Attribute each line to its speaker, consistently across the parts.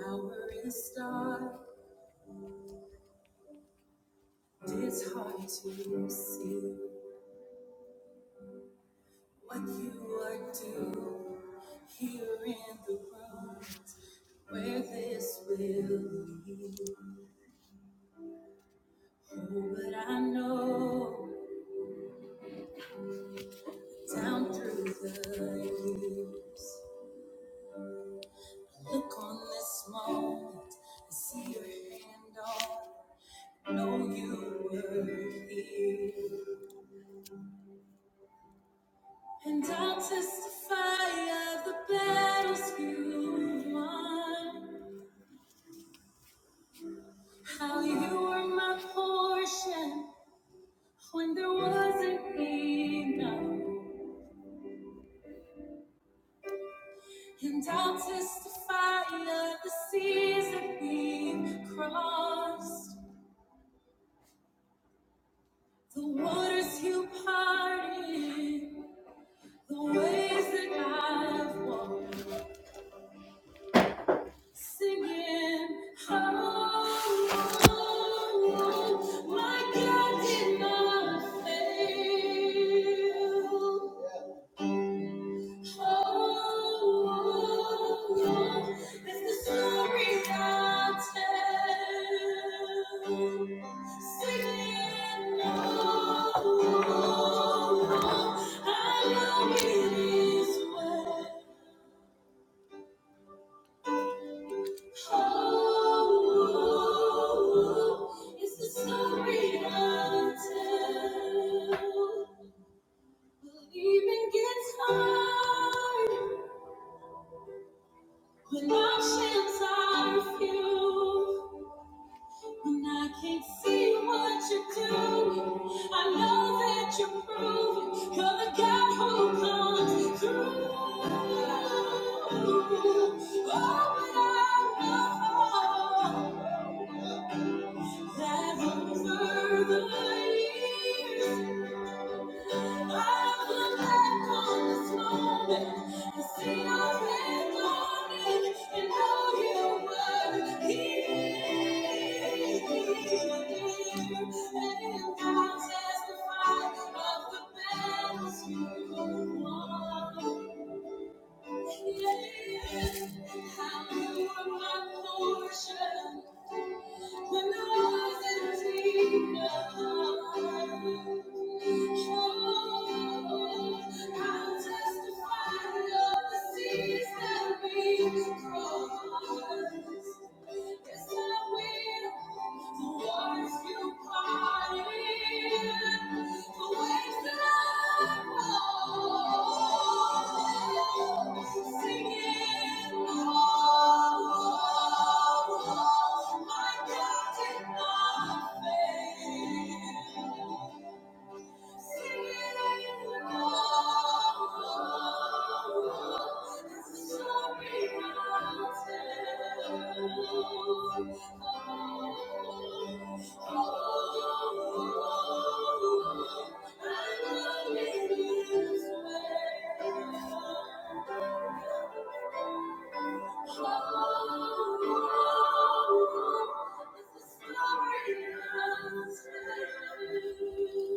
Speaker 1: Hour and star, it's hard to see what you are doing here in the room where this will lead. Oh, but I know down through the years, look on this moment and see your hand on. Know you were here, and I'll testify of the battles you won. How you were my portion when there wasn't enough. And I'll testify of the seas that we crossed, the waters you parted, the ways that I've walked, singing, Oh, oh, oh, my God did not fail. When options are few When I can't see what you're doing, I know that you're proving you're the God who comes through. Oh, but I know that over the years. Thank you. are my portion. When I was empty, I'll testify of the seas that we crossed. Yes, I will. The waters you Oh, my God, did not fail. Oh, Thank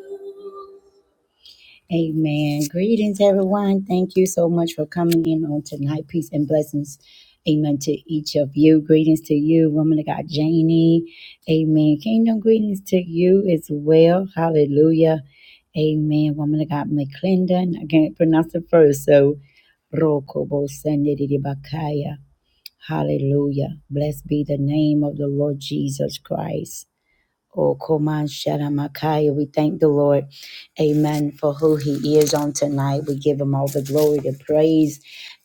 Speaker 1: you. Amen. Greetings, everyone. Thank you so much for coming in on tonight. Peace and blessings. Amen to each of you. Greetings to you, woman of God, Janie. Amen. Kingdom greetings to you as well. Hallelujah. Amen. Woman of God, McClendon. I can't pronounce it first. So, Rokobo Bakaya. Hallelujah. Blessed be the name of the Lord Jesus Christ. Oh, Koman Shadamakaya, we thank the Lord, amen, for who he is on tonight. We give him all the glory, the praise,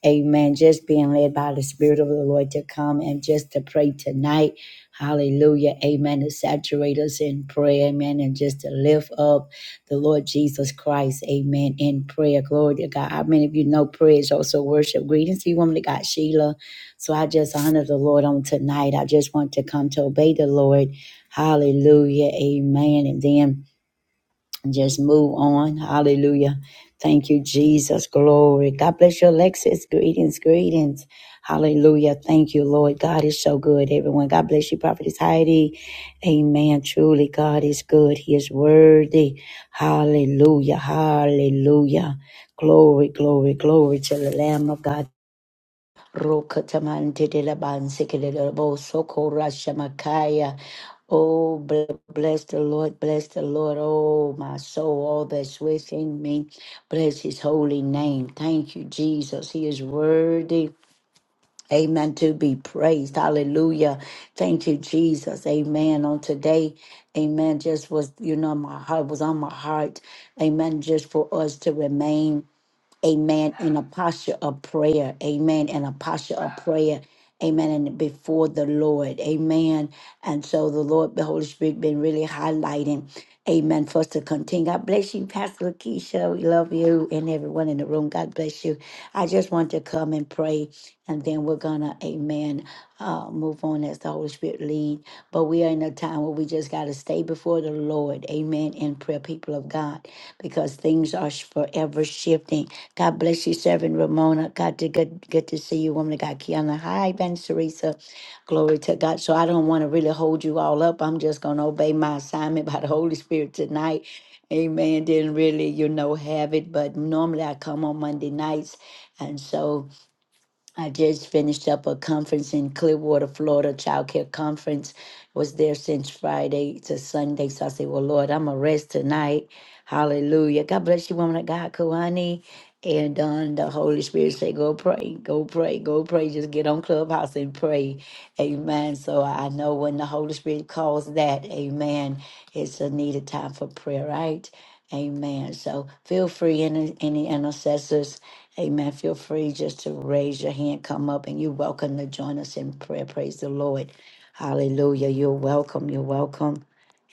Speaker 1: amen. Just being led by the Spirit of the Lord to come and just to pray tonight. Hallelujah, amen. To saturate us in prayer, amen, and just to lift up the Lord Jesus Christ, amen, in prayer. Glory to God. How many of you know prayer is also worship? Greetings to you, woman of God, Sheila. So I just honor the Lord on tonight. I just want to come to obey the Lord. Hallelujah. Amen. And then just move on. Hallelujah. Thank you, Jesus. Glory. God bless you, Alexis. Greetings, greetings. Hallelujah. Thank you, Lord. God is so good, everyone. God bless you, Prophetess Heidi. Amen. Truly, God is good. He is worthy. Hallelujah. Hallelujah. Glory, glory, glory to the Lamb of God. Rokataman Tedelaban Sekelabo Soko Rashamakaya. Oh, bl- bless the Lord, bless the Lord, oh, my soul, all that's within me. Bless his holy name. Thank you, Jesus. He is worthy. Amen. To be praised. Hallelujah. Thank you, Jesus. Amen. On today, amen. Just was, you know, my heart was on my heart. Amen. Just for us to remain amen, in a posture of prayer, amen, in a posture of prayer, amen, and before the Lord, amen. And so the Lord, the Holy Spirit, been really highlighting, amen, for us to continue. God bless you, Pastor Lakeisha. We love you and everyone in the room. God bless you. I just want to come and pray and then we're gonna, amen, uh, move on as the Holy Spirit lead. But we are in a time where we just gotta stay before the Lord, amen, in prayer, people of God, because things are sh- forever shifting. God bless you, servant Ramona. God, to- good, good to see you, woman of God, Kiana. Hi, Ben Teresa. Glory to God. So I don't want to really hold you all up. I'm just gonna obey my assignment by the Holy Spirit tonight. Amen. Didn't really, you know, have it, but normally I come on Monday nights, and so. I just finished up a conference in Clearwater, Florida, child care conference. Was there since Friday to Sunday. So I said, Well, Lord, I'm a rest tonight. Hallelujah. God bless you, woman of God, Kawani. And um, the Holy Spirit said, Go pray, go pray, go pray. Just get on Clubhouse and pray. Amen. So I know when the Holy Spirit calls that, amen, it's a needed time for prayer, right? Amen. So feel free, any, any intercessors. Amen. Feel free just to raise your hand, come up, and you're welcome to join us in prayer. Praise the Lord. Hallelujah. You're welcome. You're welcome.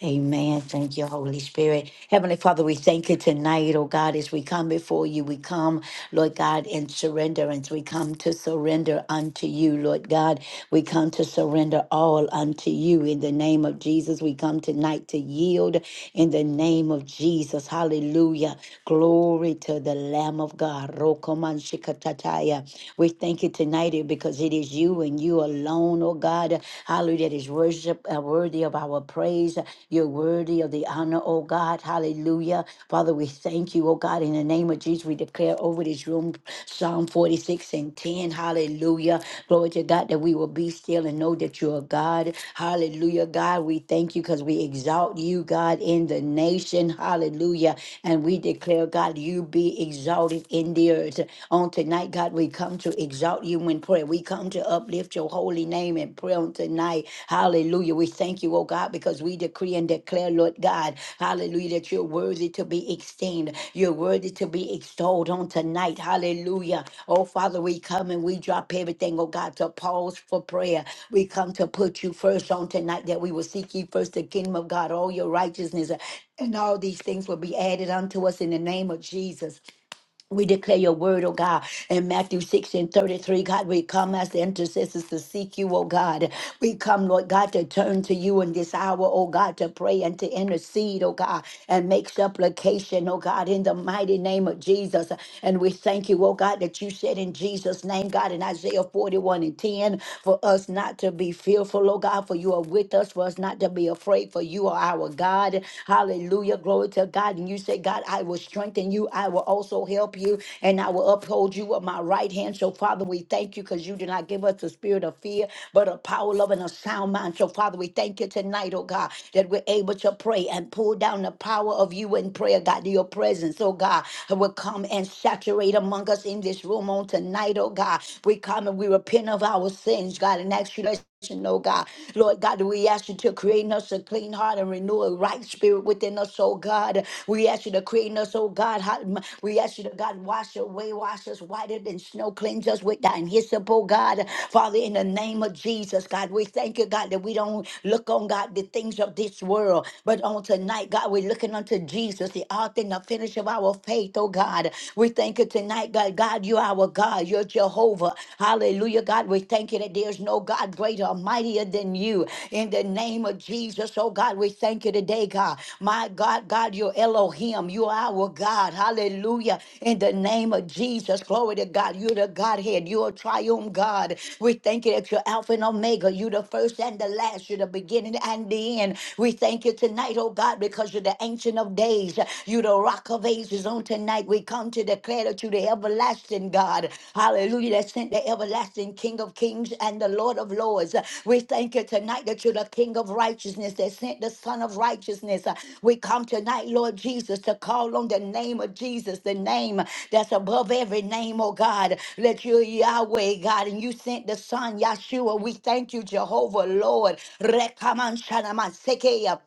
Speaker 1: Amen. Thank you, Holy Spirit. Heavenly Father, we thank you tonight, oh God, as we come before you. We come, Lord God, in surrenderance. We come to surrender unto you, Lord God. We come to surrender all unto you in the name of Jesus. We come tonight to yield in the name of Jesus. Hallelujah. Glory to the Lamb of God. Rokoman shikatataya. We thank you tonight tonight eh, because it is you and you alone, oh God. Hallelujah. That is worship uh, worthy of our praise. You're worthy of the honor, oh God. Hallelujah. Father, we thank you, oh God. In the name of Jesus, we declare over this room Psalm 46 and 10. Hallelujah. Glory to God that we will be still and know that you are God. Hallelujah, God. We thank you because we exalt you, God, in the nation. Hallelujah. Hallelujah. And we declare, God, you be exalted in the earth. On tonight, God, we come to exalt you in prayer. We come to uplift your holy name in prayer on tonight. Hallelujah. We thank you, oh God, because we decree and declare, Lord God, hallelujah, that you're worthy to be esteemed. You're worthy to be extolled on tonight. Hallelujah. Oh Father, we come and we drop everything, oh God, to pause for prayer. We come to put you first on tonight that we will seek ye first the kingdom of God, all your righteousness, and all these things will be added unto us in the name of Jesus. We declare your word, oh God, in Matthew 6 and 33. God, we come as the intercessors to seek you, oh God. We come, Lord God, to turn to you in this hour, oh God, to pray and to intercede, oh God, and make supplication, oh God, in the mighty name of Jesus. And we thank you, oh God, that you said in Jesus' name, God, in Isaiah 41 and 10, for us not to be fearful, oh God, for you are with us, for us not to be afraid, for you are our God. Hallelujah. Hallelujah. Glory to God. And you say, God, I will strengthen you. I will also help you and I will uphold you with my right hand. So, Father, we thank you because you did not give us the spirit of fear, but a power, love, and a sound mind. So, Father, we thank you tonight, oh God, that we're able to pray and pull down the power of you in prayer, God, your presence, oh God, will come and saturate among us in this room on tonight, oh God. We come and we repent of our sins, God, and ask you to Oh God, Lord God, we ask you to create in us a clean heart and renew a right spirit within us, oh God. We ask you to create in us, oh God. hot- We ask you to, God, wash away, wash us whiter than snow, cleanse us with thine hyssop, oh God. Father, in the name of Jesus, God, we thank you, God, that we don't look on, God, the things of this world, but on tonight, God, we're looking unto Jesus, the author and the finish of our faith, oh God. We thank you tonight, God. God, you are our God. You're Jehovah. Hallelujah, God. We thank you that there's no God greater or mightier than you. In the name of Jesus, oh God, we thank you today, God. My God, God, you're Elohim. You are our God. Hallelujah. In the name of Jesus, glory to God. You're the Godhead. You're a triumph God. We thank you that you're Alpha and Omega. You're the first and the last. You're the beginning and the end. We thank you tonight, oh God, because you're the ancient of days. You're the rock of ages praises on tonight. We come to declare that you the everlasting God. Hallelujah. That sent the everlasting King of Kings and the Lord of Lords. We thank you tonight that you're the King of righteousness that sent the Son of righteousness. We come tonight, Lord Jesus, to call on the name of Jesus, the name that's above every name, oh God. Let you Yahweh, God, and you sent the Son, Yahshua. We thank you, Jehovah, Lord. Rekaman shanama sekeya.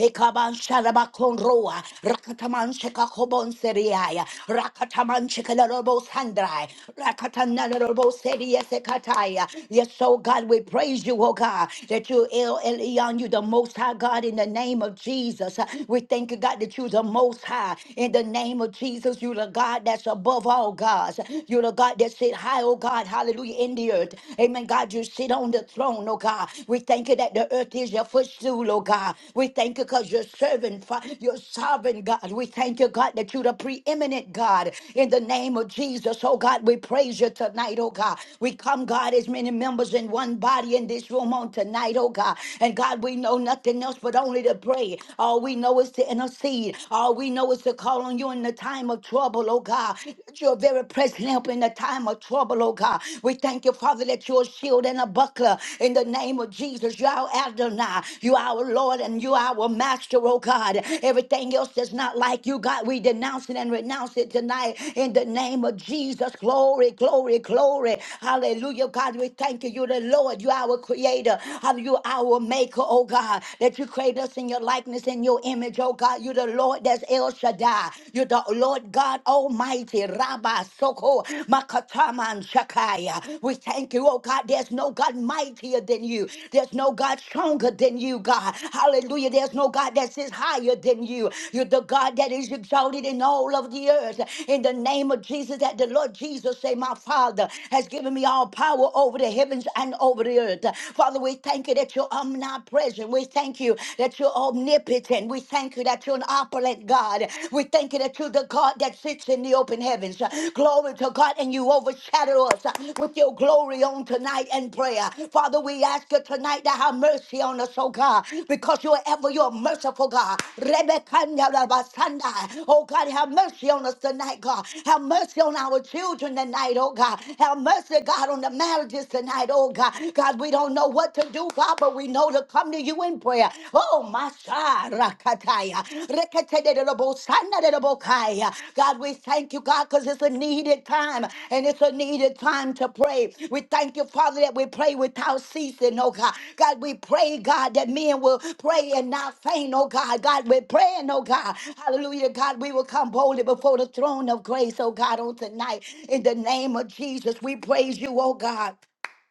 Speaker 1: Ekaban sharaba konroa. Rakataman sheka kobon seriaya. Rakataman chikalarabo sandrai. Rakatanalarabo seria sekataya. Yes, so God, we praise you, oh God, that you El Elyon, you the most high God in the name of Jesus. We thank you, God, that you the most high in the name of Jesus. You the God that's above all gods. You the God that sit high, oh God, hallelujah, in the earth. Amen. God, you sit on the throne, oh God. God. We thank you that the earth is your footstool, oh God. We thank you because you're serving, Fa- you're sovereign, God. We thank you, God, that you're the preeminent God. In the name of Jesus, oh God, we praise you tonight, oh God. We come, God, as many members in one body in this room on tonight, oh God. And God, we know nothing else but only to pray. All we know is to intercede. All we know is to call on you in the time of trouble, oh God. You're very present help in the time of trouble, oh God. God. We thank you, Father, that you're a shield and a buckler in the name of Jesus. You are Adonai. You are our Lord and you are our master, oh God. Everything else that's not like you, God, we denounce it and renounce it tonight in the name of Jesus. Glory, glory, glory. Hallelujah, God. We thank you. You're the Lord. You are our creator. Hallelujah. You are our maker, oh God, that you create us in your likeness, and your image, oh God. You're the Lord that's El Shaddai. You're the Lord God Almighty Rabba Soko Makataman Shakaya. We thank you, oh God. There's no God mightier than you. There's no God stronger than you, God. Hallelujah. There's no God that is higher than you. You're the God that is exalted in all of the earth. In the name of Jesus, that the Lord Jesus say, My Father has given me all power over the heavens and over the earth. Father, we thank you that you're omnipresent. We thank you that you're omnipotent. We thank you that you're an opulent God. We thank you that you're the God that sits in the open heavens. Glory to God, and you overshadow us with your glory on tonight and prayer. Father, we ask you tonight to have mercy on us, oh God, because you're ever your merciful God. Rebekah-nyarabasanda. Oh God, have mercy on us tonight, God. Have mercy on our children tonight, oh God. Have mercy, God, on the marriages tonight, oh God. God, we don't know what to do, God, but we know will come to you in prayer. Oh, Masha Rakataya. Reketedelobosanadelobokaya. God, we thank you, God, because it's a needed time and it's a needed time to pray. We thank you, Father, that we pray without ceasing, oh God. God, we pray, God, that men will pray and not faint, oh God. God, we're praying, oh God. Hallelujah, God, we will come boldly before the throne of grace, oh God, on tonight. In the name of Jesus, we praise you, oh God.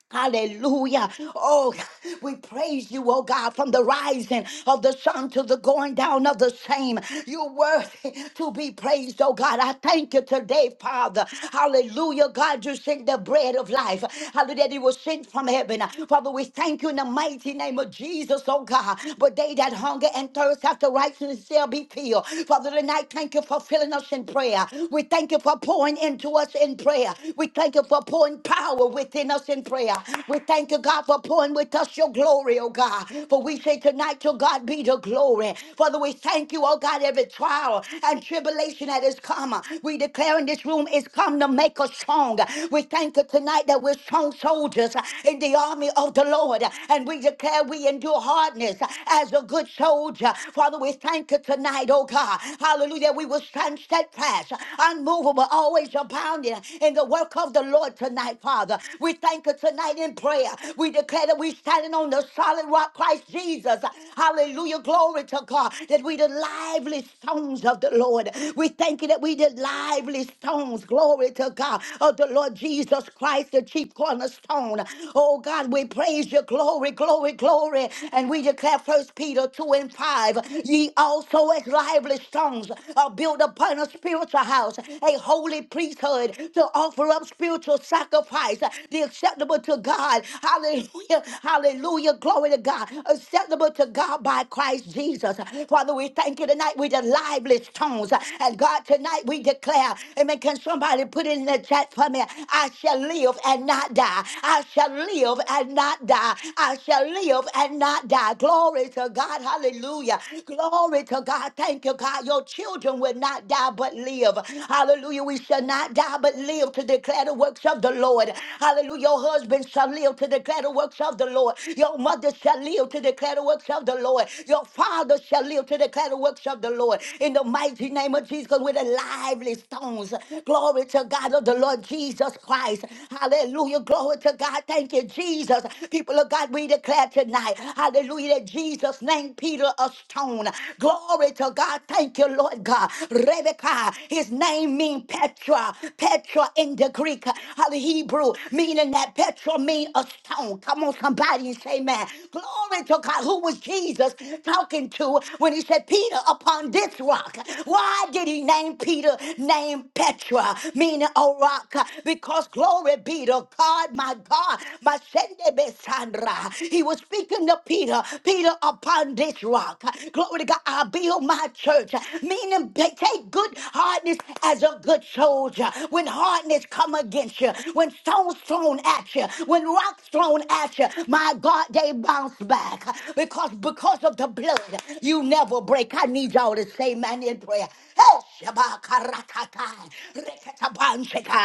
Speaker 1: Hallelujah. Oh, we praise you, oh God, from the rising of the sun to the going down of the same. You're worthy to be praised, oh God. I thank you today, Father. Hallelujah. God, you sent the bread of life. Hallelujah. that It was sent from heaven. Father, we thank you in the mighty name of Jesus, oh God. But they that hunger and thirst after righteousness shall be filled. Father, tonight, thank you for filling us in prayer. We thank you for pouring into us in prayer. We thank you for pouring power within us in prayer prayer. We thank you, God, for pouring with us your glory, oh God. For we say tonight, to God be the glory. Father, we thank you, oh God, every trial and tribulation that is come. We declare in this room is come to make us strong. We thank you tonight that we're strong soldiers in the army of the Lord. And we declare we endure hardness as a good soldier. Father, we thank you tonight, oh God. Hallelujah. We will stand steadfast, unmovable, always abounding in the work of the Lord tonight, Father. We thank you anchor tonight in prayer. We declare that we're standing on the solid rock, Christ Jesus. Hallelujah. Glory to God that we the lively stones of the Lord. We thank you that we the lively stones. Glory to God of the Lord Jesus Christ, the chief cornerstone. Oh God, we praise your glory, glory, glory. And we declare First Peter 2 and 5. Ye also as lively stones are built upon a spiritual house, a holy priesthood to offer up spiritual sacrifice, the acceptable to God. Hallelujah. Hallelujah. Glory to God. Acceptable to God by Christ Jesus. Father, we thank you tonight. We're the lively stones. And God, tonight we declare, Amen. Can somebody put it in the chat for me? I shall live and not die. I shall live and not die. I shall live and not die. Glory to God. Hallelujah. Glory to God. Thank you, God. Your children will not die but live. Hallelujah. We shall not die but live to declare the works of the Lord. Hallelujah you. Your husband shall live to declare the works of the Lord. Your mother shall live to declare the works of the Lord. Your father shall live to declare the works of the Lord. In the mighty name of Jesus, with the lively stones. Glory to God of the Lord Jesus Christ. Hallelujah. Glory to God. Thank you, Jesus. People of God, we declare tonight. Hallelujah. That Jesus named Peter a stone. Glory to God. Thank you, Lord God. Rebekah, his name means Petra. Petra in the Greek, uh, the Hebrew, meaning meaning that petrol mean a stone. Come on, somebody and say, man. Glory to God. Who was Jesus talking to when he said, Peter, upon this rock? Why did he name Peter, name Petra, meaning a rock? Because glory be to God, my God, my Sende Besandra. He was speaking to Peter, Peter, upon this rock. Glory to God, I build my church, meaning ta- take good hardness as a good soldier. When hardness come against you, when stones thrown at you, when rocks thrown at you, my God, they bounce back because because of the blood, you never break. I need y'all to say, man, in prayer. Hey, Shabaka Rakata, Rekatabanshika,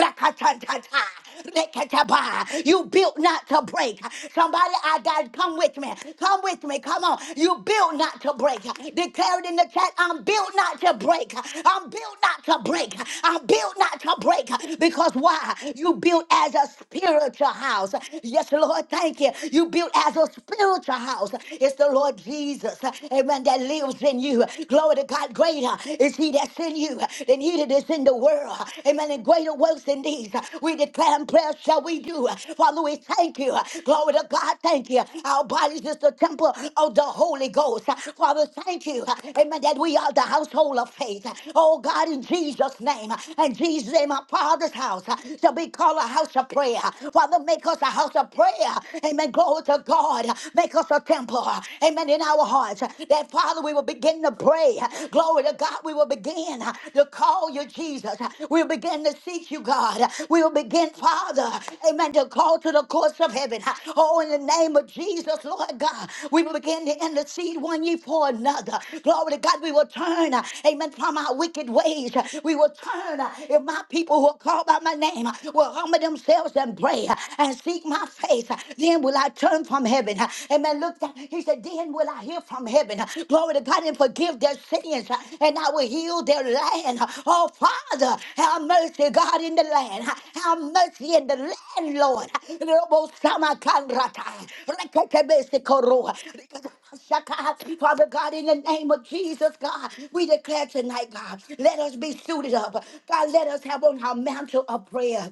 Speaker 1: Rakatantata, Rekataba. You built not to break. Somebody, I got come with me. Come with me. Come on. You built not to break. Declare it in the chat. I'm built not to break. I'm built not to break. I'm built not to break. Because why? You built built as a spiritual house. Yes, Lord, thank you. You built as a spiritual house. It's the Lord Jesus, amen, that lives in you. Glory to God, greater is he that's in you than he that is in the world. Amen, and greater works than these. We declare and prayer shall we do. Father, we thank you. Glory to God, thank you. Our bodies is the temple of the Holy Ghost. Father, thank you. Amen, that we are the household of faith. Oh God, in Jesus' name, and Jesus' name, our Father's house shall be called a house of prayer. Father, make us a house of prayer. Amen. Glory to God. Make us a temple. Amen. In our hearts. That Father, we will begin to pray. Glory to God. We will begin to call you Jesus. We will begin to seek you, God. We will begin, Father. Amen. To call to the courts of heaven. Oh, in the name of Jesus, Lord God. We will begin to intercede one ye for another. Glory to God. We will turn. Amen. From our wicked ways. We will turn. If my people who are called by my name will will humble themselves and pray uh, and seek my face, uh, then will I turn from heaven. Uh, Amen. Look, down. he said, then will I hear from heaven. Uh, Glory to God and forgive their sins, uh, and I will heal their land. Uh, Oh, Father, have mercy, God, in the land. Uh, Have mercy in the land, Lord. Uh, Robo sama kanrata. Rekekebese koroa. Rekeke- Shaka. Father God, in the name of Jesus, God, we declare tonight, God, let us be suited up. God, let us have on our mantle of prayer.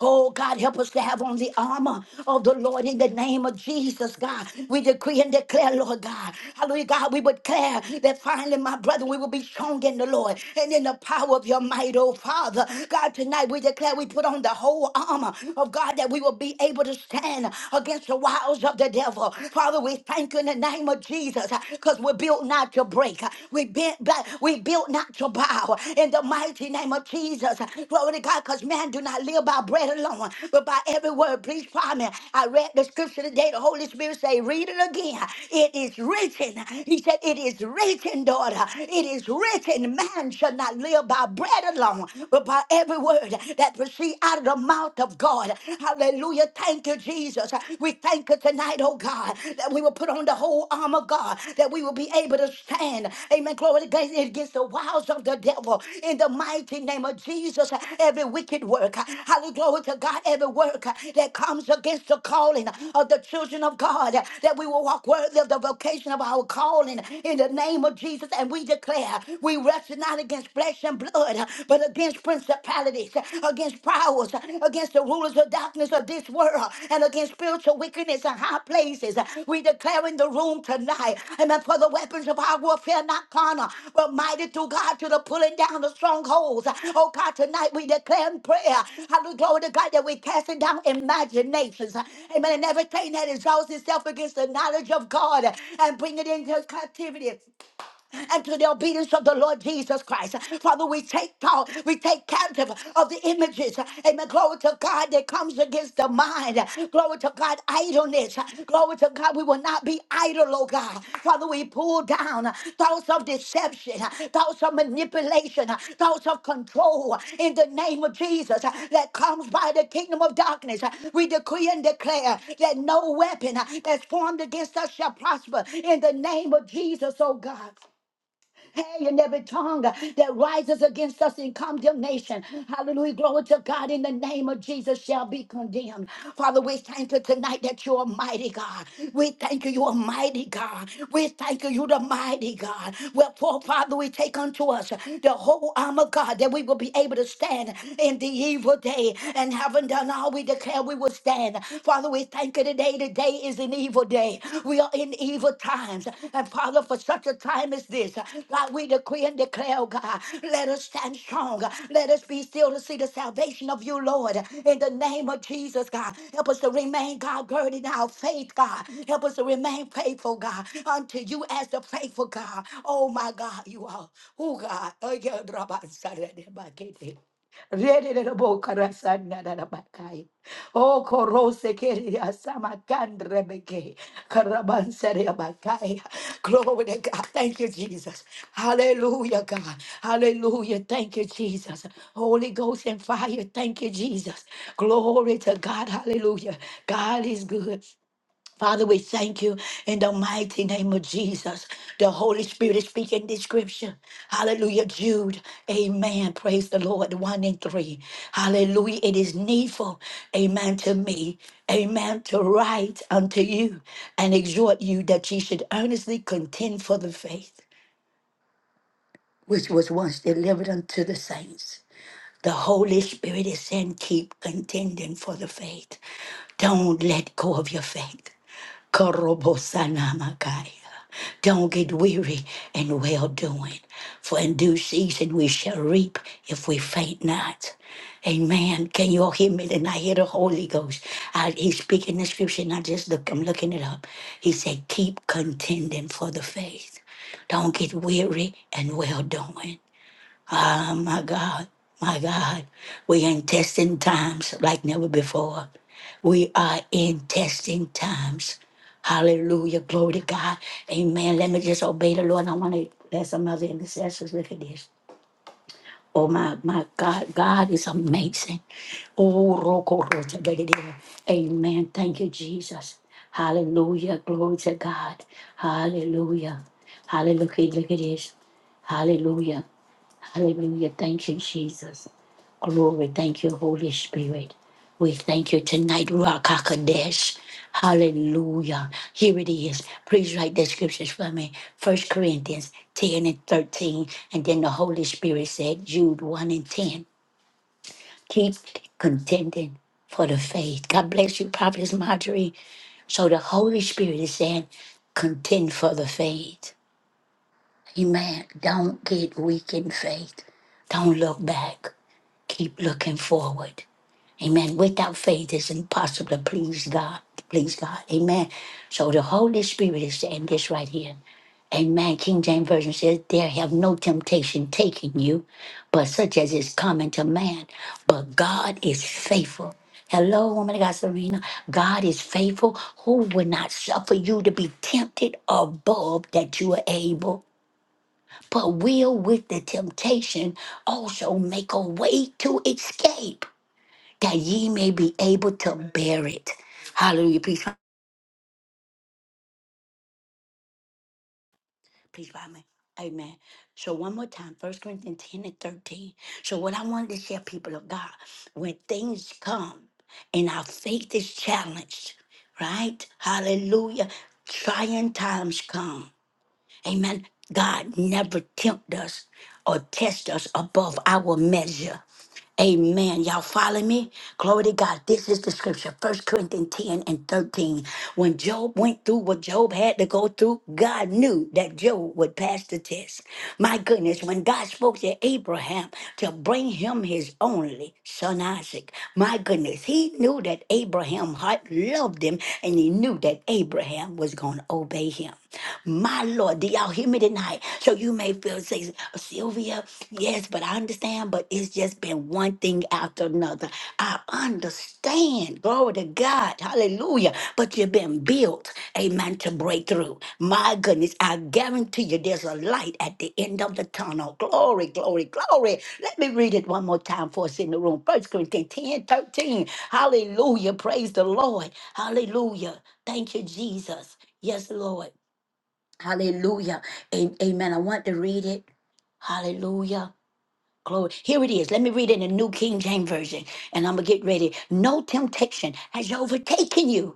Speaker 1: Oh, God, help us to have on the armor of the Lord in the name of Jesus, God. We decree and declare, Lord God. Hallelujah, God, we would declare that finally, my brother, we will be strong in the Lord and in the power of your might, oh Father. God, tonight we declare we put on the whole armor of God that we will be able to stand against the wiles of the devil. Father, we thank you in the name of Jesus because we're built not to break. We bent back, we built not to bow in the mighty name of Jesus. Glory to God, because man do not live by bread alone, but by every word. Please find me. I read the scripture today. The Holy Spirit say, read it again. It is written. He said, it is written, daughter. It is written, man shall not live by bread alone, but by every word that proceed out of the mouth of God. Hallelujah. Thank you, Jesus. We thank you tonight tonight, oh God, that we will put on the whole armor, God, that we will be able to stand. Amen. Glory to God against the wiles of the devil. In the mighty name of Jesus, every wicked work, hallelujah, glory to God, every work that comes against the calling of the children of God, that we will walk worthy of the vocation of our calling in the name of Jesus. And we declare we wrestle not against flesh and blood, but against principalities place against powers, against the rulers of darkness of this world, and against spiritual wickedness in high places. We declare in the room tonight, amen, for the weapons of our warfare, not carnal, but mighty through God to the pulling down of strongholds. Oh God, tonight we declare in prayer, hallelujah, glory to God, that we're casting down imaginations, amen, and everything that exalts itself against the knowledge of God and bring it into captivity and to the obedience of the Lord Jesus Christ. Father, we take thought, we take captive of the images. Amen. Glory to God that comes against the mind. Glory to God, idleness. Glory to God, we will not be idle, oh God. Father, we pull down thoughts of deception, thoughts of manipulation, thoughts of control in the name of Jesus that comes by the kingdom of darkness. We decree and declare that no weapon that's formed against us shall prosper in the name of Jesus, oh God. Hey, and every tongue that rises against us in condemnation. Hallelujah. Glory to God in the name of Jesus shall be condemned. Father, we thank you tonight that you're a mighty God. We thank you, you're a mighty God. We thank you, you're the mighty God. Wherefore, Father, we take unto us the whole armor, of God, that we will be able to stand in the evil day. And having done all, we declare we will stand. Father, we thank you today say today is an evil day. We are in evil times. And Father, for such a time as this, God, we decree and declare, oh God, let us stand strong. Let us be still to see the salvation of you, Lord. In the name of Jesus, God, help us to remain, God, girded in our faith, God. Help us to remain faithful, God, unto you as the faithful God. Oh, my God, you are. Oh, God. Oh, yeah, Rabbi, Sarah, Rabbi, Ready to the book, Rabbi, Sarah, Kai. Oh, korose keria samakandre beke karabanseria bakaya. Glory to God. Thank you, Jesus. Hallelujah, God. Hallelujah. Thank you, Jesus. Holy Ghost and fire. Thank you, Jesus. Glory to God. Hallelujah. God is good. Father, we thank you in the mighty name of Jesus. The Holy Spirit is speaking this scripture. Hallelujah, Jude. Amen. Praise the Lord. One and three. Hallelujah. It is needful, amen, to me, amen, to write unto you and exhort you that ye should earnestly contend for the faith which was once delivered unto the saints. The Holy Spirit is saying, keep contending for the faith. Don't let go of your faith. Korobosanamakai. Don't get weary in well doing, for in due season we shall reap if we faint not. Amen. Can you all hear me? And I hear the Holy Ghost. I, he's speaking the scripture, and I just look, I'm looking it up. He said, Keep contending for the faith. Don't get weary and well doing. Oh my God, my God, we in testing times like never before. We are in testing times. Hallelujah, glory to God. Amen. Let me just obey the Lord. I want to let some other intercessors look at this. Oh my, my God, God is amazing. Oh, roko rota bedede. Amen. Thank you, Jesus. Hallelujah, glory to God. Hallelujah, hallelujah. Look at this. Hallelujah. Hallelujah. Thank you, Jesus. Glory. Thank you, Holy Spirit. We thank you tonight, Rakakadesh. Hallelujah. Here it is. Please write the scriptures for me. First Corinthians 10 and 13. And then the Holy Spirit said, Jude 1 and 10. Keep contending for the faith. God bless you, Prophetess Marjorie. So the Holy Spirit is saying, contend for the faith. Amen. Don't get weak in faith. Don't look back. Keep looking forward. Amen. Without faith, it's impossible to please God. Please God. Amen. So the Holy Spirit is in this right here. Amen. King James Version says, There have no temptation taken you, but such as is common to man. But God is faithful. Hello, woman of God, Serena. God is faithful, who will not suffer you to be tempted above that you are able but will with the temptation also make a way to escape that ye may be able to bear it. Hallelujah. Please, please by me. Amen. So one more time, First Corinthians 10 and 13. So what I wanted to share, people of God, when things come and our faith is challenged, right? Hallelujah. Trying times come. Amen. God never tempt us or test us above our measure. Amen. Y'all follow me? Glory to God. This is the scripture, First Corinthians 10 and 13. When Job went through what Job had to go through, God knew that Job would pass the test. My goodness, when God spoke to Abraham to bring him his only son Isaac, my goodness, he knew that Abraham heart loved him and he knew that Abraham was going to obey him. My Lord, do y'all hear me tonight? So you may feel say, Sylvia, yes, but I understand, but it's just been one thing after another. I understand. Glory to God. Hallelujah. But you've been built, amen, to break through. My goodness, I guarantee you there's a light at the end of the tunnel. Glory, glory, glory. Let me read it one more time for us in the room. First Corinthians 10, 13. Hallelujah. Praise the Lord. Hallelujah. Thank you, Jesus. Yes, Lord. Hallelujah. A- Amen. I want to read it. Hallelujah. Glory. Here it is. Let me read it in the New King James Version. And I'm going to get ready. No temptation has overtaken you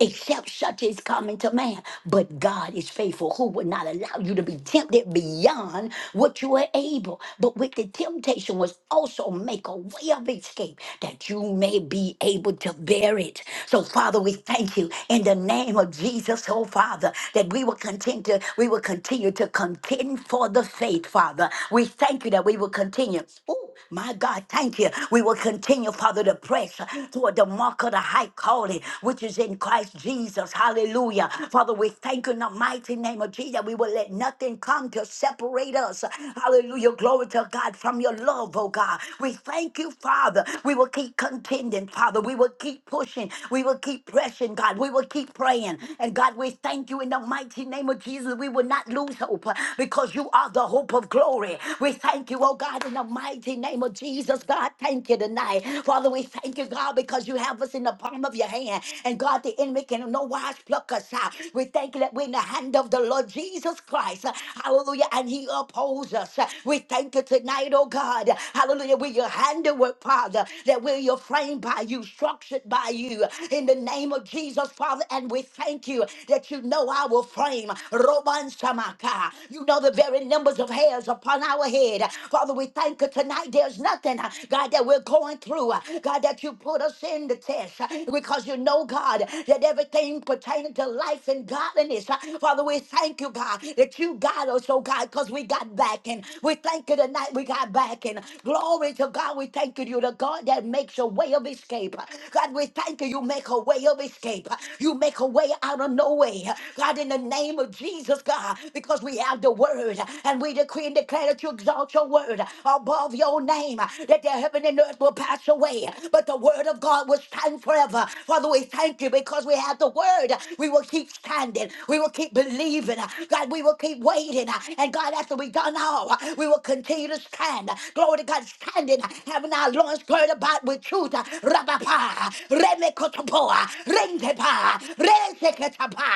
Speaker 1: except such is common to man. But God is faithful, who would not allow you to be tempted beyond what you are able. But with the temptation was also make a way of escape that you may be able to bear it. So, Father, we thank you in the name of Jesus, oh Father, that we will continue to, we will continue to contend for the faith, Father. We thank you that we will continue. Ooh, my God, thank you. We will continue, Father, to press toward the mark of the high calling which is in Christ Jesus. Hallelujah. Father, we thank you in the mighty name of Jesus. We will let nothing come to separate us. Hallelujah. Glory to God from your love, oh God. We thank you, Father. We will keep contending, Father. We will keep pushing. We will keep pressing, God. We will keep praying. And God, we thank you in the mighty name of Jesus. We will not lose hope uh, because you are the hope of glory. We thank you, oh God, in the mighty name of Jesus. God, thank you tonight. Father, we thank you, God, because you have us in the palm of your hand. And God, the enemy can in no wise pluck us out. We thank you that we're in the hand of the Lord Jesus Christ. Hallelujah. And he upholds us. We thank you tonight, oh God. Hallelujah. We're your handiwork, Father, that we're your framed by you, structured by you. In the name of Jesus, Father, and we thank you that you know our frame. Roman Samaka. You know the very numbers of hairs upon our head. Father, we thank you tonight. There's nothing, God, that we're going through. God, that you put us in withstand the test uh, because you know, God, that everything pertaining to life and godliness. uh, Father, we thank you, God, that you got us, oh God, because we got back and we thank you tonight we got back and glory to God. We thank you, you the God that makes a way of escape. God, we thank you, you make a way of escape. You make a way out of no way. God, in the name of Jesus, God, because we have the word and we decree and declare that you exalt your word above your name, that the heaven and earth will pass away. but but the word of God will stand forever. Father, we thank you because we have the word. We will keep standing. We will keep believing. God, we will keep waiting. And God, after we've done all, we will continue to stand. Glory to God, standing, having our loins girded about with truth. Rabapa, remekotopoa, rengepa, renseketapa,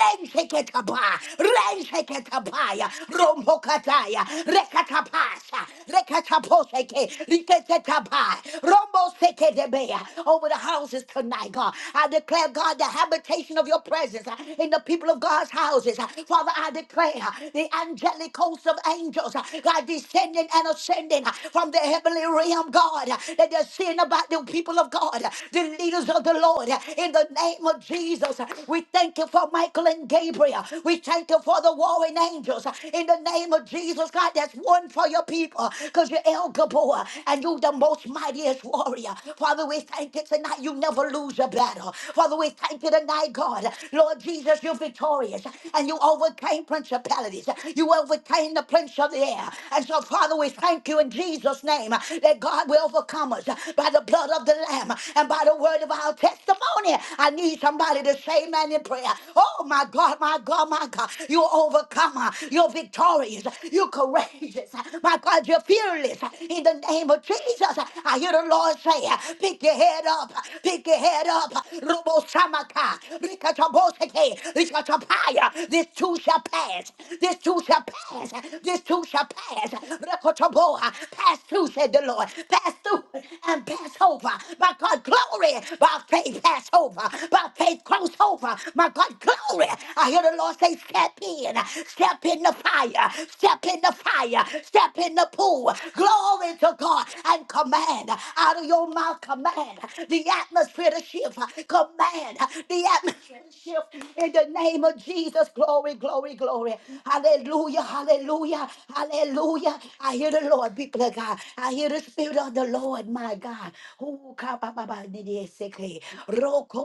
Speaker 1: renseketapa, renseketapaya, romokataya, rekatapasa, rekataposeke, riketetapa, Rombo sekedebea, over the houses tonight, God. I declare, God, the habitation of your presence uh, in the people of God's houses. Uh, Father, I declare uh, the angelic hosts of angels, uh, God, descending and ascending uh, from the heavenly realm, God, uh, that they're seeing about the people of God, uh, the leaders of the Lord, uh, in the name of Jesus. Uh, We thank you for Michael and Gabriel. We thank you for the warring angels. Uh, In the name of Jesus, God, that's one for your people because you're El Gabor uh, and you the the most mightiest warrior. Father, we thank you tonight. You never lose a battle. Father, we thank you tonight, God. Lord Jesus, you're victorious and you overcame principalities. You overcame the prince of the air. And so, Father, we thank you in Jesus' name that God will overcome us by the blood of the Lamb and by the word of our testimony. I need somebody to say amen in prayer. Oh, my God, my God, my God. You're overcomer. You're victorious. You're courageous. My God, you're fearless. In the the name of Jesus, I hear the Lord say, pick your head up, pick your head up. Rubo samaka, rikachaboseke, rikachapaya. This too shall pass. This too shall pass. This too shall pass. Rekachaboa, Pass through, said the Lord. Pass through and pass over. My God, glory. By faith, pass over. By faith, cross over. My God, glory. I hear the Lord say, step in, step in the fire, step in the fire, step in the pool, Glory to God and command out of your mouth, command the atmosphere to shift. Command the atmosphere to shift in the name of Jesus. Glory, glory, glory. Hallelujah, hallelujah, hallelujah. I hear the Lord, people of God. I hear the Spirit of the Lord, my God. Ooh, ka ba ba ba ni di se ke.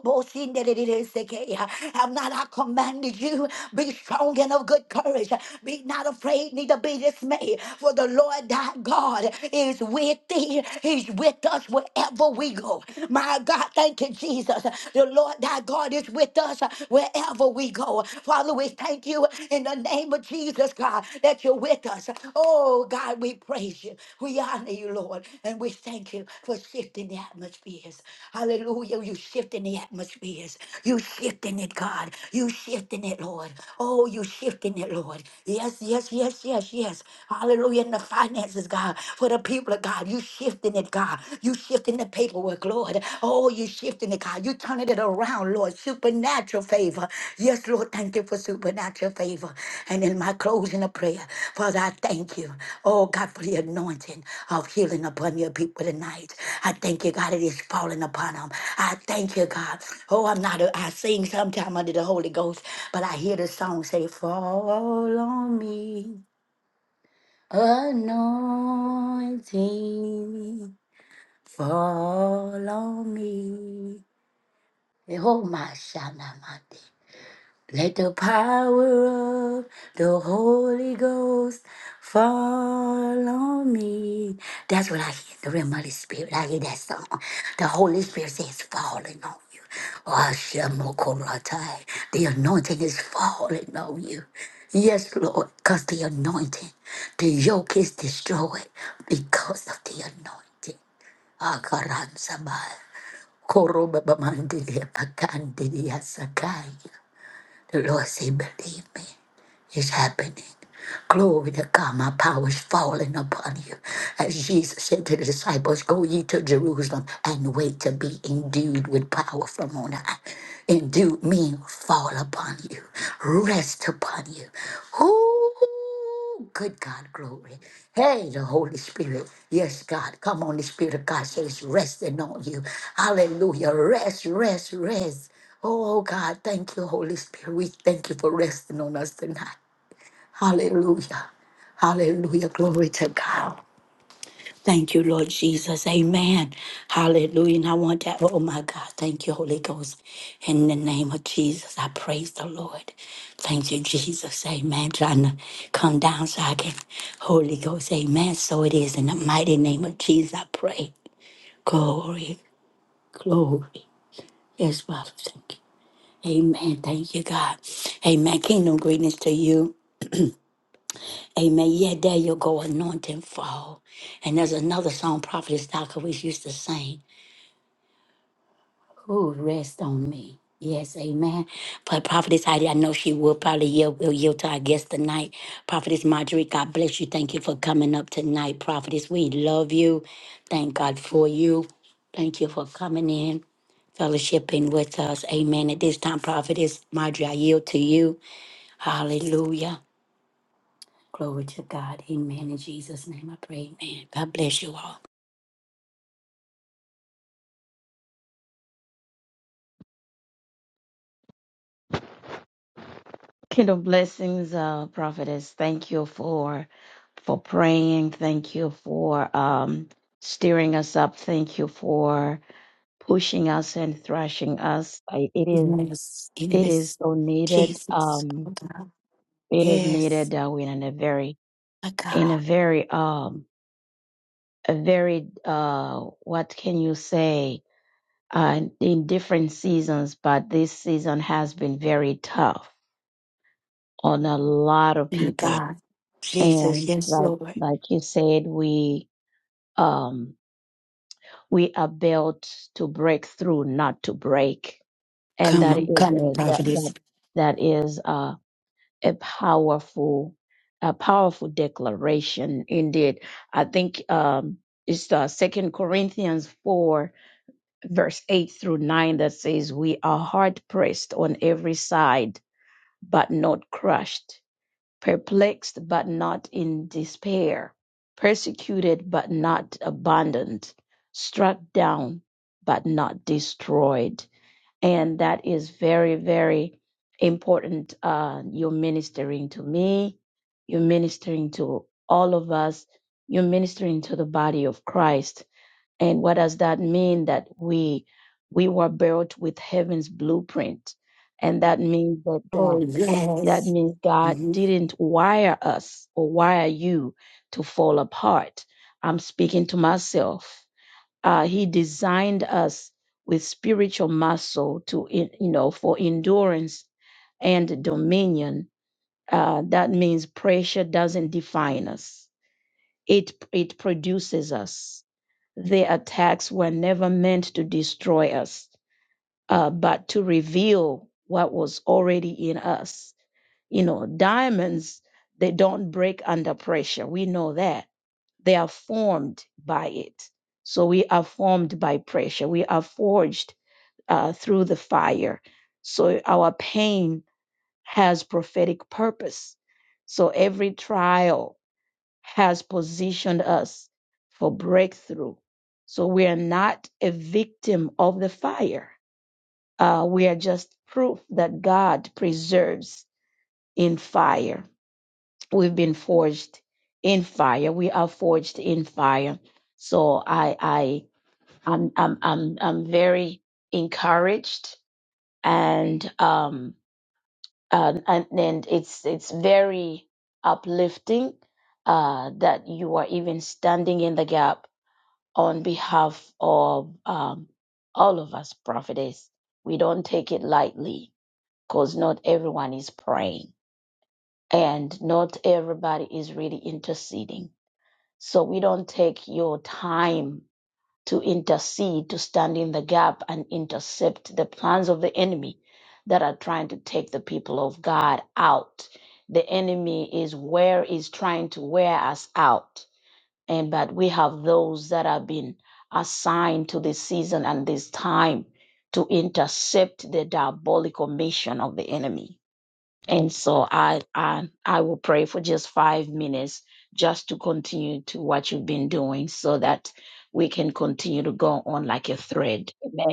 Speaker 1: bo sin de de de de se Have not I commanded you? Be strong and of good courage. Be not afraid, neither be dismayed. For the the Lord thy God is with thee. He's with us wherever we go. My God, thank you, Jesus. The Lord thy God is with us wherever we go. Father, we thank you in the name of Jesus, God, that you're with us. Oh, God, we praise you. We honor you, Lord, and we thank you for shifting the atmospheres. Hallelujah. You shifting the atmospheres. You shifting it, God. You shifting it, Lord. Oh, you shifting it, Lord. Yes, yes, yes, yes, yes. Hallelujah. In the finances, God, for the people of God, you shifting it, God. You shifting the paperwork, Lord. Oh, you shifting it, God. You turning it around, Lord. Supernatural favor. Yes, Lord, thank you for supernatural favor. And in my closing of prayer, Father, I thank you. Oh, God, for the anointing of healing upon your people tonight. I thank you, God, it is falling upon them. I thank you, God. Oh, I'm not, a, I sing sometime under the Holy Ghost, but I hear the song say, Fall on me. Anointing, follow me. Oh, my Shanamate. Let the power of the Holy Ghost fall on me. That's what I hear in the realm of the Spirit. I hear that song. The Holy Spirit says, falling on you. Ashamokoratai. The anointing is falling on you. Yes, Lord, because the anointing, the yoke is destroyed because of the anointing. Akaransabai. Korobabamandidi, akandidiasakai. The Lord said, Believe me, it's happening. Glory to God, my power is falling upon you. As Jesus said to the disciples, Go ye to Jerusalem and wait to be endued with power from on high. Endued means fall upon you, rest upon you. Ooh. Good God, glory. Hey, the Holy Spirit. Yes, God. Come on, the Spirit of God says, resting on you. Hallelujah. Rest, rest, rest. Oh, oh, God, thank you, Holy Spirit. We thank you for resting on us tonight. Hallelujah. Hallelujah. Glory to God. Thank you, Lord Jesus. Amen. Hallelujah. And I want that. Oh, my God. Thank you, Holy Ghost. In the name of Jesus, I praise the Lord. Thank you, Jesus. Amen. Trying to come down so I can, Holy Ghost. Amen. So it is. In the mighty name of Jesus, I pray. Glory, glory. Yes, Father. Thank you. Amen. Thank you, God. Amen. Kingdom greetings to you. Amen. Yeah, there you go. Anointing fall. And there's another song Prophet Stalker we used to sing. Ooh, rest on me. Yes, amen. But Prophetess Heidi, I know she will probably yield, will yield to our guest tonight. Prophetess Marjorie, God bless you. Thank you for coming up tonight. Prophetess, we love you. Thank God for you. Thank you for coming in, fellowshipping with us. Amen. At this time, Prophetess Marjorie, I yield to you. Hallelujah. Glory to God. Amen. In Jesus' name I pray. Amen. God bless you all.
Speaker 2: Kingdom blessings, uh, prophetess. Thank you for for praying. Thank you for um, steering us up. Thank you for pushing us and thrashing us. I, it is
Speaker 1: Yes.
Speaker 2: it is
Speaker 1: Yes.
Speaker 2: so needed.
Speaker 1: Jesus. Oh,
Speaker 2: Um,
Speaker 1: God.
Speaker 2: it is
Speaker 1: Yes.
Speaker 2: needed. Uh, we're in a very
Speaker 1: My
Speaker 2: in a
Speaker 1: God,
Speaker 2: very um a very uh what can you say uh in different seasons, but this season has been very tough on a lot of
Speaker 1: my
Speaker 2: people
Speaker 1: God, Jesus,
Speaker 2: And
Speaker 1: yes,
Speaker 2: like
Speaker 1: Lord.
Speaker 2: like you said, we um we are built to break through, not to break. And
Speaker 1: Come
Speaker 2: that is
Speaker 1: on, come on,
Speaker 2: a, that
Speaker 1: prophetess.
Speaker 2: that that is uh, a powerful a powerful declaration indeed. I think um it's uh, Second Corinthians four verse eight through nine that says we are hard pressed on every side, but not crushed perplexed but not in despair, persecuted but not abandoned, struck down but not destroyed. And that is very, very important. Uh, you're ministering to me, you're ministering to all of us, you're ministering to the body of Christ. And what does that mean? That we we were built with heaven's blueprint. And that means that God
Speaker 1: Oh,
Speaker 2: that
Speaker 1: yes.
Speaker 2: means God
Speaker 1: Mm-hmm.
Speaker 2: didn't wire us or wire you to fall apart. I'm speaking to myself. Uh, he designed us with spiritual muscle to, en- you know, for endurance and dominion. Uh, that means pressure doesn't define us. It it produces us. The attacks were never meant to destroy us uh, but to reveal what was already in us. You know, diamonds, they don't break under pressure. We know that. They are formed by it. So we are formed by pressure. We are forged uh, through the fire. So our pain has prophetic purpose. So every trial has positioned us for breakthrough. So we are not a victim of the fire uh, we are just proof that God preserves in fire. We've been forged in fire. We are forged in fire. So I, I, I'm, I'm, I'm, I'm very encouraged, and um, and and, and it's it's very uplifting uh, that you are even standing in the gap on behalf of um, all of us prophetess. We don't take it lightly because not everyone is praying and not everybody is really interceding. So we don't take your time to intercede, to stand in the gap and intercept the plans of the enemy that are trying to take the people of God out. The enemy is where is trying to wear us out. And but we have those that have been assigned to this season and this time to intercept the diabolical mission of the enemy. And so I I I will pray for just five minutes just to continue to what you've been doing so that we can continue to go on like a thread. Amen.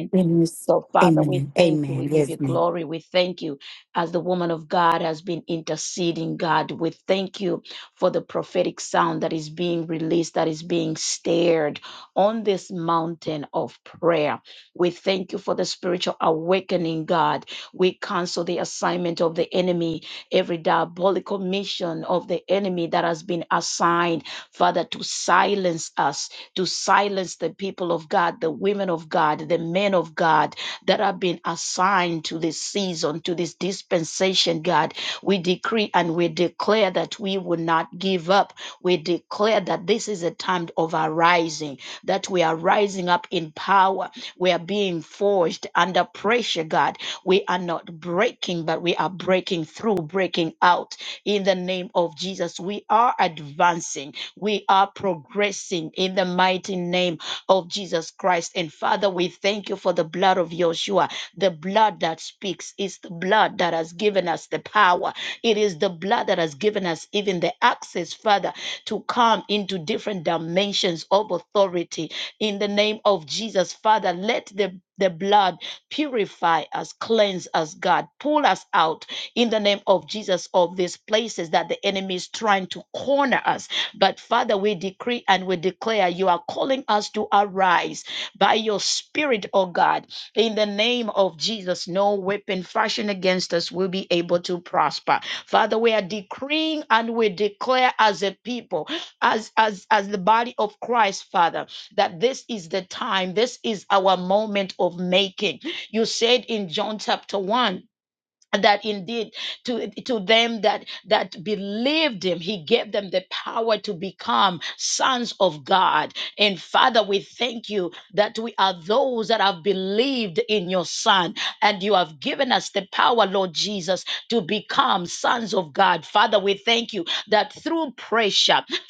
Speaker 2: So, Father, we
Speaker 1: Amen,
Speaker 2: thank you. We
Speaker 1: amen,
Speaker 2: give
Speaker 1: yes,
Speaker 2: you
Speaker 1: ma'am.
Speaker 2: glory. We thank you as the woman of God has been interceding, God. We thank you for the prophetic sound that is being released, that is being stirred on this mountain of prayer. We thank you for the spiritual awakening, God. We cancel the assignment of the enemy, every diabolical mission of the enemy that has been assigned, Father, to silence us, to silence the people of God, the women of God, the men of God that have been assigned to this season, to this dispensation, God. We decree and we declare that we will not give up. We declare that this is a time of arising, that we are rising up in power. We are being forged under pressure, God. We are not breaking, but we are breaking through, breaking out. In the name of Jesus, we are advancing. We are progressing in the mighty name of Jesus Christ. And Father, we thank you for the blood of Joshua, the blood that speaks. is the blood that has given us the power. It is the blood that has given us even the access, Father, to come into different dimensions of authority. In the name of Jesus, Father, let the the blood purify us, cleanse us, God. Pull us out in the name of Jesus of these places that the enemy is trying to corner us but Father, we decree and we declare you are calling us to arise by your spirit, oh God. In the name of Jesus, no weapon fashioned against us will be able to prosper. Father, we are decreeing and we declare as a people, as as as the body of Christ, Father, that this is the time, this is our moment of making. You said in John chapter 1 that indeed to to them that that believed him he gave them the power to become sons of god and father we thank you that we are those that have believed in your son and you have given us the power lord jesus to become sons of god father we thank you that through prayer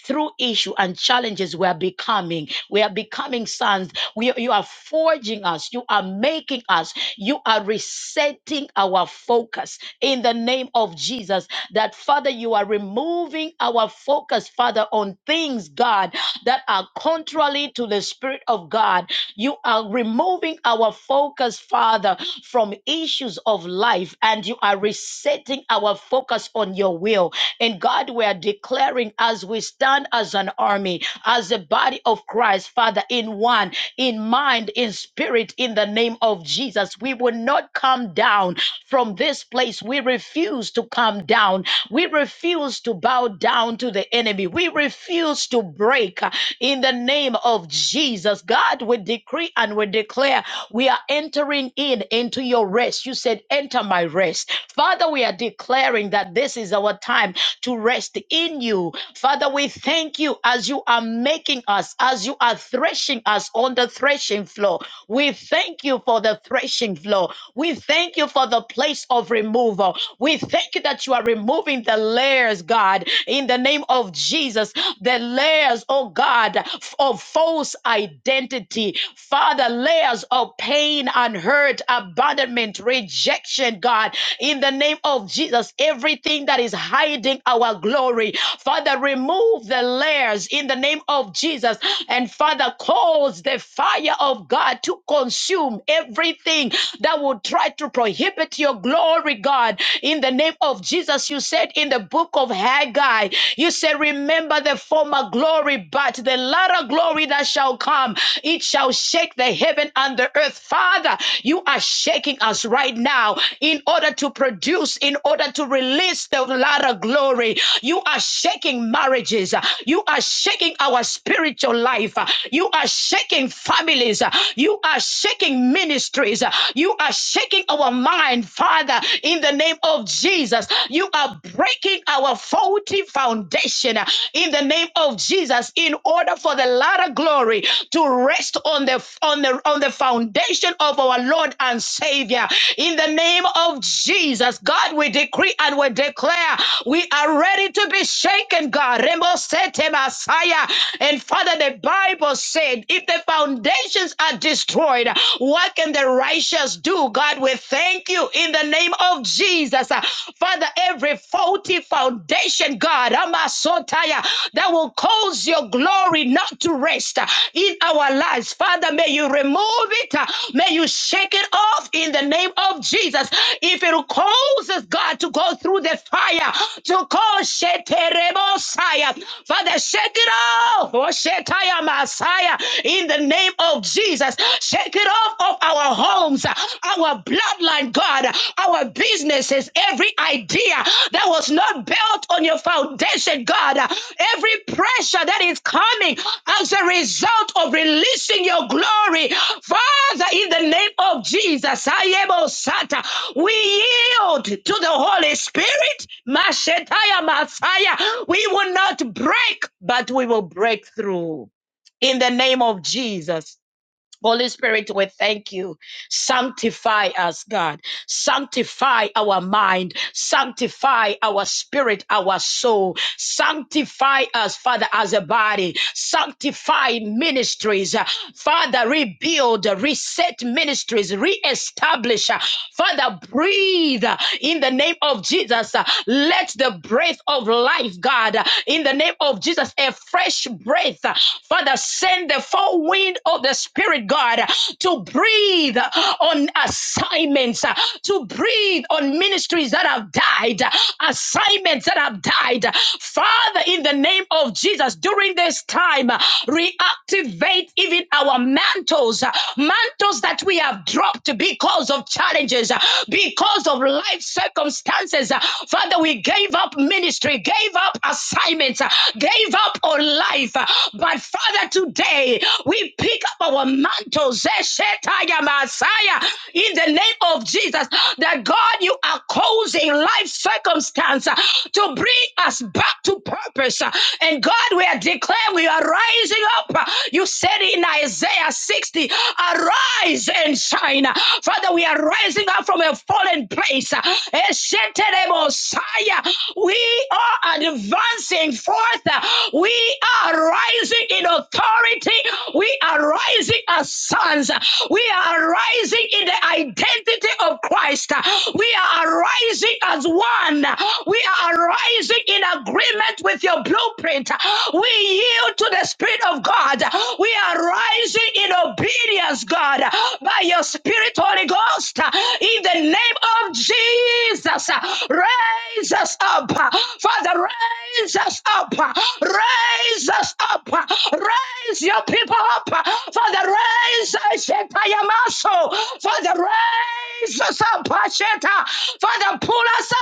Speaker 2: through issue and challenges we are becoming we are becoming sons we, you are forging us you are making us you are resetting our focus in the name of jesus that father you are removing our focus father on things god that are contrary to the spirit of god you are removing our focus father from issues of life and you are resetting our focus on your will and God, we are declaring as we stand as an army, as a body of Christ, Father, in one, in mind, in spirit, in the name of Jesus, we will not come down from this place. We refuse to come down. We refuse to bow down to the enemy. We refuse to break uh, in the name of Jesus. God, we decree and we declare we are entering in into your rest. You said, Enter after my rest. Father, we are declaring that this is our time to rest in you. Father, we thank you as you are making us, as you are threshing us on the threshing floor. We thank you for the threshing floor. We thank you for the place of removal. We thank you that you are removing the layers, God, in the name of Jesus, the layers, oh God, of false identity. Father, layers years of pain and hurt, abandonment, rejection, God, in the name of Jesus, everything that is hiding our glory, Father, remove the layers in the name of Jesus, and Father, cause the fire of God to consume everything that would try to prohibit your glory, God, in the name of Jesus. You said in the book of Haggai, you said, Remember the former glory, but the a lot of glory that shall come. It shall shake the heaven and the earth. Father, you are shaking us right now in order to produce, in order to release the lot of glory. You are shaking marriages. You are shaking our spiritual life. You are shaking families. You are shaking ministries. You are shaking our mind, Father, in the name of Jesus. You are breaking our focus faulty foundation uh, in the name of Jesus in order for the latter glory to rest on the on the on the foundation of our Lord and Savior in the name of Jesus God we decree and we declare we are ready to be shaken God Remo sete Messiah and Father the Bible said if the foundations are destroyed what can the righteous do God we thank you in the name name of Jesus. Uh, Father, every faulty foundation, God, Amasotaya, that will cause your glory not to rest uh, in our lives. Father, may you remove it. uh, May you shake it off in the name of Jesus. If it causes God to go through the fire, to cause Sheterebosaya, Father, shake it off. Oh, Shetaya Messiah, in the name of Jesus. Shake it of our homes, uh, our bloodline, God, uh, our businesses, every idea that was not built on your foundation, God, uh, every pressure that is coming as a result of releasing your glory. Father, in the name of Jesus, I am Osata. We yield to the Holy Spirit. Mashetaya Messiah. We will not break, but we will break through. In the name of Jesus. Holy Spirit, we thank you. Sanctify us, God. Sanctify our mind. Sanctify our spirit, our soul. Sanctify us, Father, as a body. Sanctify ministries. Uh, Father, rebuild, uh, reset ministries, reestablish. uh, Father, breathe uh, in the name of Jesus. uh, Let the breath of life, God, uh, in the name of Jesus, a fresh breath. uh, Father, send the full wind of the Spirit, God, uh, to to breathe on assignments, uh, to breathe on ministries that have died, uh, assignments that have died. Father, in the name of Jesus, during this time, uh, reactivate even our mantles, uh, mantles that we have dropped because of challenges, uh, because of life circumstances. Uh, Father, we gave up ministry, gave up assignments, uh, gave up on life. Uh, But Father, today we pick up our mantles manto zeshetaya Messiah in the name of Jesus that God you are causing life circumstance uh, to bring us back to purpose uh, and God we are declaring we are rising up uh, you said in Isaiah 60 arise and shine uh, Father we are rising up from a fallen place uh, Eshetere Messiah we are advancing forth uh, we are rising in authority we we are rising as sons. We are rising in the identity of Christ. We are arising as one. We are arising in agreement with your blueprint. We yield to the Spirit of God. We are rising in obedience, God, by your Spirit, Holy Ghost. In the name of Jesus, raise us up. Father, raise us up. Raise us up. Raise raise your people up. Father, raise Shetayamaso. Father, raise us up, Sheta. Father, pull us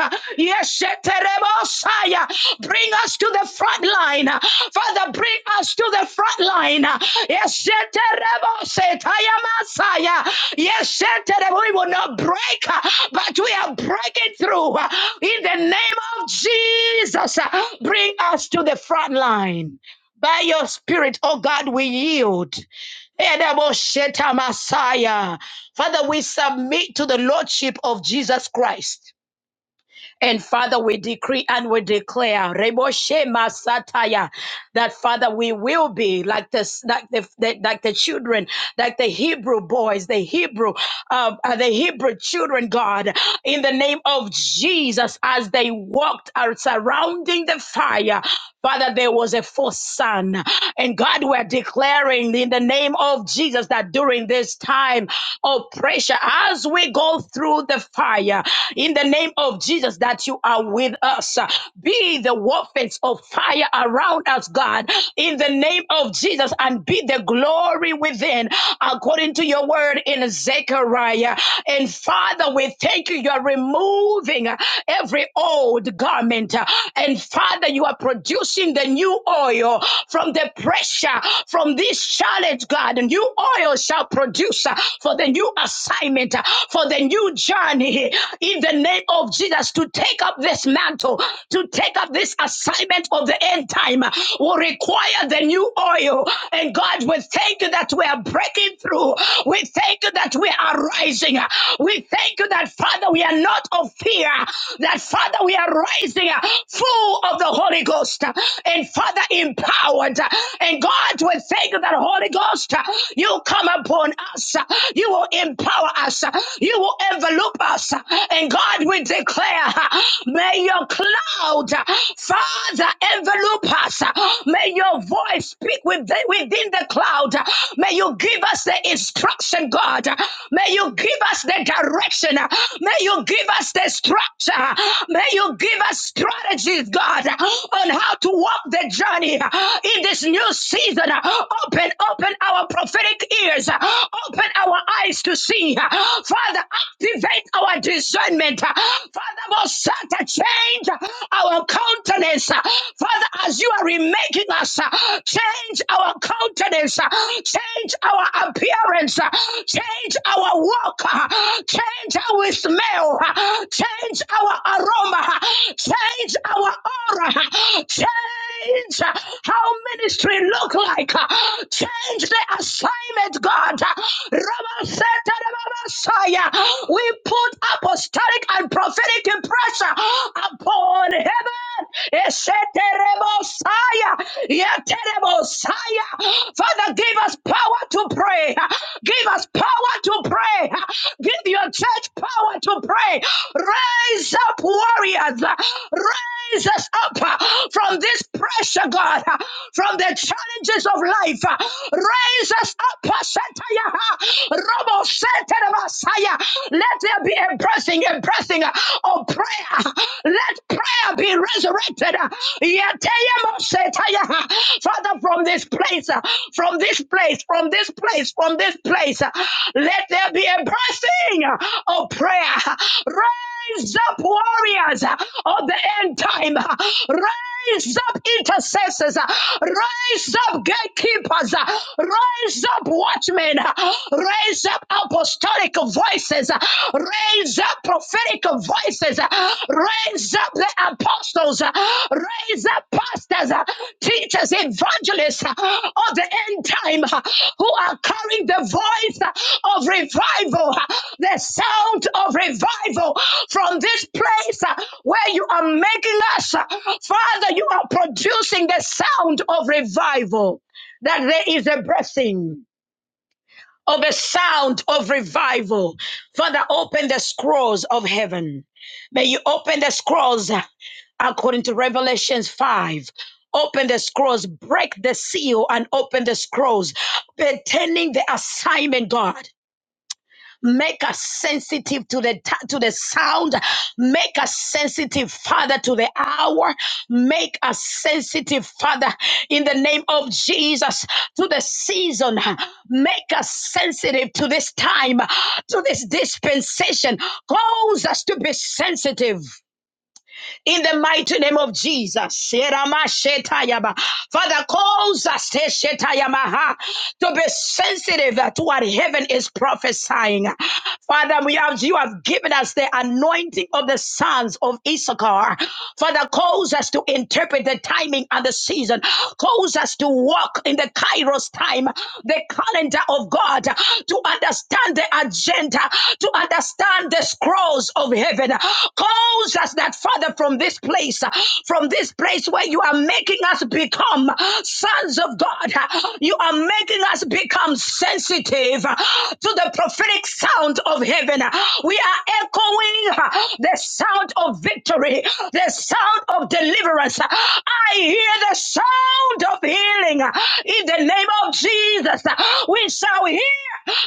Speaker 2: out. Yes, Sheterebosaya. Bring us to the front line. Father, bring us to the front line. Yes, Sheterebosetayamasaya. Yes, Sheterebo- we will not break, but we are breaking through. In the name of Jesus, bring us to the front line. By your spirit, oh God, we yield. Edamosheta Messiah. Father, we submit to the Lordship of Jesus Christ. And Father, we decree and we declare, Reboshe Masataya, that Father, we will be like this, like the, the- like the children, like the Hebrew boys, the Hebrew, uh, uh, the Hebrew children, God, in the name of Jesus, as they walked out surrounding the fire. Father, there was a fourth son. And God, we're declaring in the name of Jesus that during this time of pressure, as we go through the fire, in the name of Jesus, that you are with us. Be the warfare of fire around us, God, in the name of Jesus, and be the glory within, according to your word in Zechariah. And Father, we thank you. You are removing every old garment. And Father, you are protecting producing the new oil from the pressure from this challenge, God. new oil shall produce uh, for the new assignment, uh, for the new journey in the name of Jesus to take up this mantle, to take up this assignment of the end time uh, will require the new oil. And God, we thank you that we are breaking through. We thank you that we are rising. We thank you that, Father, we are not of fear, that, Father, we are rising uh, full of the Holy Holy Ghost uh, and Father empowered. uh, And God, we thank you that Holy Ghost, uh, you come upon us. uh, You will empower us. uh, You will envelop us. uh, And God, we declare, uh, may your cloud, uh, Father, envelop us. uh, May your voice speak within, within the cloud. uh, May you give us the instruction, God. uh, May you give us the direction. uh, May you give us the structure. uh, May you give us strategies, God. God, on how to walk the journey in this new season. Open, open our prophetic ears, open our eyes to see. Father, activate our discernment. Father, most Santa, change our countenance. Father, as you are remaking us, change our countenance, change our appearance, change our walk, change how we smell, change our aroma, change our our aura. Change how ministry look like. Change the assignment, God. Messiah. We put apostolic and prophetic pressure upon heaven. Eseterebosaya. Yeterebosaya. Father, give us power to pray. Give us power to pray. Give your church power to pray. Raise up warriors. Raise raise us up uh, from this pressure, God, uh, from the challenges of life. uh, Raise us up, uh, Shataya, uh, Robo Shataya, Messiah. Let there be a pressing, a pressing uh, of prayer. Let prayer be resurrected. uh, Yataya, Mo Shataya, uh, Father, from this place, uh, from this place, from this place, from this place, uh, let there be a pressing uh, of prayer. Raise up warriors uh, of the end time. uh, Raise up intercessors. uh, Raise up gatekeepers. uh, Raise up watchmen. uh, Raise up apostolic voices. uh, Raise up prophetic voices. uh, Raise up the apostles. uh, Raise up pastors, uh, teachers, evangelists uh, of the end time uh, who are carrying the voice uh, of revival, uh, the sound of revival from this place uh, where you are making us. uh, Father, you are producing the sound of revival, that there is a blessing of a sound of revival. Father, open the scrolls of heaven. May you open the scrolls uh, according to Revelations 5. Open the scrolls, break the seal, and open the scrolls, pertaining the assignment, God. Make us sensitive to the t- to the sound. Make us sensitive, Father, to the hour. Make us sensitive, Father, in the name of Jesus, to the season. Make us sensitive to this time, to this dispensation. Cause us to be sensitive in the mighty name of Jesus. Sheramashetayaba. Father, cause us eh, shetayamaha, to be sensitive to what heaven is prophesying. Father, we have you have given us the anointing of the sons of Issachar. Father, cause us to interpret the timing and the season. Cause us to walk in the Kairos time, the calendar of God, to understand the agenda, to understand down the scrolls of heaven. Cause us that, Father, from this place, from this place where you are making us become sons of God, you are making us become sensitive to the prophetic sound of heaven. We are echoing the sound of victory, the sound of deliverance. I hear the sound of healing in the name of Jesus. We shall hear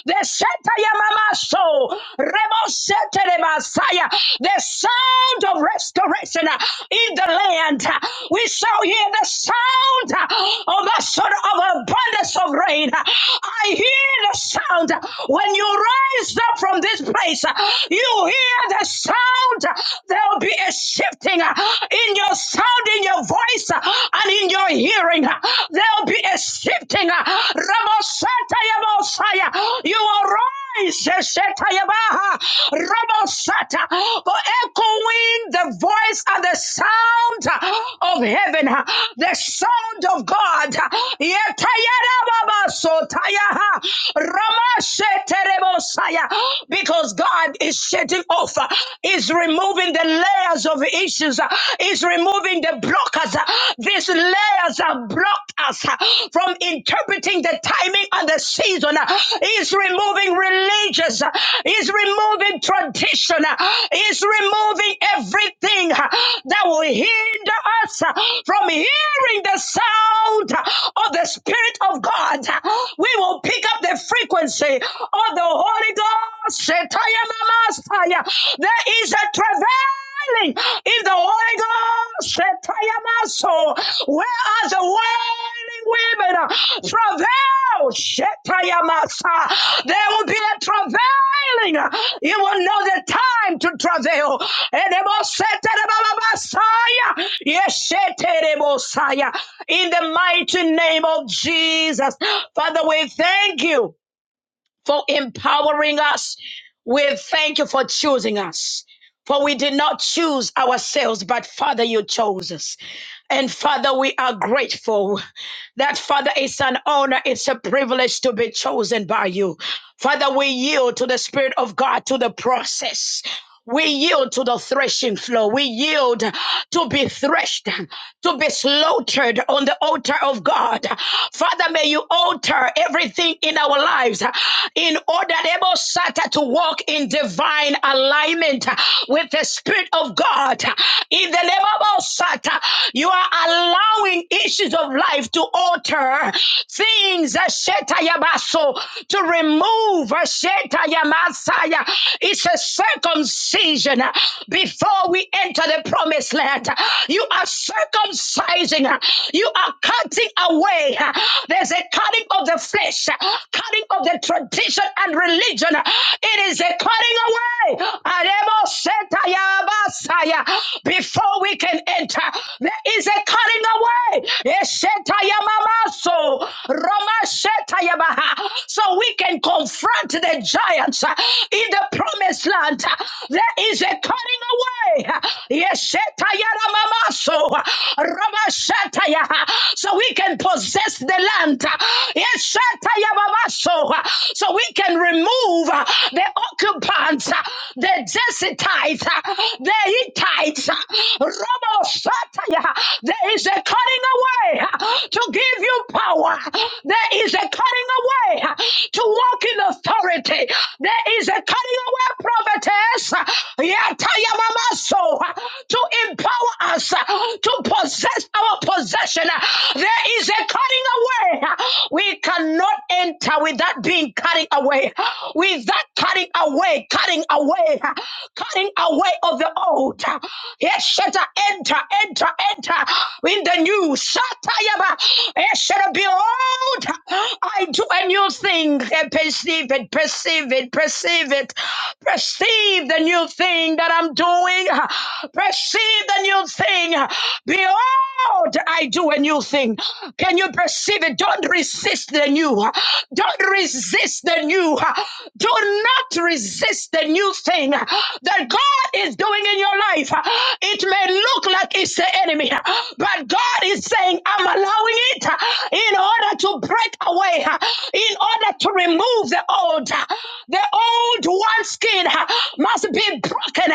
Speaker 2: the Shetayamamaso, Rebosetelebasaya, the sound of restoration uh, in the land. Uh, We shall hear the sound uh, of the sort of abundance of rain. Uh, I hear the sound uh, when you rise up from this place. uh, You hear the sound. Uh, There will be a shifting uh, in your sound, in your voice, uh, and in your hearing shifting. There'll be a shifting. Ramosata Yabosaya. You will rise. eh, Sheta Yabaha. Ramosata. For echoing the voice and the sound of heaven. The sound of God. Yeta Yarababasotaya. Ramashete Rebosaya. Because God is shedding off, is removing the layers of issues uh, is removing the blockers. uh, These layers have blocked us uh, from interpreting the timing and the season. uh, Is removing religious. uh, Is removing tradition. uh, Is removing everything uh, that will hinder us uh, from hearing the sound uh, of the Spirit of God. We will pick up the frequency of the Holy Ghost. Shetayamamastaya. There is a travail in the Holy Ghost. Shetayamaso. Where are the women uh, travail. Shetayamasa. There will be a travailing. uh, You will know the time to travail. Edemoseterebababasaya. Yesheterebosaya. In the mighty name of Jesus. Father, we thank you for empowering us. We thank you for choosing us. For we did not choose ourselves, but Father, you chose us. And Father, we are grateful that Father, it's an honor, it's a privilege to be chosen by you. Father, we yield to the Spirit of God, to the process. We yield to the threshing floor. We yield to be threshed, to be slaughtered on the altar of God. Father, may you alter everything in our lives in order able Abel to walk in divine alignment with the Spirit of God. In the name of Abel Sata, you are allowing issues of life to alter things that Sheta Shetayabaso to remove sheta yamasaya. It's a circumcision uh, before we enter the promised land. You are circumcising, uh, you are cutting away. uh, There's a cutting of the flesh, uh, cutting of the tradition and religion. uh, It is a cutting away. Aremo sheta Shetayabasiah. Before we can enter, there is a cutting away. sheta. Mamaso, Romashetayabaha. So we can confront the giants uh, in the promised land. Uh, There is a cutting away. uh, Yeshetayaramaso, uh, Romashetaya. So we can possess the land. uh, Yeshetayabamaso, uh, So we can remove uh, the occupants, uh, the Jesuitites, uh, the Hittites, uh, Robo there is a cutting away to give you power. There is a cutting away to walk in authority. There is a cutting away, prophetess, yatayamamaso, to empower us to possess our possession. There is a cutting away. We cannot enter without being cutting away, without cutting away, cutting away, cutting away of the old. Yesheta, enter, enter, enter in the new. Satayaba. Yesheta, behold, I do a new thing. Eh, Perceive it, perceive it, perceive it. Perceive the new thing that I'm doing. Perceive the new thing. Behold, I do a new thing. Can you perceive it? Don't resist the new. Don't resist the new. Do not resist the new thing that God is doing in your life. It may look like it's the enemy, but God is saying, I'm allowing it in order to break away, in order to remove the old. The old one skin must be broken.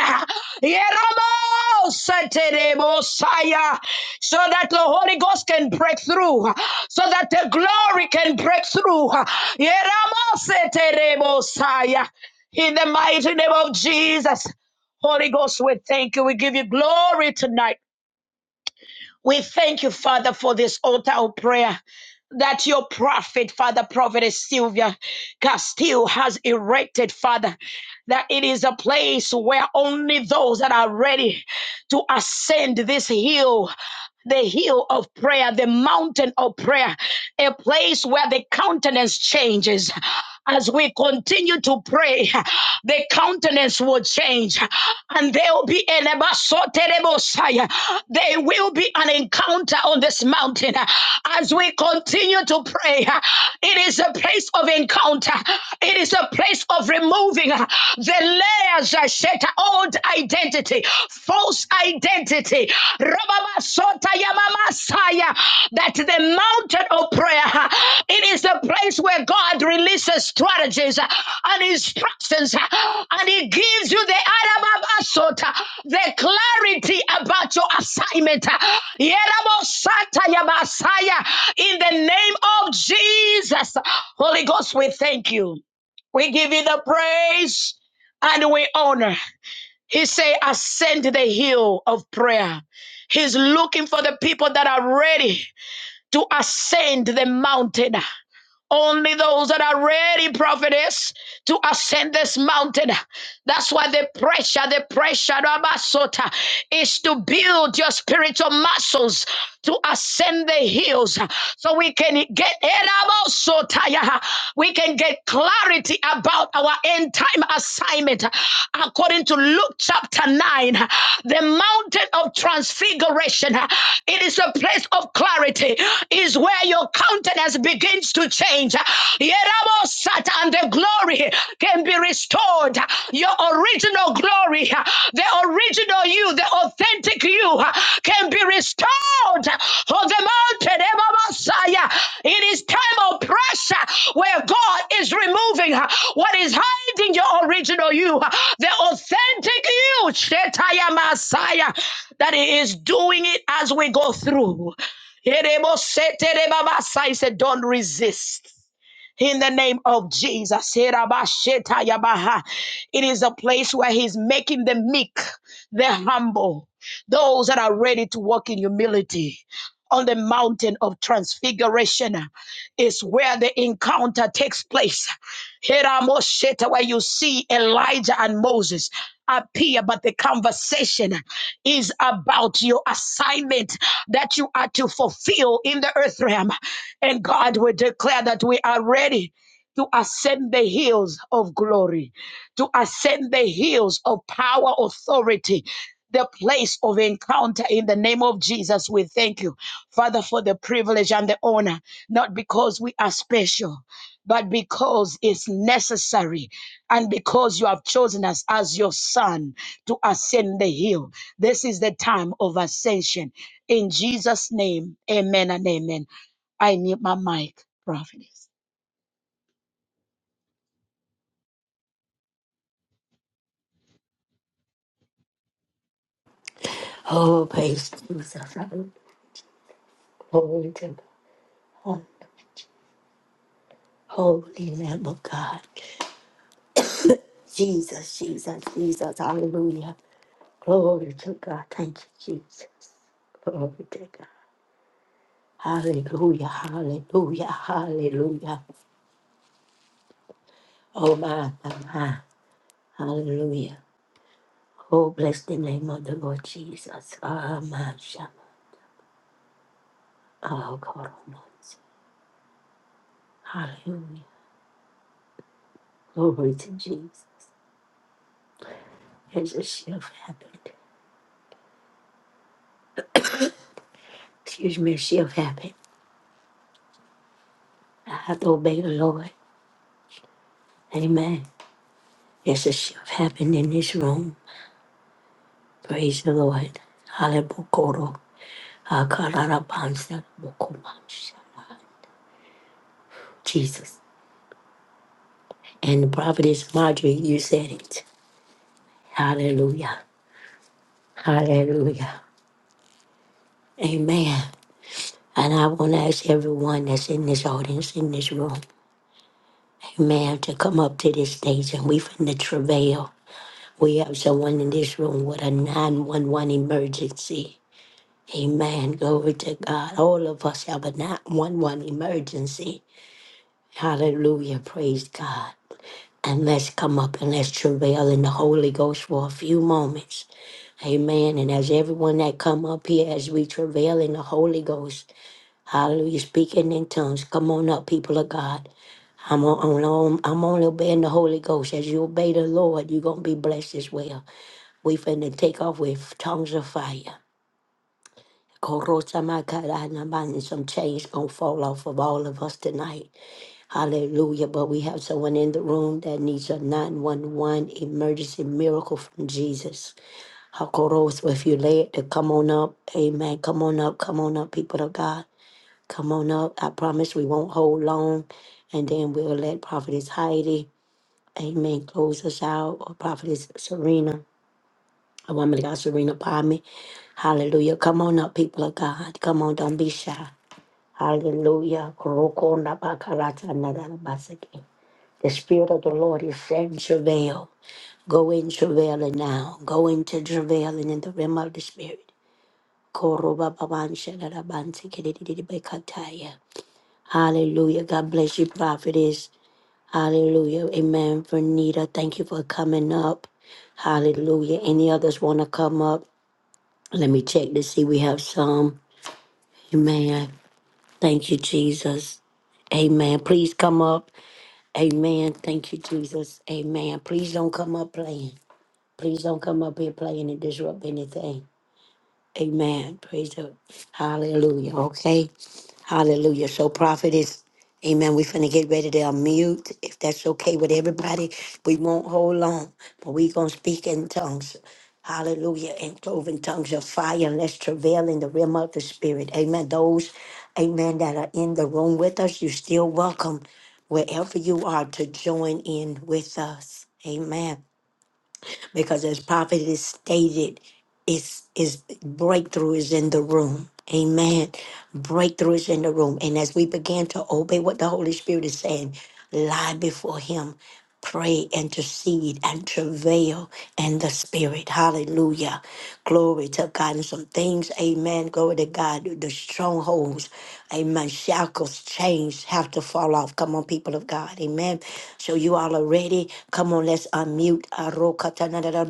Speaker 2: Yeramo Sateremosaya. So that the Holy Ghost can break through, so that the glory can break through. Yeramo Sateremosaya. In the mighty name of Jesus. Holy Ghost, we thank you. We give you glory tonight. We thank you, Father, for this altar of prayer that your prophet, Father, Prophetess Sylvia Castillo has erected, Father, that it is a place where only those that are ready to ascend this hill the hill of prayer, the mountain of prayer, a place where the countenance changes. As we continue to pray, the countenance will change and there will be an abasoterebosai. there will be an encounter on this mountain. As we continue to pray, it is a place of encounter. It is a place of removing the layers. I said, identity, false identity. Rababasota yamamasaya. That the mountain of prayer, uh, it is the place where God releases strategies uh, and instructions, uh, and He gives you the arababasota, the clarity about your assignment. uh, Yerabosata yabasaya. In the name of Jesus, Holy Ghost, we thank you. We give you the praise and we honor. He say, ascend the hill of prayer. He's looking for the people that are ready to ascend the mountain. Only those that are ready, prophetess, to ascend this mountain. That's why the pressure, the pressure, Rabasota, is to build your spiritual muscles to ascend the hills so we can get Erabasotaya, we can get clarity about our end time assignment according to Luke chapter 9 the mountain of transfiguration it is a place of clarity is where you your countenance begins to change. Yerabosata, And the glory can be restored. Your original glory, the original you, the authentic you can be restored on the mountain. Messiah. It is time of pressure where God is removing what is hiding your original you, the authentic you, Shetaya Messiah, that He is doing it as we go through. He said, Don't resist. In the name of Jesus. It is a place where He's making the meek, the humble, those that are ready to walk in humility. On the mountain of transfiguration is where the encounter takes place. Hiramosheta, where you see Elijah and Moses appear, but the conversation is about your assignment that you are to fulfill in the earth realm. And God will declare that we are ready to ascend the hills of glory, to ascend the hills of power, authority. The place of encounter in the name of Jesus. We thank you, Father, for the privilege and the honor, not because we are special, but because it's necessary and because you have chosen us as your son to ascend the hill. This is the time of ascension. In Jesus' name, amen and amen. I need my mic, prophetess.
Speaker 1: Oh, praise Jesus. Holy temple, holy, holy Lamb of God. Jesus, Jesus, Jesus, hallelujah. Glory to God. Thank you, Jesus. Glory to God. Hallelujah, hallelujah, hallelujah. Oh, my, my, my. Hallelujah. Oh, bless the name of the Lord Jesus. Amen. Shalom. Oh, God Almighty. Hallelujah. Glory to Jesus. There's a shift happened. Excuse me, a shift happened. I have to obey the Lord. Amen. There's a shift happened in this room. Praise the Lord. Hallelujah. Akararabansa bokomansha. Jesus. And the prophetess Marjorie, you said it. Hallelujah. Hallelujah. Amen. And I want to ask everyone that's in this audience, in this room, amen, to come up to this stage and we finna travail. We have someone in this room with a 911 emergency. Amen. Glory to God. All of us have a 911 emergency. Hallelujah. Praise God. And let's come up and let's travail in the Holy Ghost for a few moments. Amen. And as everyone that come up here, as we travail in the Holy Ghost, Hallelujah. Speaking in tongues. Come on up, people of God. I'm on, on, I'm only obeying the Holy Ghost. As you obey the Lord, you're going to be blessed as well. We finna take off with tongues of fire. Korotamakaranaman, And some chains gonna fall off of all of us tonight. Hallelujah. But we have someone in the room that needs a 911 emergency miracle from Jesus. Hakoros, if you led to come on up, amen. Come on up, come on up, people of God. Come on up. I promise we won't hold long. And then we'll let Prophetess Heidi, amen, close us out. Or Prophetess Serena, a woman of God, Serena Palmy. Hallelujah. Come on up, people of God. Come on, don't be shy. Hallelujah. Korokona bakarata nadarabasake. The Spirit of the Lord is saying, travail. Go in travailing now. Go into travailing in the realm of the Spirit. Koroba babansha narabansi kidididibekataya. Hallelujah. God bless you, prophetess. Hallelujah. Amen. For Nita, thank you for coming up. Hallelujah. Any others want to come up? Let me check to see. We have some. Amen. Thank you, Jesus. Amen. Please come up. Amen. Thank you, Jesus. Amen. Please don't come up playing. Please don't come up here playing and disrupt anything. Amen. Praise the Hallelujah. Okay. Hallelujah. So prophet is Amen. we finna get ready to unmute. If that's okay with everybody, we won't hold long, but we gonna speak in tongues. Hallelujah. And cloven tongues of fire. And let's travail in the realm of the spirit. Amen. Those, amen, that are in the room with us, you're still welcome wherever you are to join in with us. Amen because as prophet is stated, it's is breakthrough is in the room. Amen. Breakthrough is in the room. And as we begin to obey what the Holy Spirit is saying, lie before him, pray, intercede, and travail in the spirit. Hallelujah. Glory to God. And some things, amen. Glory to God you, the strongholds, amen, shackles, chains have to fall off. Come on, people of God, amen. So you all are ready. Come on, let's unmute.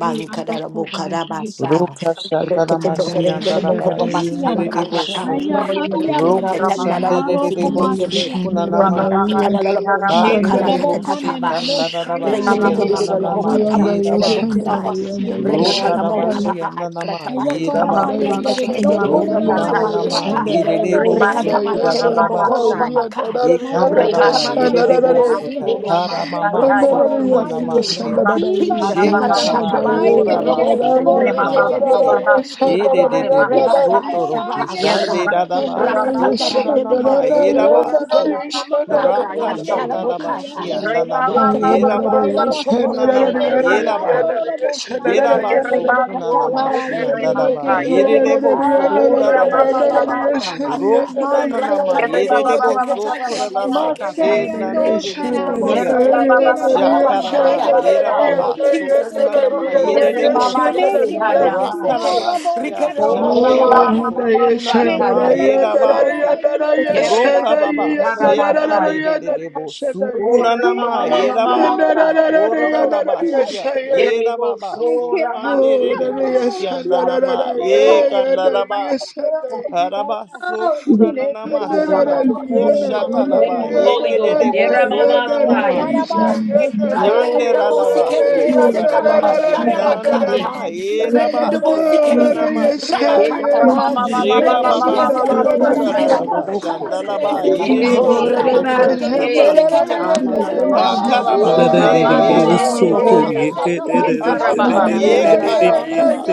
Speaker 3: Yanda koba yeke ba.
Speaker 4: Roka shataramashi
Speaker 5: Handaya
Speaker 3: Rege
Speaker 4: andaraba
Speaker 3: besi
Speaker 5: Shandarai
Speaker 3: yanda
Speaker 5: Handaya
Speaker 1: Reketetetetetetetebokobabasamakarata.
Speaker 4: yekererebosu.
Speaker 3: koşaya
Speaker 5: Shandarai
Speaker 3: arya
Speaker 4: Roku
Speaker 5: Handaya
Speaker 3: masiyaro
Speaker 5: Handaya
Speaker 4: shandererebosu
Speaker 1: Reketetetetetetebosiketetebe.
Speaker 3: komasiya.
Speaker 5: Shandarai
Speaker 4: kunanamashi.
Speaker 5: Handaya
Speaker 3: Neke rabo
Speaker 5: Shandarai
Speaker 4: Hakerereboshi
Speaker 3: kandene
Speaker 1: Rakatalalabombabakaratatataba.
Speaker 3: rabo şaya
Speaker 5: Oh
Speaker 1: Jesus,
Speaker 4: kandararabashi
Speaker 3: nere
Speaker 5: yes,
Speaker 3: rabo
Speaker 5: Lord
Speaker 4: andananama
Speaker 3: si.
Speaker 5: Handaya
Speaker 3: Yeke
Speaker 4: yerabasu.
Speaker 3: rabo
Speaker 5: Shandarai
Speaker 3: siya
Speaker 5: Handaya
Speaker 3: nere
Speaker 4: Roka
Speaker 3: rabo şaya.
Speaker 5: Shandarai
Speaker 4: rabashi andanama
Speaker 3: Heya koraba
Speaker 4: yerabasu.
Speaker 5: Handaya
Speaker 3: yandere rabo
Speaker 5: Shandarai
Speaker 4: Roku
Speaker 3: konana
Speaker 5: Handaya
Speaker 3: maşe
Speaker 4: dananama
Speaker 3: yandere
Speaker 5: Shandarai
Speaker 3: rabo
Speaker 4: yererebosu
Speaker 3: saya
Speaker 5: Handaya
Speaker 3: nere rabo.
Speaker 4: kurararabashi.
Speaker 5: Shandarai Handaya
Speaker 3: Maraka
Speaker 5: Handaya
Speaker 4: Ekandaraba
Speaker 3: nana
Speaker 2: Ribashita
Speaker 4: ererebo
Speaker 3: masiya nere
Speaker 5: Shandarai
Speaker 4: soka
Speaker 3: rabo
Speaker 2: ribasura
Speaker 4: tara
Speaker 3: şaya
Speaker 4: mama
Speaker 5: And
Speaker 3: kena
Speaker 2: masataya.
Speaker 5: Daya
Speaker 3: rabo
Speaker 4: sokuna
Speaker 5: and
Speaker 3: saya.
Speaker 5: Daya
Speaker 4: namasia.
Speaker 3: Kiba
Speaker 5: Shandarai
Speaker 2: Ribashita
Speaker 5: and Daya
Speaker 3: siyando
Speaker 4: Shekataba
Speaker 3: şaray
Speaker 2: rababababasa.
Speaker 5: Shandarai and
Speaker 4: yoraba
Speaker 3: endere rabo
Speaker 4: sokuna
Speaker 3: koraba
Speaker 5: Daya and
Speaker 3: yandere
Speaker 4: namase.
Speaker 5: Daya
Speaker 3: rabo
Speaker 2: Ribababababasu
Speaker 3: şaya.
Speaker 1: Rama
Speaker 5: Shandarai and
Speaker 4: Ererebo
Speaker 2: kirimasa.
Speaker 3: Yelabosha.
Speaker 1: Rebaka
Speaker 5: Daya.
Speaker 4: sotoro kushande
Speaker 1: Sabakara,
Speaker 2: Yeribashita
Speaker 4: radaba
Speaker 5: Yes,
Speaker 1: Rakatanda de
Speaker 2: ramasa.
Speaker 4: sokuna
Speaker 1: Rebecca
Speaker 4: nama
Speaker 1: de
Speaker 4: eraba so.
Speaker 1: Bosike,
Speaker 2: Uramamamasataya.
Speaker 1: Rakabanchara
Speaker 4: Rakashataraba
Speaker 1: bokata.
Speaker 4: shianda nama
Speaker 1: Rekatere
Speaker 4: heraba
Speaker 1: de
Speaker 2: Ribabababababasu
Speaker 1: bokoko
Speaker 3: Yelabosia,
Speaker 4: sokuna
Speaker 1: mama
Speaker 4: nama
Speaker 1: chere
Speaker 3: Dereke,
Speaker 1: de
Speaker 2: kirimasa.
Speaker 4: eraba.
Speaker 1: bokoro.
Speaker 3: Yandorobosha,
Speaker 1: Jesus
Speaker 4: Jeraba
Speaker 1: se kere
Speaker 3: Rabaye.
Speaker 4: sokuna
Speaker 1: bokata
Speaker 2: Yeribasu
Speaker 1: la basi
Speaker 4: namashia
Speaker 3: Marayen,
Speaker 1: kere de
Speaker 4: ndaraba
Speaker 3: Dereke,
Speaker 2: kirimasaya.
Speaker 1: yeseya.
Speaker 3: Karoko,
Speaker 4: ererebo
Speaker 1: Ah,
Speaker 4: sokura
Speaker 3: Sarabaye, de
Speaker 1: Jesus
Speaker 3: la
Speaker 1: se kere
Speaker 4: rabashia.
Speaker 3: bocha.
Speaker 1: baba baba
Speaker 2: Uramamamamasaya.
Speaker 1: basa.
Speaker 4: Rokuna nanama
Speaker 3: Marseille
Speaker 1: Rakatande
Speaker 3: and
Speaker 1: de de
Speaker 4: ererebo
Speaker 3: Oshara.
Speaker 1: beketande
Speaker 4: sokura
Speaker 1: de
Speaker 4: raba she
Speaker 1: yeseya.
Speaker 2: Yeribabababababababasaya.
Speaker 3: Marseille and
Speaker 1: Rekatere
Speaker 4: nanderebo
Speaker 1: de
Speaker 3: Oshara.
Speaker 1: bosi kere de
Speaker 3: Yenkela la
Speaker 1: yasaka
Speaker 3: bomba la
Speaker 4: Shakaraba
Speaker 1: basaya.
Speaker 3: bayende de la
Speaker 2: Yeribabababababababasaya.
Speaker 1: Oh,
Speaker 4: Yerababa
Speaker 3: bosi.
Speaker 1: Jesus se
Speaker 3: Kamere de
Speaker 1: kere
Speaker 3: ti
Speaker 4: Sokunanama
Speaker 1: de
Speaker 3: sara.
Speaker 1: bosi de de
Speaker 4: Yereboso
Speaker 3: Meke la
Speaker 1: yasinde de
Speaker 3: bosi
Speaker 2: Yeremamashidhayaha.
Speaker 1: yeseke.
Speaker 3: arabo
Speaker 4: Rakarabashia
Speaker 2: O
Speaker 3: yate
Speaker 5: Oh,
Speaker 4: Shandeba
Speaker 1: Rekatere
Speaker 3: sarake.
Speaker 5: Hanaya
Speaker 3: Meke la
Speaker 4: Sokunanama
Speaker 2: Ramamamamamasataya.
Speaker 3: la
Speaker 5: Shandaraya
Speaker 1: de
Speaker 3: bosa la
Speaker 5: Yandaraya
Speaker 4: Yerabaso
Speaker 3: bayende
Speaker 5: Yandaraya
Speaker 3: de
Speaker 1: bokata.
Speaker 3: la bosi.
Speaker 5: Shandayi
Speaker 4: Rokababa
Speaker 5: Yandaraya
Speaker 2: Yerebashidharamasai.
Speaker 5: Yandaraya
Speaker 4: Shekandebo
Speaker 2: O
Speaker 5: Shandayi
Speaker 3: Kela
Speaker 4: Sukunanama
Speaker 1: Oh,
Speaker 3: bosi
Speaker 4: Yeraba
Speaker 3: aya
Speaker 2: Ramamamamamasata.
Speaker 5: Yandaraya
Speaker 1: Oh,
Speaker 3: saroko
Speaker 5: Yandaraya
Speaker 1: Jesus.
Speaker 3: rabai.
Speaker 4: Ororabashia
Speaker 5: Shandayi
Speaker 4: Yerababa
Speaker 2: Yereboso
Speaker 3: Yekela bosi
Speaker 5: Oh,
Speaker 2: Ramasi.
Speaker 3: andoro
Speaker 4: Sokandebo
Speaker 3: la
Speaker 5: Hanaya
Speaker 3: bosi andere la
Speaker 4: Shiandanama
Speaker 3: bokai.
Speaker 5: Shandaraya
Speaker 4: Yekandaraba
Speaker 5: Yandaraya
Speaker 2: Yerebashidharamasai.
Speaker 3: Thank
Speaker 2: Thank
Speaker 5: Shandayi
Speaker 4: Harabaso
Speaker 1: Oh,
Speaker 6: Yeah.
Speaker 1: Jesus.
Speaker 2: you,
Speaker 1: Oh,
Speaker 4: kurananamasia.
Speaker 2: God.
Speaker 5: Yandaraya
Speaker 1: Jesus.
Speaker 6: Thank you,
Speaker 5: Yandaraya
Speaker 2: Thank
Speaker 4: Koshatalaba
Speaker 2: you, Holy Ghost.
Speaker 5: Yandaraya
Speaker 4: yekedebo so
Speaker 2: Yeramamasaya.
Speaker 5: Yandaraya
Speaker 4: nanamasia.
Speaker 2: O
Speaker 5: Shandayi Yandaraya
Speaker 4: Janderalabaso
Speaker 6: Yes,
Speaker 5: Yandaraya
Speaker 4: kurarabasia.
Speaker 2: Rabashi.
Speaker 5: Yandaraya
Speaker 4: Nananama erabaso
Speaker 5: Oh, Hanaya
Speaker 4: kuranamasia.
Speaker 5: Shandayi Yandaraya
Speaker 4: Jegababa so
Speaker 5: Shandaraya
Speaker 2: Yeramamamamamamamamasataya.
Speaker 4: kurararaba. Shandalaba
Speaker 1: Rakata
Speaker 4: erebo
Speaker 5: Oh God,
Speaker 4: so
Speaker 3: you.
Speaker 5: hey, yes, and that I
Speaker 3: Hey
Speaker 2: Yerebashidharamasai.
Speaker 3: Baba
Speaker 4: kurananamasia.
Speaker 1: Rabapandelidieseketapa.
Speaker 3: Siando Sharaba
Speaker 2: Oh,
Speaker 4: Hakarabashe
Speaker 3: Sande Kera
Speaker 2: Ramase,
Speaker 7: Yo
Speaker 1: Oh,
Speaker 7: soko
Speaker 3: Basia
Speaker 4: eramamama
Speaker 7: ye
Speaker 1: Jesus.
Speaker 4: so
Speaker 7: ke de
Speaker 3: Abia
Speaker 7: de de
Speaker 3: Dere
Speaker 7: de
Speaker 4: kutaraba
Speaker 2: Yetarababa,
Speaker 7: de de de de
Speaker 3: Boshaya
Speaker 7: de de
Speaker 1: Ekobosikandelidieseke.
Speaker 7: de yes.
Speaker 4: yekataraba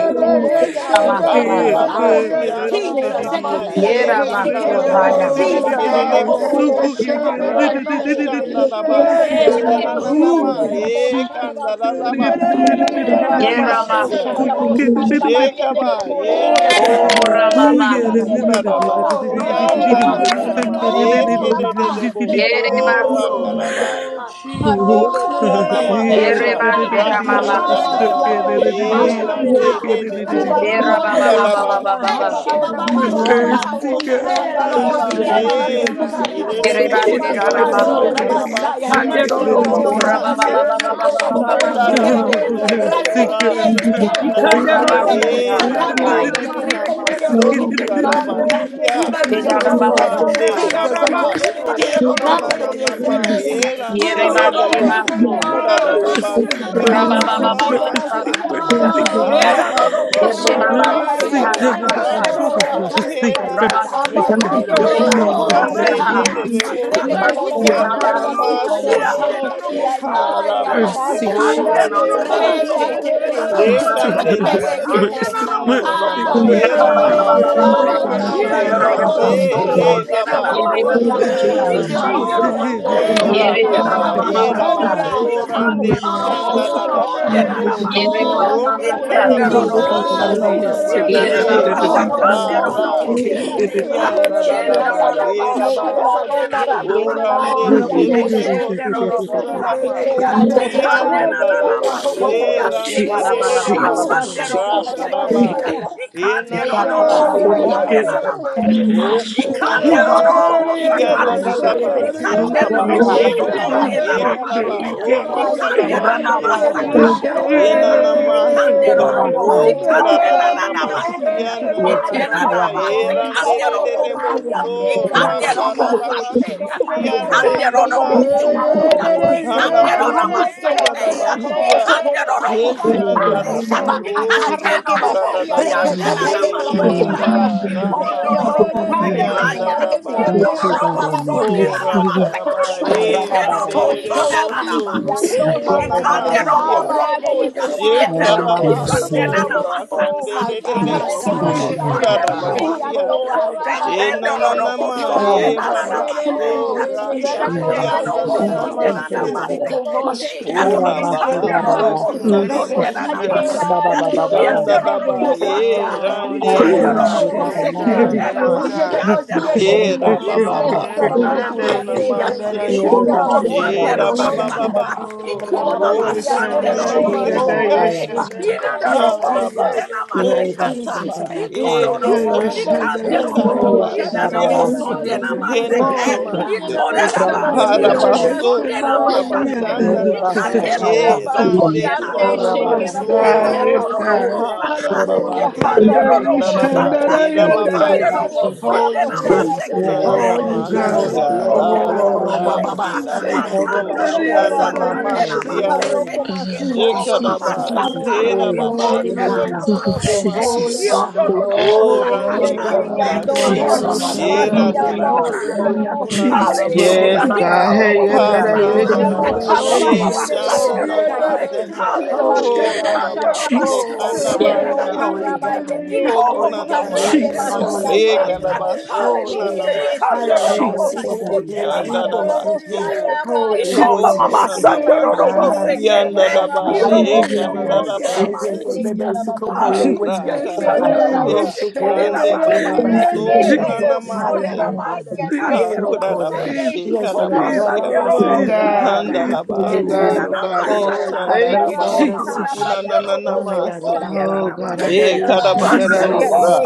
Speaker 7: Ye
Speaker 2: Ramasai,
Speaker 3: Yekelabosarabasi.
Speaker 7: ke
Speaker 4: Akalabashi
Speaker 7: de de de de
Speaker 1: Jesus.
Speaker 7: de
Speaker 4: ananama
Speaker 7: yes.
Speaker 3: Nenanamosi and
Speaker 7: Ye
Speaker 3: then
Speaker 7: de
Speaker 3: shake
Speaker 4: eranda
Speaker 7: de de
Speaker 1: Ekandelidiolobosikeya.
Speaker 7: de de de
Speaker 2: Yeramasotaya,
Speaker 7: de
Speaker 4: lalabase
Speaker 7: de
Speaker 1: Jesus.
Speaker 7: de
Speaker 3: Yanamosarabay and
Speaker 7: yo
Speaker 3: the
Speaker 4: kerereboso.
Speaker 7: soko ye
Speaker 3: Dabosi
Speaker 7: ke de
Speaker 3: Yadade
Speaker 7: de de
Speaker 5: hear
Speaker 7: de de
Speaker 5: that,
Speaker 3: shake.
Speaker 7: de de de
Speaker 4: Rakushanda
Speaker 7: yes.
Speaker 1: Okoboboshadalakadalobokatidielobokua.
Speaker 4: labashi
Speaker 8: Yes,
Speaker 3: Yelabogonanamosi and
Speaker 7: Ooh,
Speaker 8: shitidadadabokose.
Speaker 2: Yerebaso,
Speaker 4: anananama
Speaker 1: Relendieseke.
Speaker 3: the
Speaker 7: Jesus.
Speaker 4: ekanda
Speaker 7: De
Speaker 3: Dabosharabasi.
Speaker 7: de de
Speaker 4: lalabaso
Speaker 7: de de de de de de
Speaker 3: Yikabasi
Speaker 5: yes,
Speaker 3: and
Speaker 8: Mashitidadadabase,
Speaker 3: the
Speaker 4: kunananamasia.
Speaker 2: Yeramaso,
Speaker 5: hey,
Speaker 7: soko ye ke de de de de
Speaker 8: kididadabokose.
Speaker 3: Sharadabosarabay and
Speaker 7: de de
Speaker 3: the
Speaker 4: Shekaba
Speaker 7: de.
Speaker 4: e
Speaker 8: Oh,
Speaker 3: Daboshaya
Speaker 2: Oh,
Speaker 6: Thank
Speaker 8: dadadadabase,
Speaker 4: nananama
Speaker 7: Ooh,
Speaker 3: Atanamosi
Speaker 7: ye de
Speaker 3: and
Speaker 2: Ramamasa,
Speaker 7: de
Speaker 3: the
Speaker 7: de
Speaker 4: sukura
Speaker 7: de de
Speaker 8: Oh,
Speaker 7: de
Speaker 3: Dabosa.
Speaker 5: Hey,
Speaker 1: Oh,
Speaker 7: de de
Speaker 4: labashi
Speaker 7: de de
Speaker 1: oh
Speaker 7: de de yes. Ye
Speaker 1: God.
Speaker 3: Yelamosi
Speaker 7: se
Speaker 3: and
Speaker 4: anananama
Speaker 7: ke
Speaker 3: the
Speaker 7: de
Speaker 5: God,
Speaker 8: oh,
Speaker 7: de de de de
Speaker 1: Oh God.
Speaker 7: de
Speaker 3: Kosharabay
Speaker 7: de
Speaker 3: and
Speaker 7: de de
Speaker 3: the
Speaker 1: Oh
Speaker 7: de
Speaker 4: ekerereboso
Speaker 7: yes.
Speaker 3: Dabosaya.
Speaker 2: Yerebaso,
Speaker 4: rakalaba
Speaker 8: Master,
Speaker 5: Oh,
Speaker 7: Oh
Speaker 5: Jesus.
Speaker 3: Harebe ke
Speaker 4: Okuna
Speaker 7: God,
Speaker 5: Hey,
Speaker 7: yeah,
Speaker 3: kanamosa.
Speaker 4: namasia
Speaker 7: da- da-
Speaker 5: gararara,
Speaker 7: da- da- da-
Speaker 2: Yerebasheda
Speaker 5: yes,
Speaker 1: God.
Speaker 7: da- oh,
Speaker 3: Hareke
Speaker 2: Mamasa,
Speaker 5: andarara,
Speaker 7: stuck in, da-
Speaker 4: rakashataraba
Speaker 3: masiando
Speaker 7: da-
Speaker 5: nahi,
Speaker 7: da- da-
Speaker 4: ye
Speaker 7: da-
Speaker 5: andara,
Speaker 1: Oh
Speaker 3: sharabaye.
Speaker 4: rande
Speaker 5: yes,
Speaker 7: stuck in,
Speaker 4: de
Speaker 1: God.
Speaker 7: da- da- da- da-
Speaker 5: andarai.
Speaker 4: debo
Speaker 1: Hey,
Speaker 7: da-
Speaker 1: oh
Speaker 3: Kibastiando
Speaker 1: God.
Speaker 3: shaya.
Speaker 1: Hey,
Speaker 2: Yerabababababababasa,
Speaker 3: Hamba
Speaker 4: sukurabasia
Speaker 5: Oh,
Speaker 1: Ababa
Speaker 3: konariaba
Speaker 1: Shada.
Speaker 7: mercy,
Speaker 3: adisi
Speaker 7: God,
Speaker 1: Hey,
Speaker 5: andarara,
Speaker 1: the
Speaker 3: adaba
Speaker 7: yeah, da-
Speaker 5: yes,
Speaker 7: da-
Speaker 1: Bossy
Speaker 4: ramakoshandaraba
Speaker 7: da- da- da-
Speaker 3: ariaba
Speaker 1: Kevin,
Speaker 7: da-
Speaker 5: andarara,
Speaker 4: ye
Speaker 1: yes,
Speaker 7: da-
Speaker 1: you
Speaker 3: asia
Speaker 7: da-
Speaker 4: rande
Speaker 7: da- oh,
Speaker 4: de
Speaker 1: can.
Speaker 9: Era
Speaker 4: de
Speaker 5: yes,
Speaker 7: so
Speaker 3: kanamosa
Speaker 7: cool,
Speaker 4: debo
Speaker 1: Jesus,
Speaker 5: andara,
Speaker 7: yeah,
Speaker 2: Yerebasheda
Speaker 3: rabaye
Speaker 1: oh
Speaker 7: God,
Speaker 1: my
Speaker 9: robo
Speaker 5: nahi,
Speaker 7: da- da-
Speaker 4: sora
Speaker 1: soul,
Speaker 7: da-
Speaker 3: derebo
Speaker 7: da-
Speaker 2: Ramasai,
Speaker 5: andara,
Speaker 7: da- da-
Speaker 3: shaya.
Speaker 5: nahi,
Speaker 1: Rabasha,
Speaker 5: yes,
Speaker 1: have
Speaker 7: stuck
Speaker 4: kalabasia
Speaker 7: in,
Speaker 1: mercy
Speaker 7: da-
Speaker 1: on us,
Speaker 7: da-
Speaker 5: andara,
Speaker 7: da-
Speaker 2: Oh,
Speaker 7: da-
Speaker 1: Jesus.
Speaker 7: oh,
Speaker 3: Kilabosia
Speaker 5: nahi.
Speaker 7: so-
Speaker 4: nananamase
Speaker 1: Woo!
Speaker 3: basiando robo
Speaker 2: Rababababababababaso,
Speaker 5: Andara,
Speaker 1: Robobobosikea,
Speaker 4: handarabaso
Speaker 3: sharabasia
Speaker 5: andara,
Speaker 7: mercy,
Speaker 1: Randa
Speaker 3: derebo
Speaker 5: andara,
Speaker 7: God,
Speaker 3: shaya.
Speaker 1: de
Speaker 7: mercy,
Speaker 1: Sekea,
Speaker 5: andara,
Speaker 2: Oh,
Speaker 7: God,
Speaker 5: yes,
Speaker 4: rakiandaraba
Speaker 7: yeah,
Speaker 1: Rinda
Speaker 7: da- da-
Speaker 3: Derebo
Speaker 1: de
Speaker 5: andarai.
Speaker 7: da-
Speaker 2: Ramashira
Speaker 4: ye
Speaker 7: da- da-
Speaker 1: Sakana,
Speaker 3: saraya
Speaker 4: rande
Speaker 2: Masai,
Speaker 4: nene
Speaker 3: derebo
Speaker 7: da-
Speaker 1: Rinda
Speaker 7: da-
Speaker 3: shaya.
Speaker 1: de
Speaker 5: Oh,
Speaker 7: stuck
Speaker 4: namaso
Speaker 7: in, da-
Speaker 1: Sekinda
Speaker 7: da- da- da- da-
Speaker 1: Saka.
Speaker 7: da-
Speaker 3: Marrete
Speaker 4: kurarabasia
Speaker 1: Mercy
Speaker 3: basi
Speaker 1: on us,
Speaker 3: hamere
Speaker 1: Lord.
Speaker 3: robo
Speaker 4: Hande
Speaker 2: Yedarabababasai,
Speaker 3: shaya.
Speaker 1: Jesus,
Speaker 4: baba
Speaker 1: oh,
Speaker 4: ba
Speaker 1: Korede
Speaker 3: Hiaba.
Speaker 1: de
Speaker 4: sokuna na
Speaker 1: Bakanda
Speaker 4: na
Speaker 1: de
Speaker 4: na ma
Speaker 1: Sene.
Speaker 7: mercy,
Speaker 4: yerande
Speaker 7: Jesus,
Speaker 4: re
Speaker 1: Oh,
Speaker 3: Tereke
Speaker 4: de bo
Speaker 8: Wash
Speaker 3: robo
Speaker 1: God.
Speaker 8: it
Speaker 3: shaya
Speaker 8: and
Speaker 2: Yerebashimaso,
Speaker 6: you.
Speaker 8: about
Speaker 4: sukura da
Speaker 1: Oh,
Speaker 3: derebo
Speaker 4: da
Speaker 8: social.
Speaker 4: ba
Speaker 6: Thank
Speaker 3: shaya.
Speaker 1: Jesus.
Speaker 6: you for
Speaker 4: shia
Speaker 8: Mamma
Speaker 4: na
Speaker 6: being
Speaker 4: na
Speaker 8: must be
Speaker 1: Oh,
Speaker 7: mercy,
Speaker 6: here.
Speaker 4: na
Speaker 8: coated
Speaker 4: ma
Speaker 8: and
Speaker 7: mercy,
Speaker 1: Jesus.
Speaker 8: about
Speaker 7: mercy,
Speaker 3: Karikamasi
Speaker 4: se
Speaker 3: and
Speaker 2: Rababababasataya.
Speaker 8: coated
Speaker 3: the
Speaker 6: Thank
Speaker 8: and
Speaker 6: you,
Speaker 7: mercy.
Speaker 8: about
Speaker 1: Oh,
Speaker 3: Moshe
Speaker 6: God.
Speaker 3: and
Speaker 4: hara ba
Speaker 1: Father.
Speaker 3: the
Speaker 5: glory,
Speaker 8: hush
Speaker 4: soka
Speaker 8: it
Speaker 1: Hey,
Speaker 3: Mosai,
Speaker 4: la
Speaker 8: and
Speaker 9: sonera
Speaker 4: ba
Speaker 5: glory.
Speaker 8: about
Speaker 1: Oh,
Speaker 8: so
Speaker 9: nana
Speaker 3: I
Speaker 7: Mercy,
Speaker 8: coated
Speaker 4: shia
Speaker 8: and
Speaker 3: am
Speaker 7: God,
Speaker 3: the
Speaker 9: masakande
Speaker 2: Yeribabasitaramasai.
Speaker 4: raka
Speaker 3: Mosi,
Speaker 7: mercy,
Speaker 1: Daddy
Speaker 4: ba
Speaker 9: robo
Speaker 8: about
Speaker 4: he
Speaker 1: sikana
Speaker 7: mercy,
Speaker 4: na na
Speaker 9: sete.
Speaker 4: na
Speaker 1: basada.
Speaker 7: mercy,
Speaker 4: na
Speaker 6: Thank
Speaker 4: ma
Speaker 6: you
Speaker 3: Ambasi
Speaker 2: Rabasitaya.
Speaker 1: Rede
Speaker 6: for
Speaker 1: miye
Speaker 9: Ikondorobo
Speaker 3: Konanamos
Speaker 4: so
Speaker 6: coming,
Speaker 8: Oh,
Speaker 1: sokomo
Speaker 6: God.
Speaker 9: sande
Speaker 4: rande
Speaker 8: mercy,
Speaker 2: Ribasitayaha.
Speaker 6: Thank
Speaker 4: de
Speaker 3: Sarabashe,
Speaker 1: sikana.
Speaker 4: de
Speaker 8: Lord.
Speaker 4: de
Speaker 6: you
Speaker 4: bo
Speaker 9: nanamasata.
Speaker 7: God.
Speaker 1: Rede de mo
Speaker 6: for
Speaker 8: Mercy,
Speaker 4: sukuna
Speaker 3: Nikolabo
Speaker 8: Lord.
Speaker 6: being God.
Speaker 4: na
Speaker 8: that an
Speaker 4: na
Speaker 1: sikenderi
Speaker 8: about
Speaker 4: ma
Speaker 9: Ikanderonomosi
Speaker 3: Sarabashe
Speaker 4: se
Speaker 8: hush
Speaker 1: sikomo
Speaker 2: Makorabasitayaha.
Speaker 3: and
Speaker 8: it
Speaker 3: the
Speaker 1: sada.
Speaker 8: about
Speaker 3: Mosia,
Speaker 8: mercy,
Speaker 9: anderonomosateya.
Speaker 1: Aya baba
Speaker 7: Mercy,
Speaker 4: Harabaso
Speaker 3: Masi
Speaker 1: shida.
Speaker 7: Jesus.
Speaker 3: and
Speaker 2: Oh,
Speaker 3: the
Speaker 1: Re
Speaker 3: Masi
Speaker 9: Ikateronomoso
Speaker 1: ke
Speaker 4: kurarabashia.
Speaker 3: and
Speaker 1: ke
Speaker 3: the
Speaker 1: beha.
Speaker 9: kondenanamasa.
Speaker 7: Mercy,
Speaker 3: Moshai,
Speaker 4: Rekande
Speaker 1: Rede
Speaker 7: mercy,
Speaker 1: de ke
Speaker 3: Hareke
Speaker 8: mercy,
Speaker 2: Bashitaramasai.
Speaker 4: rabaso
Speaker 7: mercy,
Speaker 1: beha.
Speaker 3: masi
Speaker 8: Oh,
Speaker 9: Ikandenanomoso
Speaker 7: mercy,
Speaker 8: God,
Speaker 4: kurananama
Speaker 1: Ah
Speaker 7: mercy,
Speaker 6: Thank
Speaker 4: era
Speaker 3: Hareke
Speaker 8: mercy,
Speaker 1: shaba.
Speaker 8: mercy,
Speaker 3: masi, and
Speaker 8: mercy.
Speaker 4: babaso
Speaker 3: the
Speaker 9: kondenanamasete.
Speaker 6: you
Speaker 7: mercy,
Speaker 6: for
Speaker 5: Oh,
Speaker 1: Ah
Speaker 6: making
Speaker 7: mercy,
Speaker 3: Sharai,
Speaker 6: things
Speaker 1: komonda
Speaker 7: oh
Speaker 5: Jesus.
Speaker 4: kurananama
Speaker 6: happen,
Speaker 2: Ribababababababasatayaha.
Speaker 3: Kelabo
Speaker 7: my
Speaker 8: Oh,
Speaker 9: Inderoroboso
Speaker 6: oh
Speaker 1: bosekeha.
Speaker 3: Sarabai
Speaker 4: sere
Speaker 6: God.
Speaker 8: Jesus,
Speaker 7: soul,
Speaker 3: and
Speaker 4: baba
Speaker 8: Jesus,
Speaker 3: the
Speaker 4: o
Speaker 1: Jehovah
Speaker 6: Thank
Speaker 8: Jesus,
Speaker 6: you
Speaker 3: Moshe,
Speaker 9: kondenanamasita.
Speaker 6: for
Speaker 1: God.
Speaker 5: Oh
Speaker 8: Jesus,
Speaker 6: being oh
Speaker 9: Ikande
Speaker 6: God.
Speaker 9: no
Speaker 3: masi
Speaker 8: Jesus.
Speaker 4: kurananamashia.
Speaker 9: no
Speaker 5: Jesus!
Speaker 1: Jehovah
Speaker 3: ando
Speaker 6: Thank
Speaker 9: moso
Speaker 6: you
Speaker 1: God.
Speaker 5: Hey,
Speaker 9: konde
Speaker 6: for
Speaker 9: na
Speaker 3: sharakane
Speaker 8: Jesus,
Speaker 6: being
Speaker 9: na
Speaker 4: Rakaba
Speaker 1: Oh,
Speaker 5: Andarai,
Speaker 6: oh God.
Speaker 8: Jesus,
Speaker 4: era
Speaker 9: masata.
Speaker 1: Jehovah,
Speaker 6: Thank
Speaker 3: basi
Speaker 4: ba
Speaker 8: Jesus.
Speaker 6: you
Speaker 8: that
Speaker 1: God.
Speaker 8: an
Speaker 5: shandarai,
Speaker 6: for being
Speaker 9: Ikande
Speaker 6: oh
Speaker 8: about
Speaker 4: orande
Speaker 9: no
Speaker 8: shed
Speaker 6: God.
Speaker 9: no
Speaker 8: and
Speaker 6: Thank
Speaker 4: shanda
Speaker 6: you
Speaker 9: moso
Speaker 6: for
Speaker 3: Masorobo
Speaker 1: Oh,
Speaker 9: konde
Speaker 6: being
Speaker 3: Shaya.
Speaker 9: na
Speaker 5: andarai,
Speaker 1: God.
Speaker 6: oh
Speaker 9: na
Speaker 8: about.
Speaker 4: rabaso.
Speaker 6: God.
Speaker 9: masita.
Speaker 1: Oh,
Speaker 5: shandarai,
Speaker 3: Kibasi
Speaker 1: God.
Speaker 4: Rokura
Speaker 6: In
Speaker 3: ande
Speaker 9: Itende
Speaker 6: the
Speaker 5: andarai,
Speaker 9: no no
Speaker 6: middle of
Speaker 5: shandarai,
Speaker 6: the
Speaker 3: hareke
Speaker 4: rabashanda
Speaker 9: moso
Speaker 1: Jesus,
Speaker 9: ko.
Speaker 6: situation,
Speaker 3: basi.
Speaker 1: Jesus,
Speaker 6: God,
Speaker 5: la la la la la la la
Speaker 4: nanama
Speaker 6: thank
Speaker 9: Ina
Speaker 5: la
Speaker 9: na
Speaker 1: Jesus.
Speaker 6: you
Speaker 5: la
Speaker 6: for
Speaker 9: na
Speaker 5: la
Speaker 4: se
Speaker 5: la.
Speaker 3: Neisha
Speaker 1: Oh,
Speaker 6: being
Speaker 3: na
Speaker 8: Oh
Speaker 6: oh,
Speaker 8: my
Speaker 1: Robo
Speaker 9: masakande
Speaker 3: bosa
Speaker 1: Bobo
Speaker 8: God.
Speaker 9: no
Speaker 3: na
Speaker 9: no
Speaker 4: garara
Speaker 1: Sikhe,
Speaker 6: God.
Speaker 3: bosi
Speaker 9: mosete.
Speaker 3: ande na
Speaker 8: Oh
Speaker 1: God.
Speaker 4: shikianda
Speaker 3: bosa
Speaker 5: Andarai,
Speaker 3: ya.
Speaker 9: Ina
Speaker 8: Jesus,
Speaker 9: no
Speaker 4: raba
Speaker 9: no
Speaker 8: Jesus,
Speaker 5: andarai,
Speaker 9: moso
Speaker 3: Neke
Speaker 4: era
Speaker 8: Jesus.
Speaker 3: la
Speaker 9: konde
Speaker 5: shandarai,
Speaker 9: na
Speaker 3: gona
Speaker 9: na
Speaker 3: ra
Speaker 1: Radadabakatadabasikhe.
Speaker 9: na
Speaker 3: na
Speaker 1: Oh,
Speaker 4: Orande
Speaker 9: masata.
Speaker 6: Thank
Speaker 3: mosi
Speaker 1: Robo
Speaker 6: you, thank you,
Speaker 1: Bobo
Speaker 4: shere
Speaker 3: na
Speaker 4: de
Speaker 8: Jesus.
Speaker 1: Sikhe,
Speaker 9: Ekende no
Speaker 3: bosi.
Speaker 4: boso
Speaker 9: no
Speaker 4: tura
Speaker 7: Jesus.
Speaker 1: God.
Speaker 4: da
Speaker 3: Eke
Speaker 9: mosate.
Speaker 5: andarai,
Speaker 3: la na
Speaker 6: God.
Speaker 4: mashiki
Speaker 3: bosa
Speaker 1: Katatata.
Speaker 5: shandarai,
Speaker 9: Ikande
Speaker 4: anda
Speaker 8: Oh
Speaker 9: na
Speaker 4: da
Speaker 9: na
Speaker 4: da
Speaker 8: God.
Speaker 3: ye
Speaker 9: na
Speaker 5: andarai,
Speaker 1: Ooh,
Speaker 4: ba
Speaker 1: Kobo
Speaker 3: basi.
Speaker 9: masia.
Speaker 4: e
Speaker 1: Bobo
Speaker 5: shandarai,
Speaker 1: Sikhe,
Speaker 4: rande
Speaker 7: Jesus,
Speaker 4: de
Speaker 9: Ikoma
Speaker 5: andarai,
Speaker 4: de
Speaker 1: God.
Speaker 4: de
Speaker 9: mama
Speaker 8: Oh
Speaker 3: Hamba
Speaker 5: andarai,
Speaker 9: sande
Speaker 4: boso
Speaker 7: Jesus,
Speaker 9: no
Speaker 8: Abasi
Speaker 4: ra
Speaker 3: shekona na
Speaker 9: moseke.
Speaker 6: Thank
Speaker 3: mosa
Speaker 4: karaba
Speaker 3: ya.
Speaker 5: shandarai,
Speaker 4: e na
Speaker 1: Katabashekadabakata.
Speaker 4: na
Speaker 3: Neke
Speaker 2: Ifate
Speaker 3: na
Speaker 9: Ikanderonomo
Speaker 5: la
Speaker 1: Oh
Speaker 5: la
Speaker 1: my
Speaker 5: la
Speaker 3: mosi
Speaker 5: la la
Speaker 3: ande
Speaker 1: God.
Speaker 4: masega
Speaker 2: Ramabasa,
Speaker 3: na
Speaker 7: Jesus.
Speaker 5: la
Speaker 1: Have
Speaker 3: bosi.
Speaker 6: you,
Speaker 9: sokondiananamatia.
Speaker 1: mercy on
Speaker 6: thank
Speaker 1: the
Speaker 4: oku
Speaker 5: la la
Speaker 4: na
Speaker 1: Lord.
Speaker 4: na
Speaker 3: Eke
Speaker 5: la
Speaker 3: la na
Speaker 8: Ashitabato.
Speaker 5: la la.
Speaker 9: Ikanderonomo
Speaker 3: bosa
Speaker 5: Andarai, shandarai,
Speaker 3: ya
Speaker 1: Teach
Speaker 3: na
Speaker 4: mashiki
Speaker 1: them
Speaker 7: Looks
Speaker 4: anda
Speaker 1: both
Speaker 5: andarai,
Speaker 9: sakata.
Speaker 4: da
Speaker 7: like
Speaker 1: to
Speaker 3: neisha
Speaker 4: da
Speaker 3: na
Speaker 7: a
Speaker 4: ba
Speaker 1: liberty.
Speaker 5: shandarai,
Speaker 3: bosi
Speaker 4: so
Speaker 7: looks
Speaker 4: ra
Speaker 3: ande
Speaker 4: ba
Speaker 5: andarai,
Speaker 8: Masikitirabusi
Speaker 7: like
Speaker 3: na
Speaker 9: Ikatenorobo
Speaker 7: it.
Speaker 6: you
Speaker 4: e
Speaker 6: for
Speaker 1: Hallelujah.
Speaker 2: Yerebabasa,
Speaker 5: shandarai,
Speaker 8: shitaba.
Speaker 3: bosa.
Speaker 1: Fire
Speaker 5: andarai,
Speaker 7: looks
Speaker 4: kalaba
Speaker 6: being
Speaker 1: the
Speaker 4: e
Speaker 6: oh,
Speaker 7: like
Speaker 1: Holy
Speaker 5: shandarai.
Speaker 7: let
Speaker 4: kalaba
Speaker 1: Ghost.
Speaker 7: me
Speaker 9: sokondiananamatia.
Speaker 3: na
Speaker 7: go.
Speaker 1: Fire
Speaker 4: oranda
Speaker 8: Dashitabasu.
Speaker 3: bosi
Speaker 1: the
Speaker 4: da
Speaker 1: Holy
Speaker 4: ba
Speaker 3: ya
Speaker 5: Ooh,
Speaker 3: ya
Speaker 1: Ghost.
Speaker 3: na
Speaker 2: Ramabasa,
Speaker 7: Looks
Speaker 1: Fire.
Speaker 3: bosi
Speaker 8: Kundarabasu.
Speaker 6: God.
Speaker 7: like
Speaker 9: Ikandiananamasakanderobosa.
Speaker 7: let me
Speaker 3: bosi.
Speaker 4: Enanamase,
Speaker 8: My
Speaker 4: God.
Speaker 9: Ikanderonobo
Speaker 2: Yerebasa,
Speaker 8: God.
Speaker 4: Oh,
Speaker 1: Fire,
Speaker 3: Era
Speaker 1: fire.
Speaker 3: kona na
Speaker 8: My
Speaker 3: masi.
Speaker 9: sikantenananamatia.
Speaker 4: kurarararabasia,
Speaker 1: Hey, fire, Fire.
Speaker 2: Yesataya,
Speaker 4: nananama,
Speaker 3: Glory kamaro komari
Speaker 9: Iterarabasekanderobosia.
Speaker 3: ande de
Speaker 4: erandererereboso,
Speaker 3: na bosi
Speaker 8: God.
Speaker 3: ande.
Speaker 6: Thank you,
Speaker 9: Ikanderobosatea.
Speaker 3: Shoko na
Speaker 6: thank
Speaker 4: rakararabasikia,
Speaker 3: na na masi
Speaker 6: you.
Speaker 9: Ikanderonobo
Speaker 8: Oh,
Speaker 3: ay ande
Speaker 4: nananamase.
Speaker 8: shit.
Speaker 3: na na
Speaker 9: sokoya.
Speaker 3: bosi.
Speaker 2: Yerebasa,
Speaker 3: Hare
Speaker 4: Harabaso,
Speaker 3: basi
Speaker 9: Ikanderonomasatea.
Speaker 7: go.
Speaker 3: ando
Speaker 8: I
Speaker 4: kurarabasia,
Speaker 8: can't.
Speaker 3: shana na
Speaker 9: Ikanderonobo
Speaker 6: Thank
Speaker 3: ande
Speaker 6: you
Speaker 3: de
Speaker 6: for
Speaker 3: na
Speaker 2: Yereba,
Speaker 6: being
Speaker 3: boka.
Speaker 6: here,
Speaker 4: heshandarabai, oro,
Speaker 3: Hare ke basi
Speaker 9: Ikantenodobosi
Speaker 3: ande
Speaker 8: Oh,
Speaker 3: shake
Speaker 4: kurararabase,
Speaker 3: na
Speaker 6: Thank
Speaker 8: Father,
Speaker 6: you for
Speaker 4: God.
Speaker 9: andenanamasata.
Speaker 8: Father.
Speaker 3: bosaya.
Speaker 6: being here,
Speaker 3: Thank
Speaker 5: Jesus.
Speaker 6: Thank
Speaker 3: you
Speaker 6: you for
Speaker 3: Lord.
Speaker 8: Shit,
Speaker 6: being
Speaker 3: Hare
Speaker 7: Yeah,
Speaker 6: here,
Speaker 4: Aramasikia,
Speaker 3: ya
Speaker 7: God.
Speaker 9: Ikondorodobosekaya.
Speaker 3: basi
Speaker 6: Thank you
Speaker 4: ndarabai.
Speaker 3: ande shake na
Speaker 6: for
Speaker 1: Fire.
Speaker 2: Yesetaramasa,
Speaker 7: Looks
Speaker 3: bosara ba
Speaker 4: Hora
Speaker 7: like that.
Speaker 1: Ooh,
Speaker 3: ande
Speaker 9: Yendorodobosonenamasaka.
Speaker 3: de na
Speaker 4: karabai,
Speaker 1: Fire.
Speaker 3: bosaya.
Speaker 2: Rabababasa,
Speaker 1: Holy Ghost
Speaker 4: erandererereboso,
Speaker 1: fire.
Speaker 3: Adisi
Speaker 7: loose
Speaker 9: Itenobosonenanamasiya.
Speaker 7: me,
Speaker 3: ando
Speaker 1: Ooh,
Speaker 3: shana
Speaker 1: Fire.
Speaker 3: basi
Speaker 2: Yerebabasa,
Speaker 4: rokunanamasia.
Speaker 3: aba
Speaker 9: Ikanderobosokoya.
Speaker 3: adisi aba
Speaker 2: Ramasa.
Speaker 3: adisi
Speaker 7: loose
Speaker 3: ke
Speaker 4: Shekababaso
Speaker 3: na
Speaker 7: me,
Speaker 3: na
Speaker 1: Oh
Speaker 9: Inenomosandenamasata.
Speaker 1: my God,
Speaker 4: rakandedede
Speaker 1: our
Speaker 7: loose
Speaker 5: Oh
Speaker 3: Hareke
Speaker 1: God,
Speaker 7: me.
Speaker 1: our
Speaker 2: Mm.
Speaker 7: Yeah,
Speaker 5: God,
Speaker 1: God,
Speaker 3: masianda
Speaker 4: bosukura
Speaker 1: our
Speaker 7: yeah, yeah.
Speaker 3: boshe
Speaker 1: God.
Speaker 4: rabashia
Speaker 3: yando
Speaker 1: Oh,
Speaker 9: Ikomomobosondenanamasiya.
Speaker 1: our
Speaker 3: kora ba
Speaker 1: God, our
Speaker 3: yendere
Speaker 1: God.
Speaker 3: de
Speaker 4: enananama
Speaker 1: You
Speaker 3: bokona na
Speaker 1: are
Speaker 5: Oh
Speaker 1: our
Speaker 2: Oh,
Speaker 3: na basi.
Speaker 1: God.
Speaker 4: ebabaso
Speaker 1: Oh,
Speaker 9: Ekendorodobosotenanamaseya.
Speaker 1: Jesus.
Speaker 3: Nana
Speaker 1: Go
Speaker 3: kora
Speaker 1: so
Speaker 2: oh,
Speaker 1: much.
Speaker 3: yendere de
Speaker 2: thank
Speaker 1: It
Speaker 3: bosi
Speaker 2: you,
Speaker 4: rakashiandananamase
Speaker 1: means come,
Speaker 3: yendere
Speaker 2: Father.
Speaker 3: de
Speaker 1: go on.
Speaker 3: boshe
Speaker 1: It means to
Speaker 3: yendere
Speaker 4: ora
Speaker 3: de bosi
Speaker 1: keep
Speaker 2: Aramashida
Speaker 4: babaso
Speaker 2: Rabasa,
Speaker 7: loose me,
Speaker 1: Oh,
Speaker 3: Yes,
Speaker 5: God,
Speaker 4: kunanamashia
Speaker 3: akela yando ko
Speaker 2: Rabababababasa,
Speaker 4: shandadaba
Speaker 3: karya
Speaker 4: ye
Speaker 3: kona na
Speaker 5: Oh
Speaker 4: rande
Speaker 5: yes,
Speaker 3: makani
Speaker 6: being here.
Speaker 5: God,
Speaker 3: sikela
Speaker 2: Aramashida
Speaker 4: babaso
Speaker 3: na
Speaker 5: yes,
Speaker 6: Thank
Speaker 3: bosa
Speaker 2: Ramasa,
Speaker 5: God,
Speaker 7: every
Speaker 3: nene
Speaker 6: you,
Speaker 3: na
Speaker 5: yes,
Speaker 7: second.
Speaker 3: bosha
Speaker 4: kunanamashia
Speaker 5: God.
Speaker 4: dera
Speaker 2: Yerebashida
Speaker 5: Oh
Speaker 9: Inomo
Speaker 3: Yes,
Speaker 5: yes,
Speaker 2: Masa.
Speaker 3: kora
Speaker 4: bababaso
Speaker 5: God,
Speaker 9: sonana
Speaker 5: and
Speaker 3: bosi
Speaker 5: I
Speaker 3: yende.
Speaker 9: masia,
Speaker 4: kunanamase
Speaker 2: Yere
Speaker 5: shandarai.
Speaker 9: ikomo
Speaker 3: Sikela
Speaker 9: mo
Speaker 3: na
Speaker 2: basudara
Speaker 3: bosa nene
Speaker 4: era
Speaker 9: sandera
Speaker 3: na
Speaker 2: masaya.
Speaker 3: bosi.
Speaker 9: masata,
Speaker 4: babababaso
Speaker 5: Oh,
Speaker 3: Sikela
Speaker 5: that
Speaker 9: Ikoma
Speaker 5: I
Speaker 3: bosi
Speaker 5: yes, and
Speaker 9: masande
Speaker 3: yendere
Speaker 5: that
Speaker 3: na
Speaker 5: I
Speaker 9: robo
Speaker 3: bosha
Speaker 2: Yere
Speaker 5: and I
Speaker 4: rokunananamashia
Speaker 2: basaya.
Speaker 5: yes,
Speaker 1: yes,
Speaker 9: sekete.
Speaker 5: and that
Speaker 1: Lord.
Speaker 5: I
Speaker 9: Ina
Speaker 3: Sikela
Speaker 9: da
Speaker 3: na
Speaker 1: Yes,
Speaker 5: and
Speaker 9: robo
Speaker 3: bosi.
Speaker 9: so
Speaker 5: I
Speaker 9: de
Speaker 1: Jesus.
Speaker 9: na
Speaker 5: and that
Speaker 4: Harabaso
Speaker 2: Yere
Speaker 1: Yes,
Speaker 9: masekata.
Speaker 1: Jesus.
Speaker 2: basuda
Speaker 4: kataba
Speaker 1: We
Speaker 4: e
Speaker 9: Itoro
Speaker 2: masaya.
Speaker 1: say, Yes,
Speaker 9: robo
Speaker 5: Yes,
Speaker 4: randa
Speaker 1: Lord.
Speaker 5: and
Speaker 9: sikande
Speaker 3: Yelabobosi,
Speaker 1: Yes,
Speaker 9: robo.
Speaker 1: Lord.
Speaker 3: Amoshada
Speaker 9: Ina na
Speaker 2: Yesudara
Speaker 9: mo
Speaker 4: shakadabashia
Speaker 8: Master,
Speaker 1: Yes,
Speaker 7: Breaks
Speaker 2: masaya.
Speaker 9: sonde
Speaker 7: fucking
Speaker 9: na
Speaker 1: Jesus.
Speaker 3: Konanamasi,
Speaker 4: hena
Speaker 7: like
Speaker 9: maseke.
Speaker 5: I.
Speaker 1: Oh,
Speaker 7: God.
Speaker 1: God.
Speaker 4: namase
Speaker 9: Itora
Speaker 7: Broken in
Speaker 9: raba.
Speaker 7: my
Speaker 3: Mikinamosarabo
Speaker 1: Oh,
Speaker 9: Ino
Speaker 2: Ramasaya.
Speaker 7: family.
Speaker 9: mo
Speaker 5: Hanaraya,
Speaker 7: now.
Speaker 1: God.
Speaker 3: Kananiasi,
Speaker 4: harabaso
Speaker 9: sonde na
Speaker 3: Ando
Speaker 1: Oh,
Speaker 5: Hanaraya,
Speaker 9: masate.
Speaker 1: God.
Speaker 5: Hanaraya,
Speaker 4: kurarabashanda
Speaker 3: Shadabasi,
Speaker 2: Yere
Speaker 4: nama
Speaker 9: Ikate
Speaker 5: Hanaraya.
Speaker 9: robo
Speaker 1: Oh,
Speaker 2: basataya.
Speaker 4: e
Speaker 1: God.
Speaker 3: Namasi,
Speaker 9: sokonde
Speaker 4: rande
Speaker 9: na
Speaker 3: Ande
Speaker 9: na
Speaker 1: Oh,
Speaker 5: Oh,
Speaker 2: Ora
Speaker 9: masi.
Speaker 5: yes,
Speaker 1: Lord.
Speaker 2: babasaya.
Speaker 5: God,
Speaker 4: sharabaso
Speaker 3: Shekelabosai.
Speaker 9: Itendo
Speaker 5: yes,
Speaker 1: Oh, you.
Speaker 5: God.
Speaker 9: robo sata.
Speaker 1: Oh,
Speaker 2: Yere
Speaker 1: God.
Speaker 3: Hallelujah,
Speaker 2: basaya.
Speaker 9: Ekande
Speaker 4: harababashe
Speaker 1: Oh,
Speaker 3: Hakara
Speaker 6: for
Speaker 5: Hanaraya,
Speaker 9: robo
Speaker 1: Lord.
Speaker 6: being here,
Speaker 4: kandalaba
Speaker 9: sata.
Speaker 4: e
Speaker 3: Yandereboshe,
Speaker 5: Hanaraya,
Speaker 1: Oh
Speaker 2: Yesude
Speaker 9: Ikande
Speaker 1: Jesus,
Speaker 5: Hanaraya.
Speaker 4: rababaso
Speaker 9: robo
Speaker 7: Oh,
Speaker 2: basaya.
Speaker 7: God.
Speaker 9: sonde
Speaker 1: holy
Speaker 9: na
Speaker 7: Yeah.
Speaker 3: Harekelabosara
Speaker 1: Jesus,
Speaker 4: rokuna
Speaker 7: yeah,
Speaker 2: Ora
Speaker 9: masekete.
Speaker 1: holy
Speaker 2: ba-
Speaker 5: Oh,
Speaker 7: yeah, yeah,
Speaker 3: Yanderebosai,
Speaker 4: nanamase
Speaker 5: God,
Speaker 1: Jesus.
Speaker 2: glory,
Speaker 5: oh,
Speaker 7: yeah.
Speaker 9: Irobo
Speaker 3: Ande
Speaker 5: God, oh,
Speaker 2: glory,
Speaker 9: sonde
Speaker 4: gara
Speaker 9: na
Speaker 5: God,
Speaker 1: Oh,
Speaker 9: na
Speaker 5: oh,
Speaker 2: glory,
Speaker 5: God.
Speaker 1: Roba
Speaker 4: ra
Speaker 2: glory.
Speaker 1: Baba
Speaker 5: I
Speaker 9: maseka.
Speaker 5: Just
Speaker 3: Sekelabosai.
Speaker 5: thank
Speaker 1: Sandara.
Speaker 5: you
Speaker 2: Ora
Speaker 5: for
Speaker 4: kerabaso
Speaker 9: Akandorobo
Speaker 4: kuna
Speaker 5: Hanaraya,
Speaker 2: babasuda
Speaker 5: Hanaraya,
Speaker 3: Rabaki,
Speaker 9: satande
Speaker 2: masaya.
Speaker 1: Oh
Speaker 9: na
Speaker 4: nanamashia
Speaker 1: Jesus,
Speaker 2: Glory.
Speaker 9: maseke.
Speaker 5: Hanaraya.
Speaker 3: Harokomasi
Speaker 7: Ah,
Speaker 3: and
Speaker 1: Jesus,
Speaker 9: Ikoma
Speaker 3: the
Speaker 9: mama
Speaker 1: Jesus,
Speaker 7: Jesus.
Speaker 4: Shekarabai,
Speaker 1: Jesus.
Speaker 5: In the
Speaker 9: sata.
Speaker 5: name
Speaker 2: Eh,
Speaker 3: Shekelabosaya
Speaker 5: of
Speaker 3: and the
Speaker 4: Herababa,
Speaker 9: Ikonde
Speaker 1: Holy
Speaker 2: Yere
Speaker 9: na na
Speaker 1: God,
Speaker 2: ma-
Speaker 5: Jesus.
Speaker 7: Oh
Speaker 1: the
Speaker 3: Shekelabosi
Speaker 9: masete.
Speaker 3: and
Speaker 4: Sokunanamase,
Speaker 1: holy
Speaker 3: the
Speaker 7: Jesus,
Speaker 1: God,
Speaker 8: and
Speaker 3: Oshaya,
Speaker 8: I
Speaker 9: Iondorobo
Speaker 8: must
Speaker 2: Glory,
Speaker 8: keep
Speaker 1: holy
Speaker 4: Orande
Speaker 2: glory,
Speaker 9: sakata.
Speaker 8: it.
Speaker 3: Yeke
Speaker 5: Oh,
Speaker 1: God.
Speaker 2: glory.
Speaker 3: Yando,
Speaker 8: Oh,
Speaker 4: Kalabashia,
Speaker 2: Yedara
Speaker 5: Hanaraya,
Speaker 8: Papa,
Speaker 1: Holy
Speaker 7: Jesus,
Speaker 9: Ekandorobo
Speaker 6: Thank you,
Speaker 1: God,
Speaker 4: Yera
Speaker 2: babababa.
Speaker 3: Masia
Speaker 5: Hanaraya.
Speaker 9: sotiera
Speaker 1: holy,
Speaker 3: Basi
Speaker 8: Nana, I
Speaker 4: Dalabaso,
Speaker 1: holy, holy,
Speaker 9: masiya.
Speaker 8: must
Speaker 1: holy,
Speaker 8: keep
Speaker 3: Kanamosaya, the
Speaker 7: Jesus,
Speaker 2: Yere
Speaker 1: holy, holy,
Speaker 9: Hallelujah.
Speaker 5: Yes,
Speaker 4: Kunanamase,
Speaker 8: it.
Speaker 5: God.
Speaker 9: Ikamba
Speaker 5: Hey,
Speaker 3: Shekelabosi.
Speaker 2: bababababasaya.
Speaker 5: Hanaraya,
Speaker 9: sata.
Speaker 1: holy,
Speaker 4: Haranda
Speaker 1: holy,
Speaker 3: Namo
Speaker 4: Dabai,
Speaker 5: Hanaraya, Hanaraya,
Speaker 1: holy,
Speaker 4: Ye
Speaker 9: Ekamba
Speaker 3: Sarabayande de
Speaker 7: Jesus,
Speaker 4: Shana
Speaker 1: holy
Speaker 9: saterobo
Speaker 5: Hanaraya,
Speaker 3: Boshaya.
Speaker 9: se.
Speaker 4: namase.
Speaker 1: Father,
Speaker 4: God,
Speaker 5: Hanaraya,
Speaker 9: Hallelujah.
Speaker 1: holy
Speaker 4: Ho
Speaker 3: Itabasiando
Speaker 1: God,
Speaker 5: Hanaraya.
Speaker 4: Horababa,
Speaker 9: Ikandorobo
Speaker 1: oh
Speaker 5: Oh
Speaker 3: Sharadabasiande
Speaker 7: Jesus,
Speaker 9: sokonde
Speaker 3: de
Speaker 1: God,
Speaker 9: na na
Speaker 4: Shekandabashia,
Speaker 1: holy
Speaker 2: Yerebaşye,
Speaker 9: masiya.
Speaker 1: God,
Speaker 3: Bokarabayende.
Speaker 9: Ikoma
Speaker 1: Holy God,
Speaker 3: Hareke
Speaker 4: Kokunanamashe, God,
Speaker 1: Holy
Speaker 9: saterobo
Speaker 7: Jesus,
Speaker 3: Basiande
Speaker 2: yeremamamamasam,
Speaker 1: Father,
Speaker 3: de
Speaker 9: sata.
Speaker 4: Ekalabaso,
Speaker 3: Boshaya.
Speaker 1: Holy,
Speaker 9: Hallelujah.
Speaker 3: De
Speaker 4: Kunanamashia,
Speaker 9: Ikandorobo
Speaker 7: Jesus,
Speaker 1: Ayalabasige,
Speaker 3: Sekelamosaya.
Speaker 2: yerebaşyedemasam,
Speaker 9: sokote
Speaker 1: Yesibosuke,
Speaker 4: Shandarabaso,
Speaker 3: Ekelamosaya
Speaker 1: Holy,
Speaker 9: Ikoma
Speaker 1: Holy,
Speaker 3: Mayando
Speaker 9: mama
Speaker 7: Jesus, Jesus,
Speaker 4: Rokuna
Speaker 1: Holy.
Speaker 3: Shamakande
Speaker 9: sandorobo
Speaker 1: Ah,
Speaker 4: Namashiki and
Speaker 9: sekete.
Speaker 3: Shamasiko
Speaker 1: Sarabaka,
Speaker 4: Dadaba,
Speaker 3: Rabayende
Speaker 9: Irobo
Speaker 3: de
Speaker 1: Hadantala,
Speaker 3: Bosa.
Speaker 2: yerebaşmasayım,
Speaker 7: Jesus, Jesus, Jesus, Jesus, Jesus, Jesus, Jesus,
Speaker 9: sokonde
Speaker 7: Jesus,
Speaker 4: Ekanadabase,
Speaker 1: Rejeko, Bebe,
Speaker 9: ramasiya.
Speaker 1: Sukobole,
Speaker 3: Nekelalamosi.
Speaker 4: Hara
Speaker 9: Hallelujah.
Speaker 1: Wenala,
Speaker 9: He
Speaker 2: babasam,
Speaker 9: kanderobo
Speaker 1: Duro,
Speaker 4: Kalabashia,
Speaker 3: Nekelalamosi
Speaker 9: sekete
Speaker 1: Suko,
Speaker 3: Ando
Speaker 4: Rande
Speaker 1: Sukere,
Speaker 4: Baba,
Speaker 3: Boshaya.
Speaker 9: ramasete.
Speaker 7: Jesus,
Speaker 1: Basigeda,
Speaker 4: Sokuna
Speaker 3: Andese.
Speaker 9: Irobo sore
Speaker 4: Namase,
Speaker 1: Ayala,
Speaker 3: Hakonai yende
Speaker 9: ramasikate
Speaker 1: Yellow
Speaker 9: robo
Speaker 3: kelamo
Speaker 1: Kola,
Speaker 9: se.
Speaker 4: Hakurabashe
Speaker 3: kandeisi
Speaker 1: Yes,
Speaker 9: Ikopa
Speaker 1: Lord,
Speaker 3: kelamo
Speaker 4: Kalabashia,
Speaker 3: siando
Speaker 9: sanderobo
Speaker 1: Rabasita,
Speaker 3: sharama
Speaker 5: God.
Speaker 9: sikata.
Speaker 1: Rababaka,
Speaker 3: yende
Speaker 4: Handalabai,
Speaker 5: Oh
Speaker 1: Jesus.
Speaker 5: God,
Speaker 4: O
Speaker 9: Etera
Speaker 5: oh
Speaker 7: Jesus,
Speaker 3: he
Speaker 5: God, oh
Speaker 4: Rande
Speaker 3: kelamo
Speaker 1: Oh,
Speaker 5: God.
Speaker 9: ramasata.
Speaker 1: God,
Speaker 5: Thank you,
Speaker 1: bless
Speaker 3: sialamo
Speaker 4: Shandalaba,
Speaker 1: your us,
Speaker 5: Jesus.
Speaker 9: Ikoma
Speaker 1: oh
Speaker 3: sarama
Speaker 7: Jesus,
Speaker 1: God.
Speaker 4: Sukuna
Speaker 3: yende de
Speaker 9: Sanderobo
Speaker 1: Oh, God, oh,
Speaker 3: bosha
Speaker 4: Nanamase,
Speaker 1: God, oh,
Speaker 5: Oh God,
Speaker 3: he
Speaker 5: and I
Speaker 4: E
Speaker 9: Socorieranamasia,
Speaker 5: yes,
Speaker 3: kelamo
Speaker 5: and I
Speaker 9: Haterobo
Speaker 3: siande
Speaker 4: karabasora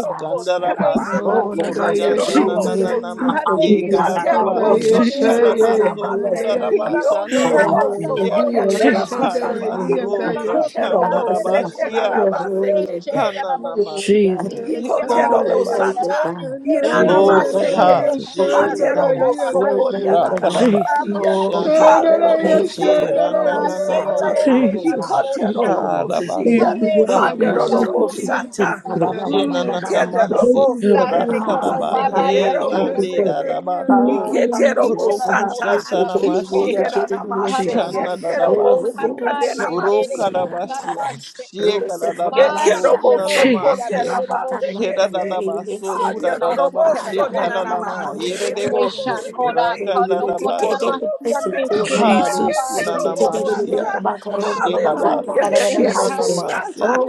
Speaker 3: hare ke
Speaker 4: kandarabase
Speaker 5: Oh,
Speaker 3: masi yande
Speaker 9: Icanderonomo
Speaker 5: Nadayeshandarai,
Speaker 3: hareke
Speaker 9: Sota,
Speaker 4: shandanananama
Speaker 3: hare
Speaker 6: Thank
Speaker 4: e
Speaker 3: ke
Speaker 6: you, Lord.
Speaker 3: masi
Speaker 9: Icaterobo
Speaker 2: aşkıdarabasayım,
Speaker 6: Thank
Speaker 4: karabase
Speaker 3: hare
Speaker 5: Andayeshaye,
Speaker 4: karabaso
Speaker 9: Sotenanamase,
Speaker 3: ke
Speaker 5: Andarai,
Speaker 3: kelamo
Speaker 9: Iondorobo
Speaker 2: babasayım,
Speaker 4: kurarabashananamasiya
Speaker 9: Socorianderamasata,
Speaker 5: Ayeshandarai,
Speaker 4: karabasora
Speaker 9: Icanterobo
Speaker 5: Andayeshandarai,
Speaker 4: kandarabashiya
Speaker 9: Seterabase
Speaker 5: Andayeshandarai.
Speaker 9: Kete.
Speaker 4: hananama
Speaker 5: Yes, Andaye,
Speaker 4: henandarabaso
Speaker 9: Ikoterobosata,
Speaker 5: Andarai,
Speaker 4: glory ha
Speaker 9: inanamaseke,
Speaker 5: Andarayeshandarai,
Speaker 4: shikiribuso
Speaker 5: Andai,
Speaker 4: rakaraba
Speaker 7: Jesus,
Speaker 9: haterobosokoriananamasia,
Speaker 7: Jesus,
Speaker 4: shandaraba
Speaker 7: Jesus.
Speaker 1: God,
Speaker 4: e
Speaker 5: Andarayeshandarai,
Speaker 1: oh,
Speaker 9: halerobosorenanomosete,
Speaker 4: randananamase
Speaker 1: God, oh, God.
Speaker 7: Jesus,
Speaker 5: Andarayeshandarai.
Speaker 1: Hey,
Speaker 7: Jesus,
Speaker 1: hey, hey.
Speaker 4: karabaso
Speaker 9: ikoterorobosia,
Speaker 7: Jesus,
Speaker 6: you, Lord.
Speaker 1: Oh God.
Speaker 4: kurarabashiya
Speaker 6: Thank
Speaker 5: Oh,
Speaker 6: you, Lord.
Speaker 9: handerorobosata,
Speaker 5: Jesus,
Speaker 7: Jesus.
Speaker 9: mm,
Speaker 5: Andayeshandarai,
Speaker 4: Shenanamase
Speaker 6: Thank you
Speaker 7: Have
Speaker 6: for
Speaker 1: Oh,
Speaker 3: Dase
Speaker 6: doing
Speaker 7: mercy,
Speaker 1: God.
Speaker 3: como
Speaker 6: that.
Speaker 7: Lord.
Speaker 4: Rakaraba
Speaker 3: mamá y ande
Speaker 4: He
Speaker 3: de
Speaker 7: Jesus,
Speaker 4: Rande
Speaker 3: debosti,
Speaker 9: kenderobosorenamasekereroboseke,
Speaker 5: Andarayeshandarai,
Speaker 6: Thank you,
Speaker 4: Darabaso
Speaker 6: Lord.
Speaker 3: y que la
Speaker 4: Roku
Speaker 5: Andarayeshandarai.
Speaker 9: iketerobosata,
Speaker 3: saraba, yeah.
Speaker 4: Shataramashia
Speaker 5: Oh,
Speaker 9: ikonderanamaseke,
Speaker 3: Hakomas
Speaker 5: thank you,
Speaker 7: Jesus,
Speaker 3: dando
Speaker 5: Father.
Speaker 4: Shanadarabaso
Speaker 3: para yendere de
Speaker 9: terobosikandenamasi.
Speaker 5: Adayeshandaraye,
Speaker 4: Urokarabashia
Speaker 3: bosara
Speaker 9: Que
Speaker 4: Shekaradabaso
Speaker 9: quiero
Speaker 3: Mariende
Speaker 9: vos
Speaker 3: mosti
Speaker 5: adayeshandaraye.
Speaker 4: Kunanamase
Speaker 9: socorrer
Speaker 7: Jesus,
Speaker 9: a
Speaker 3: andere da
Speaker 9: más
Speaker 3: bosche,
Speaker 9: que te.
Speaker 4: Heradarabaso
Speaker 9: Haria no
Speaker 5: Yes,
Speaker 9: no
Speaker 3: masi
Speaker 9: vos
Speaker 3: kena
Speaker 5: God.
Speaker 4: Kuradabashe
Speaker 3: da
Speaker 9: sobre nada
Speaker 3: mostai.
Speaker 4: Kalalama
Speaker 9: más. Se quiere no
Speaker 5: Adayeshandaraye,
Speaker 4: Yeredevoso
Speaker 9: vos
Speaker 3: Nesha
Speaker 9: se
Speaker 3: kona
Speaker 9: cante.
Speaker 3: kano
Speaker 9: Y
Speaker 5: adayeshandaraye.
Speaker 3: kona na
Speaker 9: coro
Speaker 4: Rakanadabashe
Speaker 3: masi
Speaker 9: vos
Speaker 3: ande
Speaker 9: sobre nada
Speaker 3: she
Speaker 9: más. Se
Speaker 4: Haro
Speaker 3: baba
Speaker 7: Jesus,
Speaker 9: quiero
Speaker 3: hira
Speaker 9: vos
Speaker 4: Kunanamashia
Speaker 3: bosai.
Speaker 9: ata.
Speaker 5: Andaraye,
Speaker 9: Aleluya.
Speaker 5: shandaraye.
Speaker 3: Amai
Speaker 4: Sherabaso
Speaker 3: e
Speaker 9: Quiero
Speaker 3: kari
Speaker 7: Jesus,
Speaker 9: vos
Speaker 4: Kunanamase
Speaker 9: ata.
Speaker 3: asi,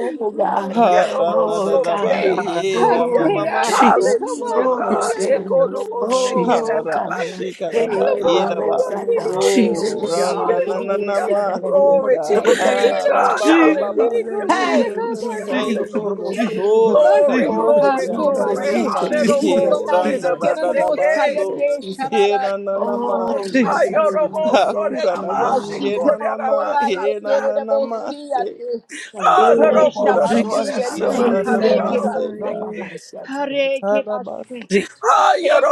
Speaker 5: Handaraye Shandaraye.
Speaker 9: Quiero
Speaker 4: Hara
Speaker 5: Thank
Speaker 9: vos
Speaker 5: you,
Speaker 1: Oh
Speaker 9: socorrer a
Speaker 1: God,
Speaker 5: Father.
Speaker 9: más.
Speaker 4: Nadarabaye
Speaker 2: babasayım,
Speaker 4: Rama
Speaker 3: hake
Speaker 1: Oh
Speaker 4: Mama
Speaker 1: God,
Speaker 3: asi
Speaker 7: Jesus.
Speaker 4: Sokuna
Speaker 9: Hallelujah,
Speaker 1: oh
Speaker 3: kamasi
Speaker 9: God.
Speaker 7: Mercy,
Speaker 4: Namashi
Speaker 5: Thank
Speaker 3: ayata
Speaker 1: God,
Speaker 5: you,
Speaker 3: mosti.
Speaker 5: Father.
Speaker 7: Jesus,
Speaker 1: oh
Speaker 4: Hara
Speaker 1: God,
Speaker 9: Ekodobosekeranabasete.
Speaker 3: Ala
Speaker 1: hey,
Speaker 4: Shikarabaye
Speaker 1: oh,
Speaker 3: mosti
Speaker 1: oh,
Speaker 4: Raba
Speaker 9: Hallelujah,
Speaker 3: andere
Speaker 5: Yes,
Speaker 1: Sada.
Speaker 3: da
Speaker 4: So
Speaker 5: God.
Speaker 3: mosti
Speaker 9: hallelujah,
Speaker 7: Jesus,
Speaker 3: kira
Speaker 4: Randa Nana
Speaker 3: mosti.
Speaker 9: hallelujah.
Speaker 4: Namaste
Speaker 9: Glory to
Speaker 4: God
Speaker 9: your name,
Speaker 5: Thank
Speaker 3: Hila
Speaker 5: you,
Speaker 4: Hara
Speaker 9: God.
Speaker 3: mosti
Speaker 4: Baba
Speaker 5: Father.
Speaker 3: andere
Speaker 4: Baba
Speaker 7: Jesus,
Speaker 3: ko
Speaker 9: Hallelujah,
Speaker 4: So
Speaker 7: Jesus,
Speaker 1: Hey,
Speaker 3: sharaka
Speaker 7: Jesus,
Speaker 9: hallelujah,
Speaker 3: mosti.
Speaker 1: Jesus, oh,
Speaker 4: Thank
Speaker 5: Adayeshandaraye,
Speaker 4: you
Speaker 1: oh, oh,
Speaker 4: Lord
Speaker 9: hallelujah.
Speaker 1: Sada.
Speaker 7: Jesus,
Speaker 4: Ora
Speaker 9: Glory,
Speaker 3: Mercy,
Speaker 1: Oh,
Speaker 4: Karabashi
Speaker 9: glory,
Speaker 4: Anda
Speaker 7: Jesus,
Speaker 9: glory.
Speaker 1: Jesus,
Speaker 3: Hakomande,
Speaker 1: Jesus,
Speaker 4: Nanamai He
Speaker 1: Jesus,
Speaker 5: adayeshandaraye.
Speaker 9: Hallelujah.
Speaker 3: Hakomasi,
Speaker 4: Randa
Speaker 7: Jesus,
Speaker 1: Jesus,
Speaker 4: Radadaba
Speaker 1: Jesus,
Speaker 3: Kenanamosaya,
Speaker 4: So
Speaker 1: Jesus,
Speaker 3: De
Speaker 1: Jesus.
Speaker 4: He
Speaker 3: Sharala,
Speaker 4: Rana
Speaker 1: Oh,
Speaker 4: Namase
Speaker 1: yes,
Speaker 3: Kenanamosaya,
Speaker 7: Jesus. Jesus,
Speaker 1: Lord
Speaker 5: Oh,
Speaker 1: God.
Speaker 4: Hakura
Speaker 1: Ah,
Speaker 4: Rabashi
Speaker 5: adayeshandaraye.
Speaker 4: Nanamai
Speaker 3: Asikamakora,
Speaker 4: He
Speaker 9: Ayorobosorenamasekorenabasata.
Speaker 4: Rana
Speaker 3: Yende,
Speaker 9: Mm.
Speaker 3: Mosia,
Speaker 4: Namase
Speaker 3: De
Speaker 1: thank you,
Speaker 6: Yes,
Speaker 1: God.
Speaker 4: Hokura
Speaker 6: Lord.
Speaker 3: Neshabasi, and
Speaker 7: Jesus,
Speaker 4: Rabashi
Speaker 6: Thank
Speaker 1: Thank
Speaker 4: Anda
Speaker 3: De
Speaker 1: you,
Speaker 6: you,
Speaker 5: Andaya
Speaker 6: Lord.
Speaker 1: Father
Speaker 3: Hareke
Speaker 1: God.
Speaker 4: namaste
Speaker 3: Basi,
Speaker 4: God
Speaker 1: Rabba,
Speaker 9: Alorobosorenanamaseroroboseke.
Speaker 5: Shandaraye.
Speaker 1: Rabba, Shabbat.
Speaker 3: Hareke Basi.
Speaker 4: Arabasiya
Speaker 7: Je-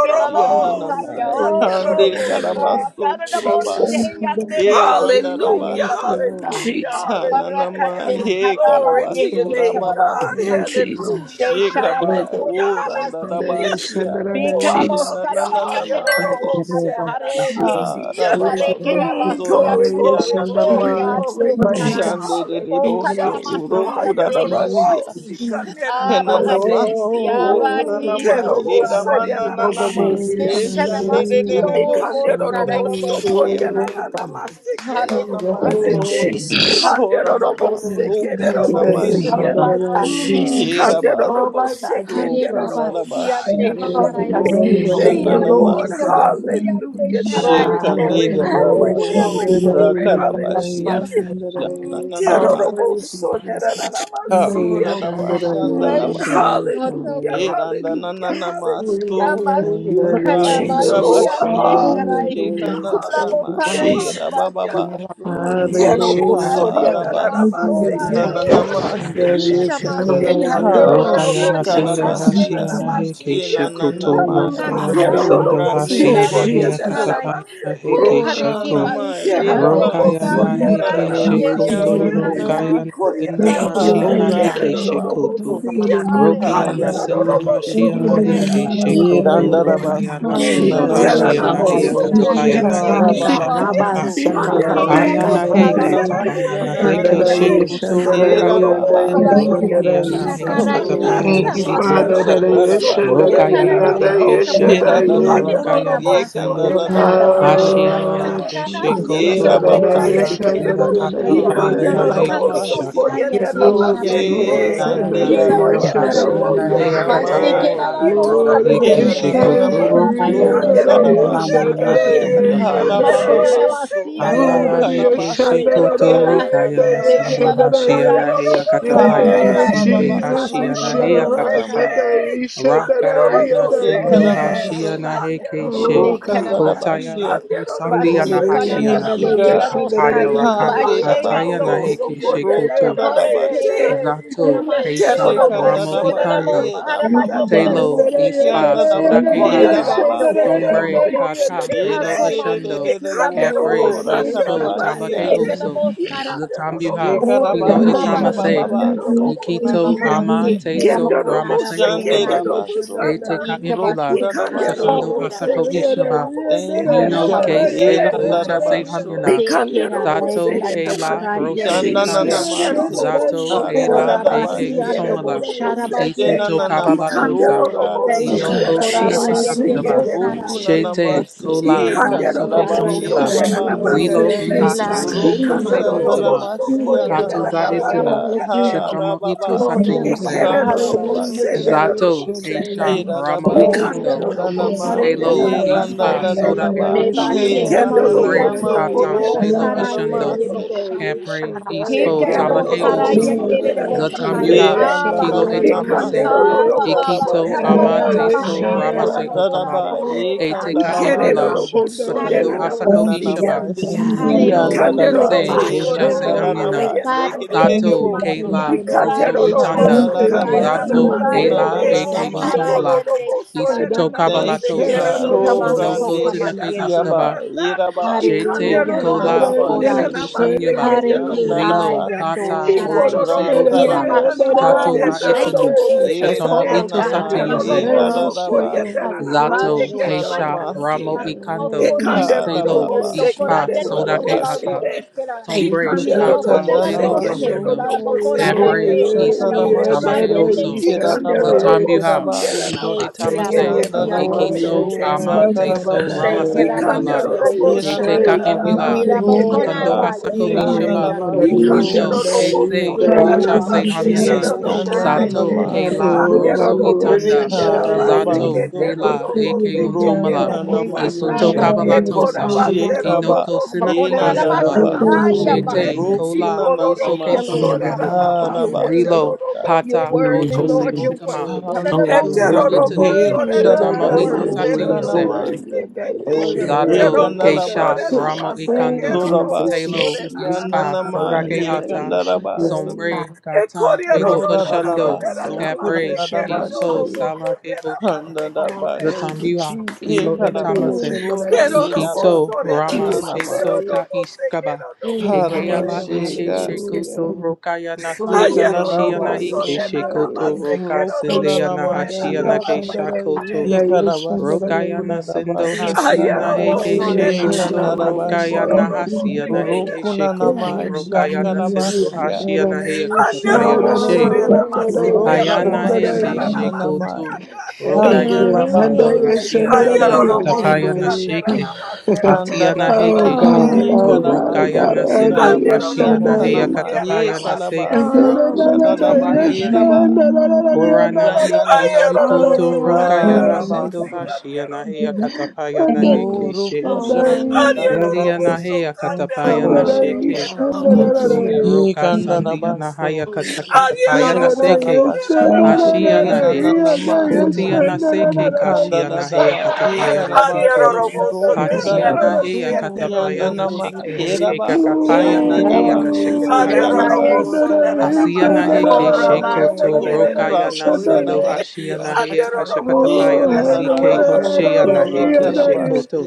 Speaker 5: Thank you, Lord.
Speaker 4: nanamai.
Speaker 5: Andaya
Speaker 3: Oh,
Speaker 4: Hande
Speaker 3: glory to God.
Speaker 5: Shandaraye.
Speaker 4: kalabaso kuraba.
Speaker 7: Jesus,
Speaker 6: Thank you,
Speaker 3: Yadadabosheya,
Speaker 6: Lord.
Speaker 4: E randa
Speaker 3: nedadabosiya,
Speaker 9: hallelujah,
Speaker 5: Thank you,
Speaker 4: rabashiya.
Speaker 5: Lord.
Speaker 3: yadabasi.
Speaker 7: Jesus,
Speaker 9: hallelujah.
Speaker 4: Hananamai.
Speaker 3: Marakande,
Speaker 4: He
Speaker 9: Glory to
Speaker 3: karabaye,
Speaker 9: your
Speaker 4: kalabaso
Speaker 9: name, God.
Speaker 4: rababase.
Speaker 5: Thank
Speaker 3: kekelalabosaya.
Speaker 5: you,
Speaker 7: Jesus,
Speaker 5: God.
Speaker 9: Hallelujah,
Speaker 3: Ne
Speaker 4: Shekabai.
Speaker 3: sharaboko
Speaker 9: hallelujah,
Speaker 4: O randa
Speaker 3: nanamasi.
Speaker 5: Andaya
Speaker 9: hallelujah.
Speaker 4: rabashiya.
Speaker 9: Oh, I
Speaker 5: Shandaraye.
Speaker 7: Jesus,
Speaker 9: love you.
Speaker 3: Bikalabosaramakande,
Speaker 4: Shenananamase.
Speaker 1: oh,
Speaker 3: nedadabosaya.
Speaker 2: yerebaşmasayım.
Speaker 3: Hareke.
Speaker 7: Jesus,
Speaker 4: Ha
Speaker 9: Hallelujah.
Speaker 4: rabababa.
Speaker 3: Hareke
Speaker 9: Mm,
Speaker 3: rabasiya,
Speaker 9: glory,
Speaker 5: Andaya
Speaker 4: Zorakiya
Speaker 9: glory, glory,
Speaker 3: nedadabosaya,
Speaker 5: Shandaraye.
Speaker 4: nanamai.
Speaker 9: glory,
Speaker 6: Thank you,
Speaker 9: glory.
Speaker 3: andosarai.
Speaker 6: Lord.
Speaker 4: Shande
Speaker 7: Jesus,
Speaker 4: de
Speaker 3: O
Speaker 9: Hallelujah.
Speaker 4: deboso.
Speaker 3: kananamasi,
Speaker 4: Urokura rabashiya.
Speaker 3: andeshemasi. Aba
Speaker 9: Hallelujah.
Speaker 4: Enanamase,
Speaker 3: andisi,
Speaker 2: Oh,
Speaker 3: aba
Speaker 9: Mm,
Speaker 4: wokunanama,
Speaker 3: andisi,
Speaker 1: you.
Speaker 9: Kerobo Soria
Speaker 3: korabahe.
Speaker 2: yerebaşmasayım,
Speaker 4: eramananama,
Speaker 2: babasayım,
Speaker 1: Oh,
Speaker 5: Andaya
Speaker 9: Nanamasi.
Speaker 7: Jesus,
Speaker 1: Jesus.
Speaker 5: Shandaraye.
Speaker 2: yerebaşmasayım.
Speaker 4: yeshandererebo,
Speaker 3: Eshanamastio,
Speaker 9: Mm,
Speaker 5: Andaya
Speaker 3: Mosaraike,
Speaker 5: Shandaraye.
Speaker 4: sokurarabashia,
Speaker 3: Namastaya. Hallelujah,
Speaker 2: The
Speaker 4: hananamase,
Speaker 3: Jesus,
Speaker 7: Jesus,
Speaker 3: hallelujah.
Speaker 4: horababa,
Speaker 5: Yes, God.
Speaker 3: Glory
Speaker 5: Andaya
Speaker 3: to
Speaker 1: Oh,
Speaker 4: okunanamashia,
Speaker 3: God,
Speaker 1: my God,
Speaker 5: Shandaraye.
Speaker 3: hallelujah.
Speaker 7: Jesus,
Speaker 1: Jesus.
Speaker 4: heraba,
Speaker 1: Oh, my God,
Speaker 3: Hare
Speaker 1: Jesus.
Speaker 3: Baba
Speaker 4: sokandarabashe,
Speaker 6: Thank
Speaker 3: Siande
Speaker 6: you,
Speaker 5: Yes,
Speaker 6: Lord.
Speaker 1: Oh,
Speaker 3: Sharai.
Speaker 1: yes,
Speaker 6: Thank
Speaker 1: you
Speaker 5: Andaya
Speaker 1: were
Speaker 6: you,
Speaker 2: Holy
Speaker 9: Thank
Speaker 3: Here
Speaker 9: you,
Speaker 6: God.
Speaker 1: living
Speaker 2: Ghost,
Speaker 1: in
Speaker 6: Thank
Speaker 9: Lord.
Speaker 6: you, God. Thank you,
Speaker 5: Shandaraye.
Speaker 6: Lord.
Speaker 4: urokushananamasia,
Speaker 6: Thank
Speaker 3: Siande
Speaker 9: Hallelujah.
Speaker 2: I
Speaker 3: Sharai.
Speaker 9: Glory,
Speaker 2: can't
Speaker 1: Ah, oh,
Speaker 9: glory,
Speaker 2: hear them.
Speaker 1: God,
Speaker 3: Hare
Speaker 5: Andaya
Speaker 9: glory,
Speaker 1: oh,
Speaker 4: shekandererabaso,
Speaker 9: glory,
Speaker 6: you, Lord.
Speaker 3: Kirabosi.
Speaker 9: glory.
Speaker 1: I
Speaker 5: Shandaraye.
Speaker 1: don't know, that's
Speaker 5: Andaya
Speaker 4: rakarabashia,
Speaker 9: Hallelujah.
Speaker 1: why I said that.
Speaker 9: Mm,
Speaker 5: Shandaraye.
Speaker 2: Oh,
Speaker 4: shanananamase,
Speaker 1: Embrace you, Jesus. Oh,
Speaker 5: Andaya
Speaker 1: Roka Baba.
Speaker 5: Shandaraye.
Speaker 4: hakurarabashandarabai,
Speaker 3: Bashe
Speaker 5: Andaya
Speaker 9: Hallelujah.
Speaker 5: Shandaraye.
Speaker 3: Konobosi.
Speaker 9: Hallelujah.
Speaker 1: Holy,
Speaker 9: Hallelujah.
Speaker 4: erandananamaso,
Speaker 1: holy, holy,
Speaker 3: Amasi
Speaker 5: Hallelujah.
Speaker 1: holy,
Speaker 5: And
Speaker 9: Thank you,
Speaker 1: Jesus.
Speaker 4: Rakuda
Speaker 3: Kanamasi
Speaker 5: that
Speaker 9: Lord.
Speaker 3: Ande
Speaker 4: Bashia,
Speaker 1: Oh,
Speaker 3: Sharai.
Speaker 2: oh,
Speaker 9: Hallelujah.
Speaker 5: is
Speaker 1: Jesus, thank you,
Speaker 4: Shekandanama,
Speaker 9: Hallelujah.
Speaker 1: God.
Speaker 3: Hilabokare
Speaker 4: E
Speaker 7: Jesus,
Speaker 9: Hallelujah.
Speaker 3: Kobasi.
Speaker 1: Come
Speaker 5: and Hallelujah. I
Speaker 4: rabababaso.
Speaker 1: around
Speaker 9: Mm,
Speaker 1: and yeah,
Speaker 9: Quiero
Speaker 1: yeah,
Speaker 4: ha
Speaker 1: thanks,
Speaker 10: Kekeshekata
Speaker 1: my
Speaker 5: am.
Speaker 9: bosoria
Speaker 2: oh,
Speaker 9: da
Speaker 3: Aseke
Speaker 4: Rababa,
Speaker 9: da
Speaker 10: Rokayana
Speaker 9: da
Speaker 6: Thank you, Lord. Thank you, God.
Speaker 4: Harabasu,
Speaker 9: base,
Speaker 1: praise,
Speaker 3: Masora
Speaker 6: Thank
Speaker 9: quiero
Speaker 1: Lord.
Speaker 9: do do
Speaker 5: And
Speaker 4: Kunanamase,
Speaker 5: that
Speaker 9: bosete.
Speaker 5: is and
Speaker 1: And
Speaker 10: Hakashakete
Speaker 5: that
Speaker 3: Ishamasi
Speaker 9: E
Speaker 1: oh,
Speaker 9: cande
Speaker 3: ando
Speaker 9: do do
Speaker 2: gosh,
Speaker 4: Harande
Speaker 10: Rokayana
Speaker 2: that's
Speaker 3: shakasi
Speaker 10: Sendo
Speaker 9: bosoria
Speaker 1: God,
Speaker 9: da
Speaker 7: Jesus, Jesus,
Speaker 9: da
Speaker 3: ande
Speaker 2: all.
Speaker 9: da
Speaker 6: you,
Speaker 4: Kalabashia,
Speaker 9: da
Speaker 1: Jesus.
Speaker 10: Hashiana
Speaker 6: Lord.
Speaker 10: Heke
Speaker 3: keranis
Speaker 9: masia.
Speaker 10: Shekoto
Speaker 4: Shenanamai,
Speaker 9: Mm,
Speaker 3: habakasi
Speaker 1: My
Speaker 10: Rokayana
Speaker 9: Quiero do
Speaker 1: God,
Speaker 9: do
Speaker 10: Sendo
Speaker 3: ambasi
Speaker 4: Horande
Speaker 7: Uh,
Speaker 9: boso
Speaker 1: Jesus.
Speaker 10: Hashiana
Speaker 4: de
Speaker 9: coria
Speaker 3: keranis
Speaker 9: da da
Speaker 7: Jesus,
Speaker 4: Boso,
Speaker 9: da
Speaker 3: sarai
Speaker 10: Heakatapayana
Speaker 3: hu
Speaker 9: basete.
Speaker 10: Heke
Speaker 2: Oh,
Speaker 3: hare ke
Speaker 10: Sheko
Speaker 2: Rama.
Speaker 9: Mm,
Speaker 4: Rokunanama,
Speaker 3: masi
Speaker 9: Quiero do
Speaker 1: Oh,
Speaker 3: hare
Speaker 9: do
Speaker 3: ke la
Speaker 4: Erabasu,
Speaker 10: Rokayana
Speaker 9: bosoria da da
Speaker 3: korai
Speaker 10: Heke
Speaker 9: da da
Speaker 6: Thank
Speaker 3: ande
Speaker 6: you for
Speaker 1: Thank
Speaker 3: no
Speaker 10: Shekoto
Speaker 1: you,
Speaker 9: masia.
Speaker 6: doing it,
Speaker 1: Holy
Speaker 3: saya
Speaker 1: God.
Speaker 6: Lord.
Speaker 9: E
Speaker 10: Rokayana
Speaker 9: coria da
Speaker 10: Sendo
Speaker 6: Thank you
Speaker 9: da
Speaker 3: hare
Speaker 1: Thank
Speaker 6: for
Speaker 3: ke
Speaker 1: you,
Speaker 6: your
Speaker 9: base,
Speaker 4: ha
Speaker 10: Hashiana
Speaker 1: Holy
Speaker 7: Uh,
Speaker 6: healing
Speaker 3: masi
Speaker 1: God.
Speaker 9: quiero
Speaker 6: power,
Speaker 10: Heke
Speaker 9: do
Speaker 4: rande
Speaker 9: do
Speaker 4: ba
Speaker 9: do
Speaker 6: Lord. Thank you
Speaker 10: Shekoto
Speaker 1: Oh,
Speaker 6: for
Speaker 1: my,
Speaker 6: your
Speaker 1: my,
Speaker 9: bosia.
Speaker 1: my, my,
Speaker 3: hare
Speaker 1: my,
Speaker 6: renewing,
Speaker 1: my, my,
Speaker 3: ke
Speaker 10: Rokayana
Speaker 9: Hande
Speaker 6: Lord.
Speaker 9: do do
Speaker 10: Sendo
Speaker 1: God.
Speaker 5: Thank
Speaker 3: masi
Speaker 5: you,
Speaker 4: Hallelujah,
Speaker 6: Thank
Speaker 9: boso
Speaker 6: you for
Speaker 10: Hashiana
Speaker 1: Thank
Speaker 6: being
Speaker 9: coria
Speaker 1: you,
Speaker 6: the
Speaker 5: Father.
Speaker 9: da
Speaker 6: man
Speaker 10: Heke
Speaker 3: ishayo
Speaker 9: da da
Speaker 1: Jesus.
Speaker 6: with the
Speaker 1: Oh,
Speaker 3: bosai
Speaker 10: Shekoto
Speaker 6: lady,
Speaker 9: basete.
Speaker 1: Holy
Speaker 6: God.
Speaker 1: God.
Speaker 10: Rokayana
Speaker 4: Erandarabasu,
Speaker 3: ne
Speaker 2: Oh,
Speaker 5: And
Speaker 10: Sendo
Speaker 2: Rama,
Speaker 5: that
Speaker 7: Jesus,
Speaker 5: is
Speaker 3: shamasi
Speaker 1: Oh,
Speaker 10: Hashiana
Speaker 5: and
Speaker 4: Kunanamashe.
Speaker 5: that
Speaker 2: Rama,
Speaker 1: Holy
Speaker 3: ando
Speaker 1: God.
Speaker 6: Thank you
Speaker 3: sharai
Speaker 6: for being
Speaker 10: Heakatapayana
Speaker 7: Jesus, Jesus, Jesus,
Speaker 2: Rama,
Speaker 3: ande
Speaker 6: a
Speaker 1: My
Speaker 3: ke
Speaker 10: Heke
Speaker 6: help to
Speaker 3: la
Speaker 1: God,
Speaker 6: each
Speaker 4: Harababa
Speaker 6: other.
Speaker 3: masi
Speaker 1: Abba,
Speaker 10: Shekatapa
Speaker 4: so
Speaker 5: I am. And
Speaker 1: Shaka,
Speaker 7: Jesus,
Speaker 5: that
Speaker 3: ke
Speaker 5: is
Speaker 3: la
Speaker 1: Ranta,
Speaker 7: Jesus,
Speaker 4: kurarabashi
Speaker 10: Ayana
Speaker 6: Thank
Speaker 10: he
Speaker 6: you,
Speaker 1: Kahan,
Speaker 3: bosara
Speaker 7: Jesus.
Speaker 3: ba
Speaker 1: Sita,
Speaker 6: God.
Speaker 3: ye
Speaker 4: kandarabashi
Speaker 10: katapayana
Speaker 3: masi
Speaker 10: heke
Speaker 1: Akumban,
Speaker 4: ananama
Speaker 3: ando
Speaker 7: Oh,
Speaker 3: shai.
Speaker 10: shekoto rokayana
Speaker 4: herababa
Speaker 3: Okala
Speaker 10: sindo
Speaker 4: so
Speaker 6: Thank you,
Speaker 3: yete
Speaker 1: Oh,
Speaker 6: God.
Speaker 10: hashiana heya
Speaker 1: Jesus,
Speaker 6: Thank
Speaker 3: shakaraki
Speaker 6: you.
Speaker 1: oh,
Speaker 10: katapayana
Speaker 5: Thank you,
Speaker 1: Jesus,
Speaker 10: sike
Speaker 5: Father.
Speaker 3: kiramakona
Speaker 5: That I
Speaker 3: yete
Speaker 5: is and
Speaker 3: si
Speaker 4: rokushandarabashiya
Speaker 1: holy,
Speaker 10: rokayana
Speaker 1: holy,
Speaker 3: karakesi
Speaker 10: heke
Speaker 1: holy,
Speaker 6: Thank
Speaker 3: kamoka
Speaker 6: you.
Speaker 10: shekoto
Speaker 3: yete
Speaker 2: Rama.
Speaker 4: heradadadaba
Speaker 10: rokayana
Speaker 3: kirabahati
Speaker 10: sindo
Speaker 1: Lord God,
Speaker 4: yekandaradaba so
Speaker 1: holy.
Speaker 3: shakonai
Speaker 10: hashiana
Speaker 5: Oh,
Speaker 10: heke
Speaker 4: kunanamase
Speaker 3: ikenanai
Speaker 2: Yes,
Speaker 5: Jesus.
Speaker 3: si
Speaker 5: and
Speaker 2: you
Speaker 10: shekoto
Speaker 5: that
Speaker 1: Shaka,
Speaker 5: and
Speaker 2: can.
Speaker 5: I
Speaker 4: yerababa
Speaker 5: know
Speaker 1: is
Speaker 3: kilapora
Speaker 1: this,
Speaker 5: you
Speaker 10: rokana
Speaker 4: so
Speaker 1: it
Speaker 3: yende
Speaker 1: can
Speaker 5: shall,
Speaker 1: be,
Speaker 9: Handero
Speaker 5: that
Speaker 3: nebo
Speaker 10: siya
Speaker 5: and I know
Speaker 1: oh, oh,
Speaker 3: shaya
Speaker 5: you, and
Speaker 1: oh,
Speaker 5: I
Speaker 10: katapayana
Speaker 5: you
Speaker 1: oh,
Speaker 5: shall, that I
Speaker 10: heke
Speaker 3: hakamosa
Speaker 4: rokunanamashiya
Speaker 10: shaka
Speaker 1: Yes,
Speaker 3: yate
Speaker 1: Lord,
Speaker 5: Move,
Speaker 1: yes,
Speaker 9: Ikanderobosokorienderabasete.
Speaker 3: shabasi
Speaker 1: Lord, yes,
Speaker 5: Jesus. and that I
Speaker 10: rokayana
Speaker 5: know
Speaker 1: Lord.
Speaker 5: you
Speaker 10: sindo
Speaker 4: yerandiradaba
Speaker 2: Yes,
Speaker 5: shall, that
Speaker 2: you
Speaker 4: so
Speaker 3: Yelabosara
Speaker 5: I know
Speaker 2: can,
Speaker 10: hashiana
Speaker 5: you,
Speaker 2: Rama.
Speaker 5: and
Speaker 10: heya
Speaker 5: I
Speaker 9: Ikorienderoboseke.
Speaker 5: you-
Speaker 3: Masike
Speaker 4: kunanamai
Speaker 3: na
Speaker 10: katapaka
Speaker 8: Glory,
Speaker 3: la
Speaker 10: hayana
Speaker 3: bosa
Speaker 5: Lord,
Speaker 3: na
Speaker 8: glory, glory,
Speaker 5: and I
Speaker 10: heke
Speaker 5: you
Speaker 6: Thank you,
Speaker 3: mashe
Speaker 9: Itoroboseke.
Speaker 5: set
Speaker 3: ando
Speaker 5: us
Speaker 6: God.
Speaker 10: shekoto
Speaker 4: henananama
Speaker 3: kora
Speaker 6: Thank
Speaker 8: glory,
Speaker 6: you,
Speaker 4: so
Speaker 5: free. and
Speaker 3: mayende
Speaker 10: rokayana
Speaker 8: glory.
Speaker 6: God.
Speaker 3: na
Speaker 5: that I
Speaker 3: da
Speaker 5: know
Speaker 10: sindo
Speaker 6: Thank you,
Speaker 5: you
Speaker 2: Rama,
Speaker 6: God.
Speaker 3: bosi
Speaker 5: shall, that
Speaker 4: kurarabashiya
Speaker 3: ande
Speaker 9: Ikanderoboseke.
Speaker 2: Mama,
Speaker 6: Thank
Speaker 10: hashiana
Speaker 5: I
Speaker 6: you
Speaker 10: heya
Speaker 6: for
Speaker 3: she.
Speaker 2: Rama,
Speaker 5: know
Speaker 6: being
Speaker 5: you,
Speaker 6: a
Speaker 5: and
Speaker 7: Ah,
Speaker 6: God.
Speaker 5: that
Speaker 10: katapayana
Speaker 5: I
Speaker 10: he
Speaker 3: Mokona na
Speaker 7: Jesus,
Speaker 4: Harabababaso
Speaker 3: masi
Speaker 9: Handeroboseke.
Speaker 3: ando
Speaker 5: Move, And
Speaker 10: Ayanahe
Speaker 3: boshe.
Speaker 5: you
Speaker 10: ke
Speaker 5: and
Speaker 3: Hare
Speaker 4: rakarabashi
Speaker 5: that
Speaker 3: de
Speaker 5: I
Speaker 10: shekoto
Speaker 5: know
Speaker 3: bokora.
Speaker 5: you, and I
Speaker 9: Ikanderoboseke.
Speaker 10: rokayana
Speaker 5: you
Speaker 4: yananananama
Speaker 10: sindo
Speaker 5: shall,
Speaker 3: Nekela la
Speaker 5: that I
Speaker 3: bokora ye
Speaker 10: hashianahe
Speaker 5: In
Speaker 3: dekila
Speaker 5: the
Speaker 6: Thank
Speaker 10: akatapaya
Speaker 6: you
Speaker 9: Handeroboseke.
Speaker 6: for
Speaker 5: name of
Speaker 3: bokora ye
Speaker 10: nasike
Speaker 6: turning.
Speaker 3: kira
Speaker 4: harabababaso
Speaker 5: Jesus, we
Speaker 3: basi
Speaker 5: shall
Speaker 10: hashianahe
Speaker 3: ando
Speaker 5: arise.
Speaker 4: kunanananama
Speaker 5: and
Speaker 10: akatapai.
Speaker 3: boshaya.
Speaker 5: I you
Speaker 9: Handeroboseke.
Speaker 5: shall, that I
Speaker 10: Rakayana
Speaker 5: and I.
Speaker 3: Ase
Speaker 10: sindo
Speaker 9: Handeroboseke.
Speaker 6: Thank you,
Speaker 3: boshono
Speaker 6: God.
Speaker 4: yekarabaso
Speaker 10: hashianahe
Speaker 3: mosaya.
Speaker 10: ke she.
Speaker 5: Oh,
Speaker 3: De
Speaker 9: Handerobosi.
Speaker 3: kana
Speaker 5: God.
Speaker 10: Kotaya
Speaker 3: masi.
Speaker 4: rokandarabashia.
Speaker 10: roke sandi
Speaker 3: Masi
Speaker 9: Handeroboseke.
Speaker 3: kana
Speaker 5: Hallelujah.
Speaker 10: anahashiana
Speaker 4: Thank
Speaker 5: Nada, na,
Speaker 4: you,
Speaker 3: masi
Speaker 5: nada,
Speaker 10: kete
Speaker 3: kela
Speaker 4: God.
Speaker 5: and na, na, na,
Speaker 10: kataya
Speaker 3: bosaya.
Speaker 5: yes,
Speaker 9: Narabasata.
Speaker 5: na,
Speaker 10: raka
Speaker 5: yes,
Speaker 3: Bashe
Speaker 5: and na,
Speaker 10: pataya
Speaker 3: ando
Speaker 5: na,
Speaker 4: Handerabaso
Speaker 10: nahe
Speaker 9: Hakerodoboso
Speaker 10: ke
Speaker 3: bosi.
Speaker 5: yes, na, yes,
Speaker 10: shekoto.
Speaker 3: Hore ke
Speaker 5: na,
Speaker 9: korianaramasete.
Speaker 4: rokurarabashia.
Speaker 5: na, yes,
Speaker 3: masikona
Speaker 10: Zato keisha
Speaker 3: mashekela
Speaker 10: ramo
Speaker 9: Kerodoboso
Speaker 5: na,
Speaker 3: mosikela
Speaker 5: na,
Speaker 4: Shekandaraba
Speaker 3: na
Speaker 10: ikando.
Speaker 4: era
Speaker 3: mosara
Speaker 6: Thank
Speaker 9: renanamasika
Speaker 6: you,
Speaker 3: mayende
Speaker 4: mamama
Speaker 6: God.
Speaker 3: na
Speaker 5: yes, and
Speaker 10: Talo,
Speaker 5: na, yes,
Speaker 9: terobosete.
Speaker 3: moshe.
Speaker 5: na,
Speaker 10: Ispa,
Speaker 4: sikiandaraba
Speaker 10: Soda
Speaker 6: Thank
Speaker 10: Ke
Speaker 6: you.
Speaker 7: Ah,
Speaker 3: Ne
Speaker 4: era
Speaker 5: na, yes,
Speaker 10: Ata,
Speaker 5: and na, yes. And na, na, yes, na, na,
Speaker 3: yando
Speaker 5: yes, na, na,
Speaker 4: babaso
Speaker 5: yes, and
Speaker 10: Sombre,
Speaker 3: mosi.
Speaker 10: Kata,
Speaker 9: Ikodarabasenderodobosikete.
Speaker 4: era
Speaker 10: pelo
Speaker 5: na,
Speaker 3: Hakoma
Speaker 10: Ashundo,
Speaker 3: yete
Speaker 4: nderererere
Speaker 3: na
Speaker 5: na, na, yes, na, yes, na, na, yes. Oh, na, na,
Speaker 10: Capre,
Speaker 3: mokoma
Speaker 4: woso
Speaker 5: yes, and
Speaker 10: Ispo,
Speaker 3: yensi
Speaker 5: na,
Speaker 10: Talake
Speaker 5: yes.
Speaker 4: rakarabashia.
Speaker 9: Ikanderobosate-rabasete.
Speaker 6: Thank
Speaker 3: masekela
Speaker 10: Oso,
Speaker 6: you.
Speaker 3: mosara mayende.
Speaker 10: Zatambuha,
Speaker 5: Oh,
Speaker 4: Shika
Speaker 5: na,
Speaker 1: Oh,
Speaker 5: na,
Speaker 4: raba
Speaker 10: Pilo
Speaker 6: Thank
Speaker 5: yes,
Speaker 1: Jesus,
Speaker 6: you,
Speaker 5: and
Speaker 3: Haba
Speaker 4: hera
Speaker 5: na,
Speaker 3: she
Speaker 6: God.
Speaker 5: na,
Speaker 4: baba
Speaker 10: Etamase,
Speaker 5: na,
Speaker 6: Thank
Speaker 5: na,
Speaker 3: yando
Speaker 5: yes,
Speaker 4: baso
Speaker 6: you.
Speaker 3: mosi.
Speaker 5: na,
Speaker 4: kuna
Speaker 6: Thank
Speaker 10: Ikito,
Speaker 6: you
Speaker 9: Ikanderodobosoterabasikaterobosete.
Speaker 6: for
Speaker 10: Ama,
Speaker 3: Ye
Speaker 6: being a
Speaker 4: namase
Speaker 3: kera
Speaker 6: God.
Speaker 10: Teso,
Speaker 3: bokona ra
Speaker 10: Ramase
Speaker 5: na, na,
Speaker 4: shande
Speaker 3: bokora
Speaker 10: Okala,
Speaker 3: ne.
Speaker 5: yes, and na, yes. Oh, na, na, yes, and na, na, na, yes. And na, yes, and na, na, yes, yes, yes, yes,
Speaker 4: rabaso
Speaker 9: Kenderobosekenderobosata.
Speaker 10: Eteka
Speaker 4: broku
Speaker 10: Impula,
Speaker 3: basi
Speaker 4: rabashi.
Speaker 3: hare
Speaker 10: Sakando
Speaker 1: oh,
Speaker 3: kera
Speaker 10: Asako
Speaker 9: Ikanderoboseke
Speaker 3: basi.
Speaker 10: Ishaba,
Speaker 4: Thank
Speaker 9: terobosete
Speaker 4: you
Speaker 10: Muno,
Speaker 3: Hasha
Speaker 4: God.
Speaker 3: masi
Speaker 10: Kese,
Speaker 4: Hera
Speaker 9: rabasete.
Speaker 3: komayi.
Speaker 10: Ochase
Speaker 4: rabaso
Speaker 10: Amuna.
Speaker 3: Te
Speaker 5: yes,
Speaker 9: Ikandero
Speaker 3: kera
Speaker 9: robo
Speaker 3: ra
Speaker 5: yes.
Speaker 10: Zato
Speaker 3: yando
Speaker 10: Kela
Speaker 3: kora
Speaker 5: Shandai,
Speaker 10: Rosso
Speaker 3: yende
Speaker 4: shanda na
Speaker 3: be.
Speaker 7: Jesus,
Speaker 10: Itanda.
Speaker 5: and
Speaker 7: Jesus,
Speaker 4: namase
Speaker 5: I,
Speaker 10: Zato
Speaker 7: Jesus.
Speaker 1: Jesus,
Speaker 4: akura
Speaker 10: Ela
Speaker 5: and
Speaker 3: Orabasi
Speaker 10: Eke
Speaker 4: rabashia.
Speaker 3: ando bo
Speaker 10: Utomala.
Speaker 3: sharabaye
Speaker 4: Shena
Speaker 10: Isuto
Speaker 4: na
Speaker 3: yabasi.
Speaker 10: Kabalatosa.
Speaker 4: namayora
Speaker 3: They
Speaker 7: Oh
Speaker 3: shake
Speaker 7: God,
Speaker 10: Inoko
Speaker 4: rabashia.
Speaker 10: Sinake
Speaker 1: oh,
Speaker 7: Jesus,
Speaker 3: korabayende
Speaker 7: Lord,
Speaker 3: bo
Speaker 10: Astaba.
Speaker 7: have mercy,
Speaker 4: Okuna
Speaker 3: saraye.
Speaker 7: have
Speaker 10: Shete
Speaker 7: mercy.
Speaker 4: namase
Speaker 3: Ye
Speaker 10: Kola
Speaker 4: hekanda
Speaker 3: basi
Speaker 10: Osoke
Speaker 4: raba
Speaker 3: ando
Speaker 9: so
Speaker 4: hera
Speaker 3: sa.
Speaker 10: Sonyaba.
Speaker 6: Thank you,
Speaker 4: babaso.
Speaker 6: God.
Speaker 8: Jesus,
Speaker 10: Zilo
Speaker 1: Jesus.
Speaker 3: Thank you,
Speaker 6: Thank you.
Speaker 3: la
Speaker 7: Jesus,
Speaker 10: Pata
Speaker 7: God.
Speaker 8: Jesus,
Speaker 3: shake
Speaker 4: Roku
Speaker 7: have
Speaker 10: Ochose
Speaker 1: Jesus,
Speaker 7: mercy.
Speaker 3: masoko
Speaker 8: Jesus.
Speaker 10: Otama.
Speaker 3: mari
Speaker 4: Shataramasia
Speaker 1: Jesus.
Speaker 10: Kato
Speaker 9: coriander
Speaker 10: Za
Speaker 3: terabashe
Speaker 4: Nanamai
Speaker 9: rabasi
Speaker 1: Oh
Speaker 10: Itanu.
Speaker 4: God
Speaker 1: my
Speaker 3: yabasi.
Speaker 4: Ha
Speaker 9: candero
Speaker 1: God,
Speaker 10: Shatomo
Speaker 9: bosa.
Speaker 10: Ito
Speaker 3: Thank
Speaker 6: Thank
Speaker 3: you.
Speaker 6: you,
Speaker 4: Rababaso
Speaker 3: Lord.
Speaker 10: Satayuse.
Speaker 6: God.
Speaker 3: Hallelujah,
Speaker 5: I,
Speaker 3: Jesus.
Speaker 4: Randalabasia
Speaker 10: Zato
Speaker 2: Rama. Rama,
Speaker 9: Ekererorobosendorobosete.
Speaker 10: Keisha
Speaker 5: Shandai,
Speaker 10: Ramo
Speaker 7: God,
Speaker 4: Hiradabaso
Speaker 6: Yes,
Speaker 3: Glory to
Speaker 10: Ikando.
Speaker 6: God.
Speaker 3: God.
Speaker 4: Kunanamai
Speaker 6: Yes,
Speaker 3: Hare
Speaker 6: yes,
Speaker 10: Telo
Speaker 6: God.
Speaker 10: Ispa
Speaker 3: Komasiba.
Speaker 9: Ikanderorobosonderabasete.
Speaker 10: Sodake
Speaker 4: Irandadadalaba
Speaker 3: Neba
Speaker 10: Ata.
Speaker 9: Mm,
Speaker 2: Rama,
Speaker 10: Sombre
Speaker 3: Shekomasiande.
Speaker 4: Irananamai
Speaker 10: Kata
Speaker 4: O
Speaker 3: Kelabo
Speaker 10: Pelo
Speaker 6: Yes, yes,
Speaker 9: kendorobosokonderabasete.
Speaker 10: Ashando.
Speaker 3: Sarayende
Speaker 6: God.
Speaker 4: Kunanamase
Speaker 3: Boshaya.
Speaker 10: Capre, Ispo,
Speaker 3: Hekelabo
Speaker 10: Talake Uso,
Speaker 6: Yes,
Speaker 3: Sarayende
Speaker 4: Hallelujah
Speaker 3: de
Speaker 6: God.
Speaker 3: Boshaya.
Speaker 10: Zatambuha,
Speaker 9: Ekerororobosonderabasete.
Speaker 3: Abba
Speaker 10: Kilo
Speaker 3: si.
Speaker 5: and
Speaker 10: Etamase,
Speaker 4: Irandananamaso
Speaker 5: I.
Speaker 3: Abba Abba.
Speaker 10: Ikito
Speaker 4: Kuradabasia
Speaker 3: Kando
Speaker 10: Ama
Speaker 6: Yes,
Speaker 5: Andaraye
Speaker 10: Teso
Speaker 6: God.
Speaker 3: Korabaye.
Speaker 10: Ramase
Speaker 5: Shandaye.
Speaker 3: Gado
Speaker 10: Okala,
Speaker 4: Shataraba
Speaker 9: Ikanderorobosonderabasete.
Speaker 3: Korayende
Speaker 1: Oh
Speaker 3: de
Speaker 1: our
Speaker 10: Eteka
Speaker 1: God, our
Speaker 3: Boshaya.
Speaker 5: Andaraye
Speaker 10: Impula,
Speaker 4: Ekandarabaso
Speaker 1: Father.
Speaker 3: Hare
Speaker 1: Hey,
Speaker 10: Sakando
Speaker 1: oh,
Speaker 5: Shandaraye.
Speaker 10: Asako
Speaker 1: oh, oh,
Speaker 6: Thank
Speaker 3: Komasi.
Speaker 6: you,
Speaker 9: Ikererorobosonderabasete.
Speaker 6: God.
Speaker 10: Ishaba,
Speaker 1: so
Speaker 4: Urokunanama
Speaker 1: we are
Speaker 6: Thank
Speaker 2: Rama.
Speaker 6: you.
Speaker 4: Shiki
Speaker 3: Hare
Speaker 9: Mm,
Speaker 10: Muno,
Speaker 5: Oh,
Speaker 9: Candero
Speaker 1: Good
Speaker 4: Andaraba
Speaker 10: Kese,
Speaker 9: robo
Speaker 3: Komasiando
Speaker 5: Andaraye
Speaker 1: Father,
Speaker 4: Her
Speaker 9: sore
Speaker 3: Shara.
Speaker 9: na
Speaker 10: Ochase
Speaker 1: oh
Speaker 4: Andaraba
Speaker 10: Amina,
Speaker 5: Shandaye.
Speaker 9: namaste,
Speaker 1: great
Speaker 9: and
Speaker 1: Father.
Speaker 9: robo
Speaker 6: Thank
Speaker 3: Bandeke
Speaker 10: Sato,
Speaker 6: you,
Speaker 9: si.
Speaker 6: God.
Speaker 4: Ekedeboso
Speaker 1: Oh,
Speaker 10: Kela,
Speaker 1: thank you,
Speaker 3: Masiandorai
Speaker 10: Rosso
Speaker 5: Ikiradaye
Speaker 1: gracious
Speaker 3: Sherai
Speaker 10: Itanda,
Speaker 9: Ikaterodoboso
Speaker 6: Thank you,
Speaker 1: Father.
Speaker 6: God.
Speaker 5: Shandaye.
Speaker 3: Sherai
Speaker 9: candera
Speaker 6: Thank
Speaker 10: Zato,
Speaker 4: Andarabaso
Speaker 1: Oh,
Speaker 3: Bakorai
Speaker 6: you.
Speaker 1: oh,
Speaker 5: Andaraye
Speaker 10: Ela,
Speaker 9: namasete.
Speaker 1: oh,
Speaker 3: Yende
Speaker 10: Eke
Speaker 3: Mosarai
Speaker 5: Shandaye.
Speaker 4: Kunananamase
Speaker 10: Untomala,
Speaker 1: oh,
Speaker 3: Yende
Speaker 9: Ikorodoboso
Speaker 10: Isuto
Speaker 5: Shandaye.
Speaker 3: Sharakande
Speaker 5: Andaraye
Speaker 9: renanamase
Speaker 4: Thank you
Speaker 10: Kabalatosa,
Speaker 1: Yes,
Speaker 4: God
Speaker 1: oh
Speaker 3: Hikama
Speaker 9: kerodoboso
Speaker 5: Shandaye.
Speaker 10: Inoko
Speaker 1: Jesus.
Speaker 4: Orande
Speaker 3: Sokama
Speaker 9: koreana
Speaker 10: Sinake
Speaker 3: Yende
Speaker 10: Astaba,
Speaker 4: Shikiaba
Speaker 9: namasata.
Speaker 4: Eraba So
Speaker 10: Chete,
Speaker 3: Hallelujah
Speaker 10: Kola,
Speaker 9: Ikanderonomoso
Speaker 5: Andaraye
Speaker 10: O
Speaker 3: Habakorai
Speaker 4: Kunanamase
Speaker 10: Soke
Speaker 9: nderanamase
Speaker 10: Sonyaba,
Speaker 3: Hare Kirai
Speaker 10: Zelo,
Speaker 9: keterobosete.
Speaker 4: Shandarabaso
Speaker 3: Yando
Speaker 10: Pata, O
Speaker 1: Thank you,
Speaker 3: Sharai
Speaker 10: Chose
Speaker 9: Ikorodoboso
Speaker 1: Jesus.
Speaker 10: Otama,
Speaker 4: Rakarabashia
Speaker 10: Kato
Speaker 9: renanamase
Speaker 5: Andaraye
Speaker 3: Hilabasiada
Speaker 1: Oh,
Speaker 10: Za
Speaker 1: thank you,
Speaker 10: Itanu,
Speaker 5: Shandaye.
Speaker 3: Karayende
Speaker 9: nderorobose
Speaker 1: Jesus.
Speaker 10: Shatomo
Speaker 9: kete.
Speaker 3: Mosai
Speaker 1: Oh,
Speaker 10: Ito
Speaker 1: God.
Speaker 3: Eke
Speaker 10: Satin
Speaker 4: Erananama
Speaker 10: Yuse,
Speaker 9: Iroroboso
Speaker 5: Andaraye
Speaker 1: Hallelujah.
Speaker 9: koreana
Speaker 4: Erarabaso
Speaker 1: Hallelujah.
Speaker 9: namase
Speaker 1: Oh,
Speaker 10: Zato
Speaker 1: bless you,
Speaker 10: Keisha
Speaker 1: God.
Speaker 3: Masukumayende kila
Speaker 4: Rokunanamase
Speaker 10: Ramo
Speaker 9: ketorobosia.
Speaker 10: Ikando
Speaker 1: Yes,
Speaker 5: Oh,
Speaker 3: kalokonani
Speaker 1: Lord.
Speaker 10: Telo
Speaker 3: kila
Speaker 5: Hallelujah
Speaker 9: Ikanderodobose
Speaker 4: Karababaso,
Speaker 10: Ispa
Speaker 3: dokorayende
Speaker 5: Shandaye.
Speaker 3: kila
Speaker 10: Sodake
Speaker 1: Yes, Lord.
Speaker 4: Kurarabashia,
Speaker 10: Ata
Speaker 9: kenderodobosete.
Speaker 3: lalbosi kila
Speaker 1: Thank
Speaker 5: Oh
Speaker 10: Sombre
Speaker 1: you,
Speaker 5: God,
Speaker 3: kila
Speaker 9: Ikandero
Speaker 1: God.
Speaker 3: bokona
Speaker 10: Kata
Speaker 9: dobo
Speaker 3: na
Speaker 1: Oh,
Speaker 10: Pelo
Speaker 1: Lord.
Speaker 3: rose
Speaker 4: Shekandarabaso,
Speaker 9: sekendero
Speaker 3: kila
Speaker 5: oh
Speaker 3: la
Speaker 10: Ashando
Speaker 3: la
Speaker 9: dobo
Speaker 3: bokora
Speaker 1: Thank
Speaker 3: baye
Speaker 10: Capre
Speaker 9: sekendero
Speaker 3: kila la
Speaker 9: dobo
Speaker 3: la
Speaker 10: Ispo
Speaker 1: you,
Speaker 3: bokora
Speaker 9: sete.
Speaker 1: Jesus.
Speaker 4: Rokushatarabashia,
Speaker 3: yende
Speaker 1: Hallelujah,
Speaker 10: Talakeoso
Speaker 3: kona
Speaker 1: Jesus.
Speaker 4: Kiraraba,
Speaker 9: Ikandero
Speaker 3: shika
Speaker 9: dobo
Speaker 10: Zatambuha
Speaker 4: Iraba,
Speaker 9: sondera
Speaker 3: de
Speaker 10: Pilo
Speaker 9: nama
Speaker 3: kila
Speaker 10: Etamase
Speaker 9: sekendero
Speaker 3: basi
Speaker 9: dobo
Speaker 3: ando
Speaker 5: God,
Speaker 4: Shandarabaso,
Speaker 1: Hallelujah,
Speaker 5: oh
Speaker 3: shai
Speaker 10: Ikito
Speaker 9: sete.
Speaker 1: Jesus.
Speaker 5: God,
Speaker 10: Ama
Speaker 5: oh
Speaker 6: Thank you.
Speaker 5: God, oh
Speaker 10: Teso
Speaker 6: God.
Speaker 1: Hallelujah. Hallelujah. Oh,
Speaker 3: de
Speaker 1: God. Oh,
Speaker 4: Rakarabashia,
Speaker 10: Ramase
Speaker 1: God.
Speaker 3: kila
Speaker 5: God, oh
Speaker 10: Okala
Speaker 5: God,
Speaker 3: basi
Speaker 5: that
Speaker 3: ando
Speaker 5: I
Speaker 9: Ikanderobo
Speaker 3: shai
Speaker 9: sonde
Speaker 10: Eteka
Speaker 9: la la
Speaker 5: say.
Speaker 1: Oh, God.
Speaker 6: Thank
Speaker 9: ba
Speaker 6: you
Speaker 4: Iranananama,
Speaker 10: Impula
Speaker 3: kila
Speaker 6: for
Speaker 9: se ke
Speaker 6: being a
Speaker 3: bokona
Speaker 10: Sakando
Speaker 4: Yora,
Speaker 6: God.
Speaker 9: derobo
Speaker 3: baye
Speaker 6: Thank
Speaker 10: Asako
Speaker 9: se
Speaker 6: you.
Speaker 9: te.
Speaker 3: basi
Speaker 5: Oh,
Speaker 10: Ishaba
Speaker 5: my
Speaker 3: ando
Speaker 5: daddy
Speaker 4: Kirandarabaso,
Speaker 6: Thank
Speaker 5: is
Speaker 3: boshe
Speaker 6: you.
Speaker 10: Muno
Speaker 9: Ikanderobo
Speaker 5: Sunday, and
Speaker 10: Kese
Speaker 3: de
Speaker 9: sonde
Speaker 6: God,
Speaker 9: la
Speaker 6: there
Speaker 3: kila
Speaker 9: la
Speaker 6: is
Speaker 5: that
Speaker 9: ba
Speaker 10: Ochase
Speaker 6: nothing
Speaker 3: basi
Speaker 9: se
Speaker 6: you
Speaker 9: ke
Speaker 3: ando
Speaker 6: have
Speaker 10: Amyana
Speaker 6: to
Speaker 7: Jesus,
Speaker 4: Harabashi,
Speaker 7: thank
Speaker 6: do.
Speaker 9: derobo
Speaker 3: bosha
Speaker 6: You
Speaker 9: se
Speaker 3: ye
Speaker 6: can't
Speaker 9: te.
Speaker 10: Sato
Speaker 6: do it,
Speaker 5: my
Speaker 3: kila
Speaker 6: God.
Speaker 4: Ananamase,
Speaker 10: Kela
Speaker 3: basi
Speaker 6: This
Speaker 5: Lord,
Speaker 6: thing
Speaker 5: my
Speaker 10: Rosso
Speaker 6: will be
Speaker 5: Lord,
Speaker 9: Anderobo
Speaker 5: that I
Speaker 6: done,
Speaker 10: Itanda
Speaker 9: sende
Speaker 6: God.
Speaker 9: la ba
Speaker 3: glory
Speaker 9: se
Speaker 5: say.
Speaker 9: ke
Speaker 10: Zato,
Speaker 3: hallelujah
Speaker 4: Harababaso,
Speaker 6: This
Speaker 3: thank
Speaker 10: Ela,
Speaker 3: you
Speaker 6: thing
Speaker 9: derobo
Speaker 6: will
Speaker 10: Eke
Speaker 9: se
Speaker 3: Father.
Speaker 6: be
Speaker 9: ke
Speaker 6: done,
Speaker 10: Untomala,
Speaker 3: I
Speaker 5: My
Speaker 6: God.
Speaker 9: derobo
Speaker 3: thank
Speaker 5: daddy
Speaker 3: you,
Speaker 9: sata.
Speaker 5: is
Speaker 6: Not
Speaker 10: Isuto
Speaker 3: Father.
Speaker 4: Rokunanamashia,
Speaker 3: I
Speaker 6: only will
Speaker 3: thank you,
Speaker 6: be
Speaker 9: Ekora
Speaker 5: Sunday,
Speaker 10: Kabalatosa,
Speaker 6: told
Speaker 9: ba
Speaker 3: Father.
Speaker 6: you, oh
Speaker 9: se
Speaker 6: God.
Speaker 3: Hallelujah.
Speaker 4: Shekaba
Speaker 10: Inoko
Speaker 9: robo so
Speaker 10: Sinake
Speaker 4: Ena
Speaker 1: Oh,
Speaker 9: konde la
Speaker 5: and
Speaker 9: na
Speaker 10: Astaba,
Speaker 6: This
Speaker 3: Habakkuk-na-na-na-masi,
Speaker 9: na
Speaker 6: thing
Speaker 5: that is
Speaker 1: God.
Speaker 6: will be
Speaker 4: Nalabaso
Speaker 6: done,
Speaker 10: Shete,
Speaker 3: ayabasi.
Speaker 6: God.
Speaker 5: Sunday.
Speaker 4: Rokuna
Speaker 10: Kola,
Speaker 9: Ikoro
Speaker 3: Thank
Speaker 10: Osoke
Speaker 3: you,
Speaker 9: robo
Speaker 1: I
Speaker 4: Nanamase
Speaker 3: Lord.
Speaker 1: love
Speaker 9: sore
Speaker 10: Sonyaba,
Speaker 9: la
Speaker 1: you.
Speaker 9: la
Speaker 5: Thank you,
Speaker 3: Hallelujah.
Speaker 9: ba
Speaker 3: You're
Speaker 9: se
Speaker 5: Father.
Speaker 3: worthy.
Speaker 10: Zilo,
Speaker 4: Harabaso
Speaker 9: derobo
Speaker 4: God.
Speaker 3: You're
Speaker 9: se
Speaker 10: Pata,
Speaker 1: Holy, holy,
Speaker 3: worthy,
Speaker 10: Ochose
Speaker 3: Lord.
Speaker 5: Thank
Speaker 3: You're
Speaker 5: you
Speaker 1: holy,
Speaker 10: Otama,
Speaker 5: for
Speaker 3: worthy.
Speaker 5: that.
Speaker 1: holy, holy,
Speaker 10: Hato
Speaker 3: Hallelujah.
Speaker 10: Za
Speaker 9: Ayero
Speaker 4: Hallelujah.
Speaker 3: You're
Speaker 9: no
Speaker 10: Itanu,
Speaker 9: bosso
Speaker 1: holy,
Speaker 3: worthy,
Speaker 9: de
Speaker 3: Lord.
Speaker 9: nana
Speaker 3: You're
Speaker 10: Shatamo
Speaker 5: Yedadaye,
Speaker 10: Ito
Speaker 3: worthy.
Speaker 1: holy,
Speaker 4: Herandarabaso
Speaker 9: maseke
Speaker 10: Satiyuse,
Speaker 3: Hallelujah.
Speaker 1: holy,
Speaker 5: shadadaye,
Speaker 4: Kunanamase
Speaker 3: You're
Speaker 5: yadaye,
Speaker 1: holy,
Speaker 3: worthy.
Speaker 1: holy,
Speaker 5: shadaye,
Speaker 10: Zato,
Speaker 1: holy.
Speaker 10: Keisha,
Speaker 5: gadadaye,
Speaker 4: Ekandarabashia
Speaker 1: Look,
Speaker 10: Ramo
Speaker 1: Oh,
Speaker 5: shadaye,
Speaker 10: Ikando,
Speaker 1: Jesus,
Speaker 10: Talo,
Speaker 1: Jesus,
Speaker 4: Sorabashikia
Speaker 10: Ispa,
Speaker 1: Jesus.
Speaker 4: Nanama
Speaker 10: Sodake Ata,
Speaker 5: andadaye,
Speaker 1: Yes,
Speaker 4: Ekandarabaso
Speaker 5: shadaye,
Speaker 10: Sombre,
Speaker 1: God.
Speaker 10: Gata, Pelo
Speaker 1: Lord, my God.
Speaker 10: Ashando,
Speaker 4: Horarabaso
Speaker 5: andadaye,
Speaker 10: Capre,
Speaker 1: Oh,
Speaker 4: Kunanarabashe
Speaker 10: Ispo,
Speaker 5: shandadaye.
Speaker 10: Salake Osho.
Speaker 1: God.
Speaker 5: Thank
Speaker 4: Handarabashia
Speaker 5: you,
Speaker 10: Zatambiwa
Speaker 5: Jesus.
Speaker 10: Kilo
Speaker 5: Andadaye,
Speaker 4: Ekarabaso
Speaker 10: Etamase
Speaker 1: Oh,
Speaker 5: shandadaye,
Speaker 9: no
Speaker 1: Jesus,
Speaker 5: shadaye,
Speaker 10: Ikito
Speaker 9: bosso
Speaker 4: Randedabaso
Speaker 9: de nana
Speaker 5: andadaye,
Speaker 10: Rama
Speaker 1: Jesus.
Speaker 10: Teso
Speaker 5: shadadaye.
Speaker 4: Kunanamase
Speaker 10: Ta Iskaba
Speaker 1: Amen.
Speaker 10: Ekeala
Speaker 5: Oh,
Speaker 1: Hallelujah,
Speaker 10: Eke
Speaker 4: Harabashega
Speaker 1: Jesus. Yes,
Speaker 10: Shekoto
Speaker 5: hallelujah.
Speaker 1: Lord.
Speaker 10: Rokaya Nasando
Speaker 1: Oh,
Speaker 5: Andadaye, that
Speaker 10: Heshiana
Speaker 5: I
Speaker 10: Ike
Speaker 4: Yekararabaso,
Speaker 10: Shekoto
Speaker 5: shandadaye,
Speaker 10: Roka
Speaker 4: Rokuna
Speaker 1: thank you.
Speaker 10: Sindeyana
Speaker 4: Namashia,
Speaker 5: andadaye,
Speaker 10: Hashiana
Speaker 1: Oh,
Speaker 10: Ke
Speaker 1: God, my God.
Speaker 5: shandadaye,
Speaker 10: Shakoto
Speaker 9: maseke.
Speaker 4: Yekarabaso,
Speaker 10: rokaya nasendo
Speaker 4: Kurarabasha,
Speaker 1: Yes, Lord.
Speaker 10: Hashiana
Speaker 4: Dadaba,
Speaker 1: Ay,
Speaker 10: heke
Speaker 1: ay,
Speaker 5: andadaye,
Speaker 9: Ayerobosore
Speaker 1: ay,
Speaker 7: you,
Speaker 9: na
Speaker 1: ay,
Speaker 9: na
Speaker 7: Jesus.
Speaker 9: na
Speaker 1: ay,
Speaker 10: Shekoto
Speaker 1: ay.
Speaker 5: shandaye,
Speaker 4: Yekandarabashia,
Speaker 9: masikoro
Speaker 10: Rokayana
Speaker 6: Thank
Speaker 5: andadaye,
Speaker 6: you,
Speaker 9: robo
Speaker 6: God.
Speaker 10: Hasiana
Speaker 9: sekete
Speaker 7: Jesus.
Speaker 5: shandaye.
Speaker 10: heke
Speaker 9: na
Speaker 4: Rokuna
Speaker 9: masi.
Speaker 1: Yeah,
Speaker 10: Shekoto
Speaker 1: yeah,
Speaker 4: Namasha,
Speaker 1: yeah, yeah,
Speaker 10: rokaya
Speaker 1: yeah,
Speaker 10: nasendo
Speaker 1: yeah.
Speaker 5: Thank
Speaker 4: Karabashia,
Speaker 10: Hashiana heke
Speaker 5: you.
Speaker 10: Heakatapayana
Speaker 9: Anerobosore
Speaker 4: Shirabaso,
Speaker 9: na
Speaker 6: Thank
Speaker 1: Oh,
Speaker 6: you,
Speaker 1: yeah, yeah, yeah.
Speaker 9: masikero
Speaker 10: Hayana
Speaker 9: bosende
Speaker 6: God.
Speaker 4: Rokarabashia,
Speaker 10: heke
Speaker 9: na
Speaker 1: yeah.
Speaker 9: na
Speaker 6: Thank you.
Speaker 10: shekoto.
Speaker 4: Nanamai,
Speaker 9: masekata.
Speaker 4: Hande
Speaker 1: Oh,
Speaker 10: Rokayana
Speaker 1: yeah, yeah,
Speaker 10: sindo
Speaker 1: yeah,
Speaker 4: Babaso,
Speaker 1: yeah,
Speaker 10: hashiana
Speaker 4: Kuna
Speaker 10: he
Speaker 1: yeah. Oh,
Speaker 9: Ayerorobosu
Speaker 10: akatapayana
Speaker 4: Nanamase,
Speaker 9: kandera na
Speaker 10: sheke.
Speaker 7: Oh,
Speaker 9: masero do
Speaker 4: Handa
Speaker 9: do
Speaker 10: Patiana
Speaker 9: do
Speaker 5: Oh
Speaker 10: heke
Speaker 4: Dadadaba,
Speaker 5: God,
Speaker 9: sete.
Speaker 10: shekoto.
Speaker 5: oh God, oh God.
Speaker 6: Thank
Speaker 4: Yekarabaso,
Speaker 10: Rokayana sindo
Speaker 4: Kurarabasha,
Speaker 10: hashiana he
Speaker 6: you.
Speaker 9: Anderorobosu
Speaker 4: Tanama,
Speaker 9: kiera na
Speaker 10: akatapayana seke
Speaker 9: masende
Speaker 6: Thank
Speaker 4: Yekarabaso,
Speaker 1: oh, yeah, yeah, yeah.
Speaker 6: you.
Speaker 9: rorobosata.
Speaker 1: yeah.
Speaker 10: kakashakatapayana he.
Speaker 4: Kurarabashiraba,
Speaker 10: Orana heke
Speaker 9: Ayerobosu
Speaker 10: shekoto.
Speaker 1: Oh,
Speaker 9: kandera
Speaker 10: Rokayana
Speaker 9: na
Speaker 6: Thank
Speaker 1: oh,
Speaker 6: you,
Speaker 10: sindo
Speaker 4: Shandananamarikarabasu.
Speaker 6: God.
Speaker 9: masikatero.
Speaker 10: hashiana
Speaker 6: Thank
Speaker 10: he
Speaker 6: you, God.
Speaker 10: akatapayana
Speaker 6: Thank
Speaker 10: heke she.
Speaker 1: oh, yeah, yeah,
Speaker 10: India
Speaker 1: yeah.
Speaker 4: Hurukushandanabasi.
Speaker 9: Ayerorobosu
Speaker 10: Nahaya
Speaker 4: Thank
Speaker 9: kandera
Speaker 4: you,
Speaker 10: Katapaya
Speaker 5: And
Speaker 4: Lord.
Speaker 1: Oh, God,
Speaker 10: Nasheke
Speaker 9: masikero
Speaker 1: I love
Speaker 6: you,
Speaker 10: Koto
Speaker 1: that.
Speaker 6: God.
Speaker 9: robosia.
Speaker 5: I
Speaker 10: Iroka
Speaker 6: Thank
Speaker 10: Sandia
Speaker 4: Yekandarabasu.
Speaker 10: Nahaya
Speaker 1: Oh,
Speaker 9: Adiós, no
Speaker 10: Kashakatapaya
Speaker 5: Oh,
Speaker 1: Jesus.
Speaker 9: robo
Speaker 10: Naseke
Speaker 9: sacandera la
Speaker 4: Shakarabashia.
Speaker 6: you,
Speaker 9: base
Speaker 6: God.
Speaker 10: Ashia
Speaker 1: Oh,
Speaker 9: que
Speaker 1: Jesus.
Speaker 9: no
Speaker 10: Nahe
Speaker 1: Praise the
Speaker 2: Rama,
Speaker 4: Yenananamase.
Speaker 10: Kotia
Speaker 2: Rama,
Speaker 10: Naseke
Speaker 1: Lord.
Speaker 2: Rama.
Speaker 10: Kashia Nahaya
Speaker 4: Kandadadaba.
Speaker 10: Katapaya Nasike
Speaker 4: Yekarabasu.
Speaker 10: Patia Nahaya
Speaker 4: Rokuradabashiki
Speaker 10: Katapaya
Speaker 4: andanama.
Speaker 10: Nasheke Heke
Speaker 4: Heraba.
Speaker 10: Kakapaya Nahaya
Speaker 2: Oh,
Speaker 4: Shanderabasu.
Speaker 10: Kashaketaya
Speaker 4: Kuradaba.
Speaker 2: Yantaye.
Speaker 10: Asiya
Speaker 2: Oh,
Speaker 10: Naheke
Speaker 2: Rama,
Speaker 4: Haramamama.
Speaker 10: Shekoto
Speaker 2: Rama.
Speaker 4: So.
Speaker 10: Rokaya Nasindo Hashia
Speaker 4: Rakandadabashia.
Speaker 10: Nahaya Kashakatapaya
Speaker 5: heaven,
Speaker 10: Nasike
Speaker 4: Ekandalaba
Speaker 5: where
Speaker 10: Hoshea
Speaker 2: It's
Speaker 4: Sora
Speaker 2: you,
Speaker 10: Naheke
Speaker 2: Rama.
Speaker 4: Kalabashi
Speaker 10: Shekoto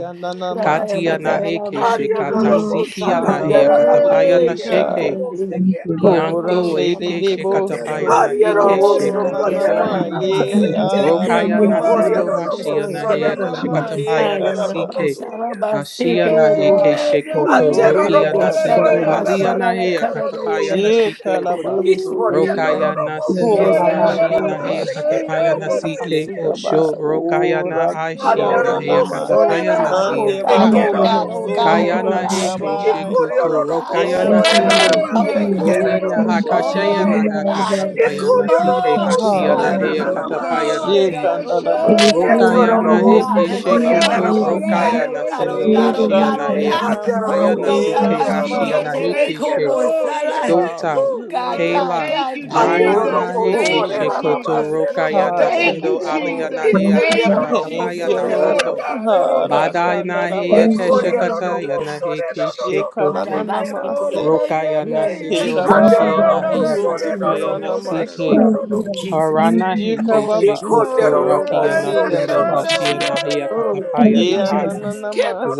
Speaker 10: Katia
Speaker 4: Ananamasega
Speaker 10: nahe keshe
Speaker 5: Oh,
Speaker 10: katasikia
Speaker 9: robo
Speaker 5: Jesus.
Speaker 2: Rama,
Speaker 10: nahe akatapaya
Speaker 5: Hey,
Speaker 10: na
Speaker 4: Harabashega
Speaker 5: God.
Speaker 10: sheke.
Speaker 9: se
Speaker 6: Thank
Speaker 9: queda más. sí.
Speaker 10: Yanko
Speaker 5: Oh,
Speaker 4: Horande de
Speaker 10: eke
Speaker 4: de
Speaker 5: Jesus. and that
Speaker 10: shekatapaya
Speaker 4: Boso
Speaker 10: na
Speaker 5: I shall,
Speaker 10: ike
Speaker 1: Yes, God,
Speaker 5: and
Speaker 1: yes,
Speaker 5: I,
Speaker 10: shekatapoa.
Speaker 1: God,
Speaker 5: and
Speaker 1: yes,
Speaker 5: I, and
Speaker 4: Horonanamaye
Speaker 1: God.
Speaker 6: you,
Speaker 9: Ariarobosokonderamasete,
Speaker 6: God.
Speaker 1: Oh
Speaker 5: I,
Speaker 10: Rokaya na
Speaker 1: God, yes,
Speaker 10: sindo
Speaker 5: and
Speaker 1: Lord,
Speaker 5: I, and
Speaker 4: Aramamamashi
Speaker 1: yes,
Speaker 10: hashia
Speaker 5: I,
Speaker 1: Lord, yes,
Speaker 10: nahe
Speaker 1: Lord.
Speaker 4: Ananamaye
Speaker 10: keshekatapaya
Speaker 1: Ay,
Speaker 10: na sike.
Speaker 4: Kalabaso
Speaker 1: alabasada,
Speaker 9: Ikoriarobosoderabasenderobosea,
Speaker 10: Ashia nahe
Speaker 1: basejero.
Speaker 4: Ha
Speaker 5: Ooh,
Speaker 10: keshe
Speaker 1: Oh,
Speaker 10: koto
Speaker 1: viene
Speaker 10: rokia
Speaker 4: rokanda
Speaker 10: na
Speaker 1: de
Speaker 2: Rama,
Speaker 10: sindo
Speaker 4: Rokandalabashia
Speaker 2: Rama.
Speaker 10: halia
Speaker 1: Salabasada la
Speaker 10: nahe
Speaker 1: cara de
Speaker 10: akatapaya
Speaker 1: ella.
Speaker 10: na
Speaker 4: She
Speaker 9: Aterorobosoderabasete,
Speaker 10: shike.
Speaker 1: Coro de
Speaker 4: Kalabaso
Speaker 1: Sibela.
Speaker 10: Rokaya na
Speaker 5: Jesus. Hey,
Speaker 2: Rama,
Speaker 10: sindo
Speaker 5: God. Oh,
Speaker 1: Yes,
Speaker 2: Rama,
Speaker 5: God.
Speaker 4: Horande
Speaker 1: God,
Speaker 2: Rama.
Speaker 10: hashia
Speaker 1: oh
Speaker 10: nahe
Speaker 1: God.
Speaker 5: Hey,
Speaker 4: Kalabashi
Speaker 5: God.
Speaker 10: akatapaya na
Speaker 1: Alabasada,
Speaker 9: Ikoriarobosoderabasekerobosete,
Speaker 10: sike.
Speaker 1: basejero.
Speaker 4: Shekaba,
Speaker 10: Osho rokaya na aishia
Speaker 1: Oh
Speaker 10: nahe
Speaker 1: God,
Speaker 4: Urakianama,
Speaker 1: oh
Speaker 10: akatapaya na
Speaker 1: God, oh
Speaker 4: Sande
Speaker 1: God,
Speaker 10: siakai.
Speaker 1: oh
Speaker 4: Baba,
Speaker 1: God, oh
Speaker 6: Thank
Speaker 1: God,
Speaker 6: you
Speaker 1: oh
Speaker 9: Anerobosoderamasete,
Speaker 6: for
Speaker 10: Kayana
Speaker 1: God,
Speaker 6: doing
Speaker 1: oh
Speaker 10: heke
Speaker 6: it, God.
Speaker 9: Il
Speaker 1: God,
Speaker 4: Surakabai,
Speaker 9: corio
Speaker 10: shikoto
Speaker 1: oh
Speaker 9: non lo
Speaker 1: God,
Speaker 9: posso
Speaker 1: oh
Speaker 10: rokayana
Speaker 6: Thank
Speaker 9: ne
Speaker 6: you,
Speaker 1: God,
Speaker 6: God.
Speaker 9: la
Speaker 10: sindo.
Speaker 6: Thank
Speaker 4: Inanamasia,
Speaker 1: oh
Speaker 6: you,
Speaker 1: God,
Speaker 9: mazzecchiera
Speaker 6: God.
Speaker 9: non
Speaker 10: Oyana
Speaker 9: lo
Speaker 6: Thank you,
Speaker 9: posso
Speaker 4: Shandalaba.
Speaker 6: God. You
Speaker 10: hakashayana
Speaker 6: know
Speaker 1: oh
Speaker 9: ne
Speaker 6: all about
Speaker 1: God,
Speaker 6: it,
Speaker 9: il
Speaker 6: God. Yes,
Speaker 10: hakatapayana
Speaker 9: corio non
Speaker 6: we
Speaker 10: sike
Speaker 9: lo
Speaker 6: thank
Speaker 1: oh
Speaker 6: you
Speaker 9: posso
Speaker 6: right
Speaker 10: hashiana
Speaker 1: God.
Speaker 9: ne
Speaker 6: now.
Speaker 9: la
Speaker 10: hea
Speaker 9: la
Speaker 4: Hallelujah.
Speaker 10: katapayana
Speaker 1: Oh
Speaker 10: si.
Speaker 9: mazzecchiera
Speaker 1: God, oh God,
Speaker 6: It
Speaker 1: oh
Speaker 6: is
Speaker 1: God,
Speaker 9: e
Speaker 6: here
Speaker 4: Shekandalabaso,
Speaker 1: oh
Speaker 6: and
Speaker 9: gioro
Speaker 6: God,
Speaker 1: God,
Speaker 9: non
Speaker 10: Rokayana
Speaker 1: oh
Speaker 6: you
Speaker 10: heke
Speaker 6: is
Speaker 9: posso
Speaker 6: the
Speaker 1: God.
Speaker 6: real
Speaker 9: coria
Speaker 6: and
Speaker 9: ne
Speaker 6: the
Speaker 9: la
Speaker 10: shikoto
Speaker 4: Rokunanamase,
Speaker 6: real
Speaker 1: Oh
Speaker 9: posso ne
Speaker 1: God,
Speaker 6: hand.
Speaker 1: oh
Speaker 10: rokayana
Speaker 9: non
Speaker 1: God,
Speaker 9: posso
Speaker 1: oh
Speaker 10: sindo
Speaker 1: God,
Speaker 6: Whatever
Speaker 1: oh
Speaker 6: we
Speaker 1: God,
Speaker 10: hashiana
Speaker 1: oh
Speaker 6: have,
Speaker 10: hea
Speaker 6: it
Speaker 1: God.
Speaker 6: is
Speaker 4: Eranenanama,
Speaker 9: Andero
Speaker 1: Oh
Speaker 10: katapayana
Speaker 9: robo
Speaker 1: God, God,
Speaker 5: Ooh,
Speaker 10: sike
Speaker 1: my
Speaker 9: sendero
Speaker 1: she
Speaker 6: you.
Speaker 1: can't
Speaker 5: Jesus.
Speaker 10: hashiana
Speaker 9: robo
Speaker 4: Eramamaso.
Speaker 1: take me
Speaker 10: heke
Speaker 5: Thank you,
Speaker 9: sekero
Speaker 10: she.
Speaker 1: como
Speaker 9: robo
Speaker 5: Lord.
Speaker 1: sala.
Speaker 5: Hey.
Speaker 9: sendero
Speaker 10: Sota.
Speaker 1: Oh God,
Speaker 4: Hallelujah.
Speaker 5: Oh,
Speaker 1: God,
Speaker 10: Kayla,
Speaker 5: thank
Speaker 1: God,
Speaker 5: you,
Speaker 1: God. He can't
Speaker 4: Glory,
Speaker 5: Jesus.
Speaker 10: Jayana
Speaker 1: tell
Speaker 9: Andarorobo
Speaker 1: me.
Speaker 10: heke
Speaker 5: Thank
Speaker 4: glory.
Speaker 5: you,
Speaker 1: Oh God,
Speaker 9: soreraraba
Speaker 10: shikoto
Speaker 1: that's the
Speaker 5: Jesus.
Speaker 1: kid ain't
Speaker 4: Ah,
Speaker 9: serorobo
Speaker 10: rokayana
Speaker 1: got that
Speaker 5: Thank
Speaker 4: thank
Speaker 1: my
Speaker 5: you,
Speaker 10: sindo
Speaker 4: you,
Speaker 9: sete.
Speaker 1: God.
Speaker 4: Lord.
Speaker 10: aliyana
Speaker 5: Jesus.
Speaker 10: hea
Speaker 6: Thank
Speaker 1: Oh
Speaker 6: you, God.
Speaker 5: Thank you,
Speaker 1: God,
Speaker 9: Ikoriarorobo
Speaker 4: Thank
Speaker 1: Jesus,
Speaker 5: Jesus.
Speaker 4: you,
Speaker 10: kashakatapayana
Speaker 5: Hey,
Speaker 1: Jesus.
Speaker 4: Lord.
Speaker 10: roko.
Speaker 9: soreraraba
Speaker 5: God. Oh,
Speaker 9: serobo
Speaker 1: Holy
Speaker 9: se.
Speaker 1: Father.
Speaker 10: Badana heya
Speaker 6: Thank you.
Speaker 4: Harakandarabashia.
Speaker 1: Holy,
Speaker 10: keshakata
Speaker 6: Jesus.
Speaker 1: holy
Speaker 9: Ikoriarorobo
Speaker 10: yana
Speaker 1: God.
Speaker 10: he
Speaker 9: sorerarorobo
Speaker 10: keshekoto
Speaker 1: Alabaskite.
Speaker 4: Shekaranamase.
Speaker 9: sekerorobo
Speaker 10: rokaya
Speaker 9: sete.
Speaker 1: Oh
Speaker 10: nasindo
Speaker 6: Thank
Speaker 1: Jesus.
Speaker 6: you,
Speaker 10: hashia
Speaker 6: God.
Speaker 4: Herababa
Speaker 9: Andarorobo
Speaker 10: naheya
Speaker 1: Oh
Speaker 4: so
Speaker 1: Jesus.
Speaker 10: katapaya
Speaker 9: sorerorobo
Speaker 10: nasike
Speaker 4: kunanamashia.
Speaker 1: Oh
Speaker 6: Thank you, God.
Speaker 9: sekororobo
Speaker 1: Jesus.
Speaker 6: Thank
Speaker 10: harana he
Speaker 9: sete.
Speaker 6: you.
Speaker 1: Oh
Speaker 4: Shekababa
Speaker 1: Jesus.
Speaker 10: keshekoto
Speaker 4: so
Speaker 9: Ikonderorobo
Speaker 10: rakia
Speaker 1: Oh,
Speaker 10: nasindo
Speaker 1: Jesus.
Speaker 10: hashia
Speaker 4: randirabashia.
Speaker 9: sorerorobo
Speaker 10: naheya
Speaker 1: Oh, thank
Speaker 10: katapaya
Speaker 6: Thank
Speaker 1: you,
Speaker 6: you,
Speaker 10: nahai
Speaker 6: God.
Speaker 1: Jesus.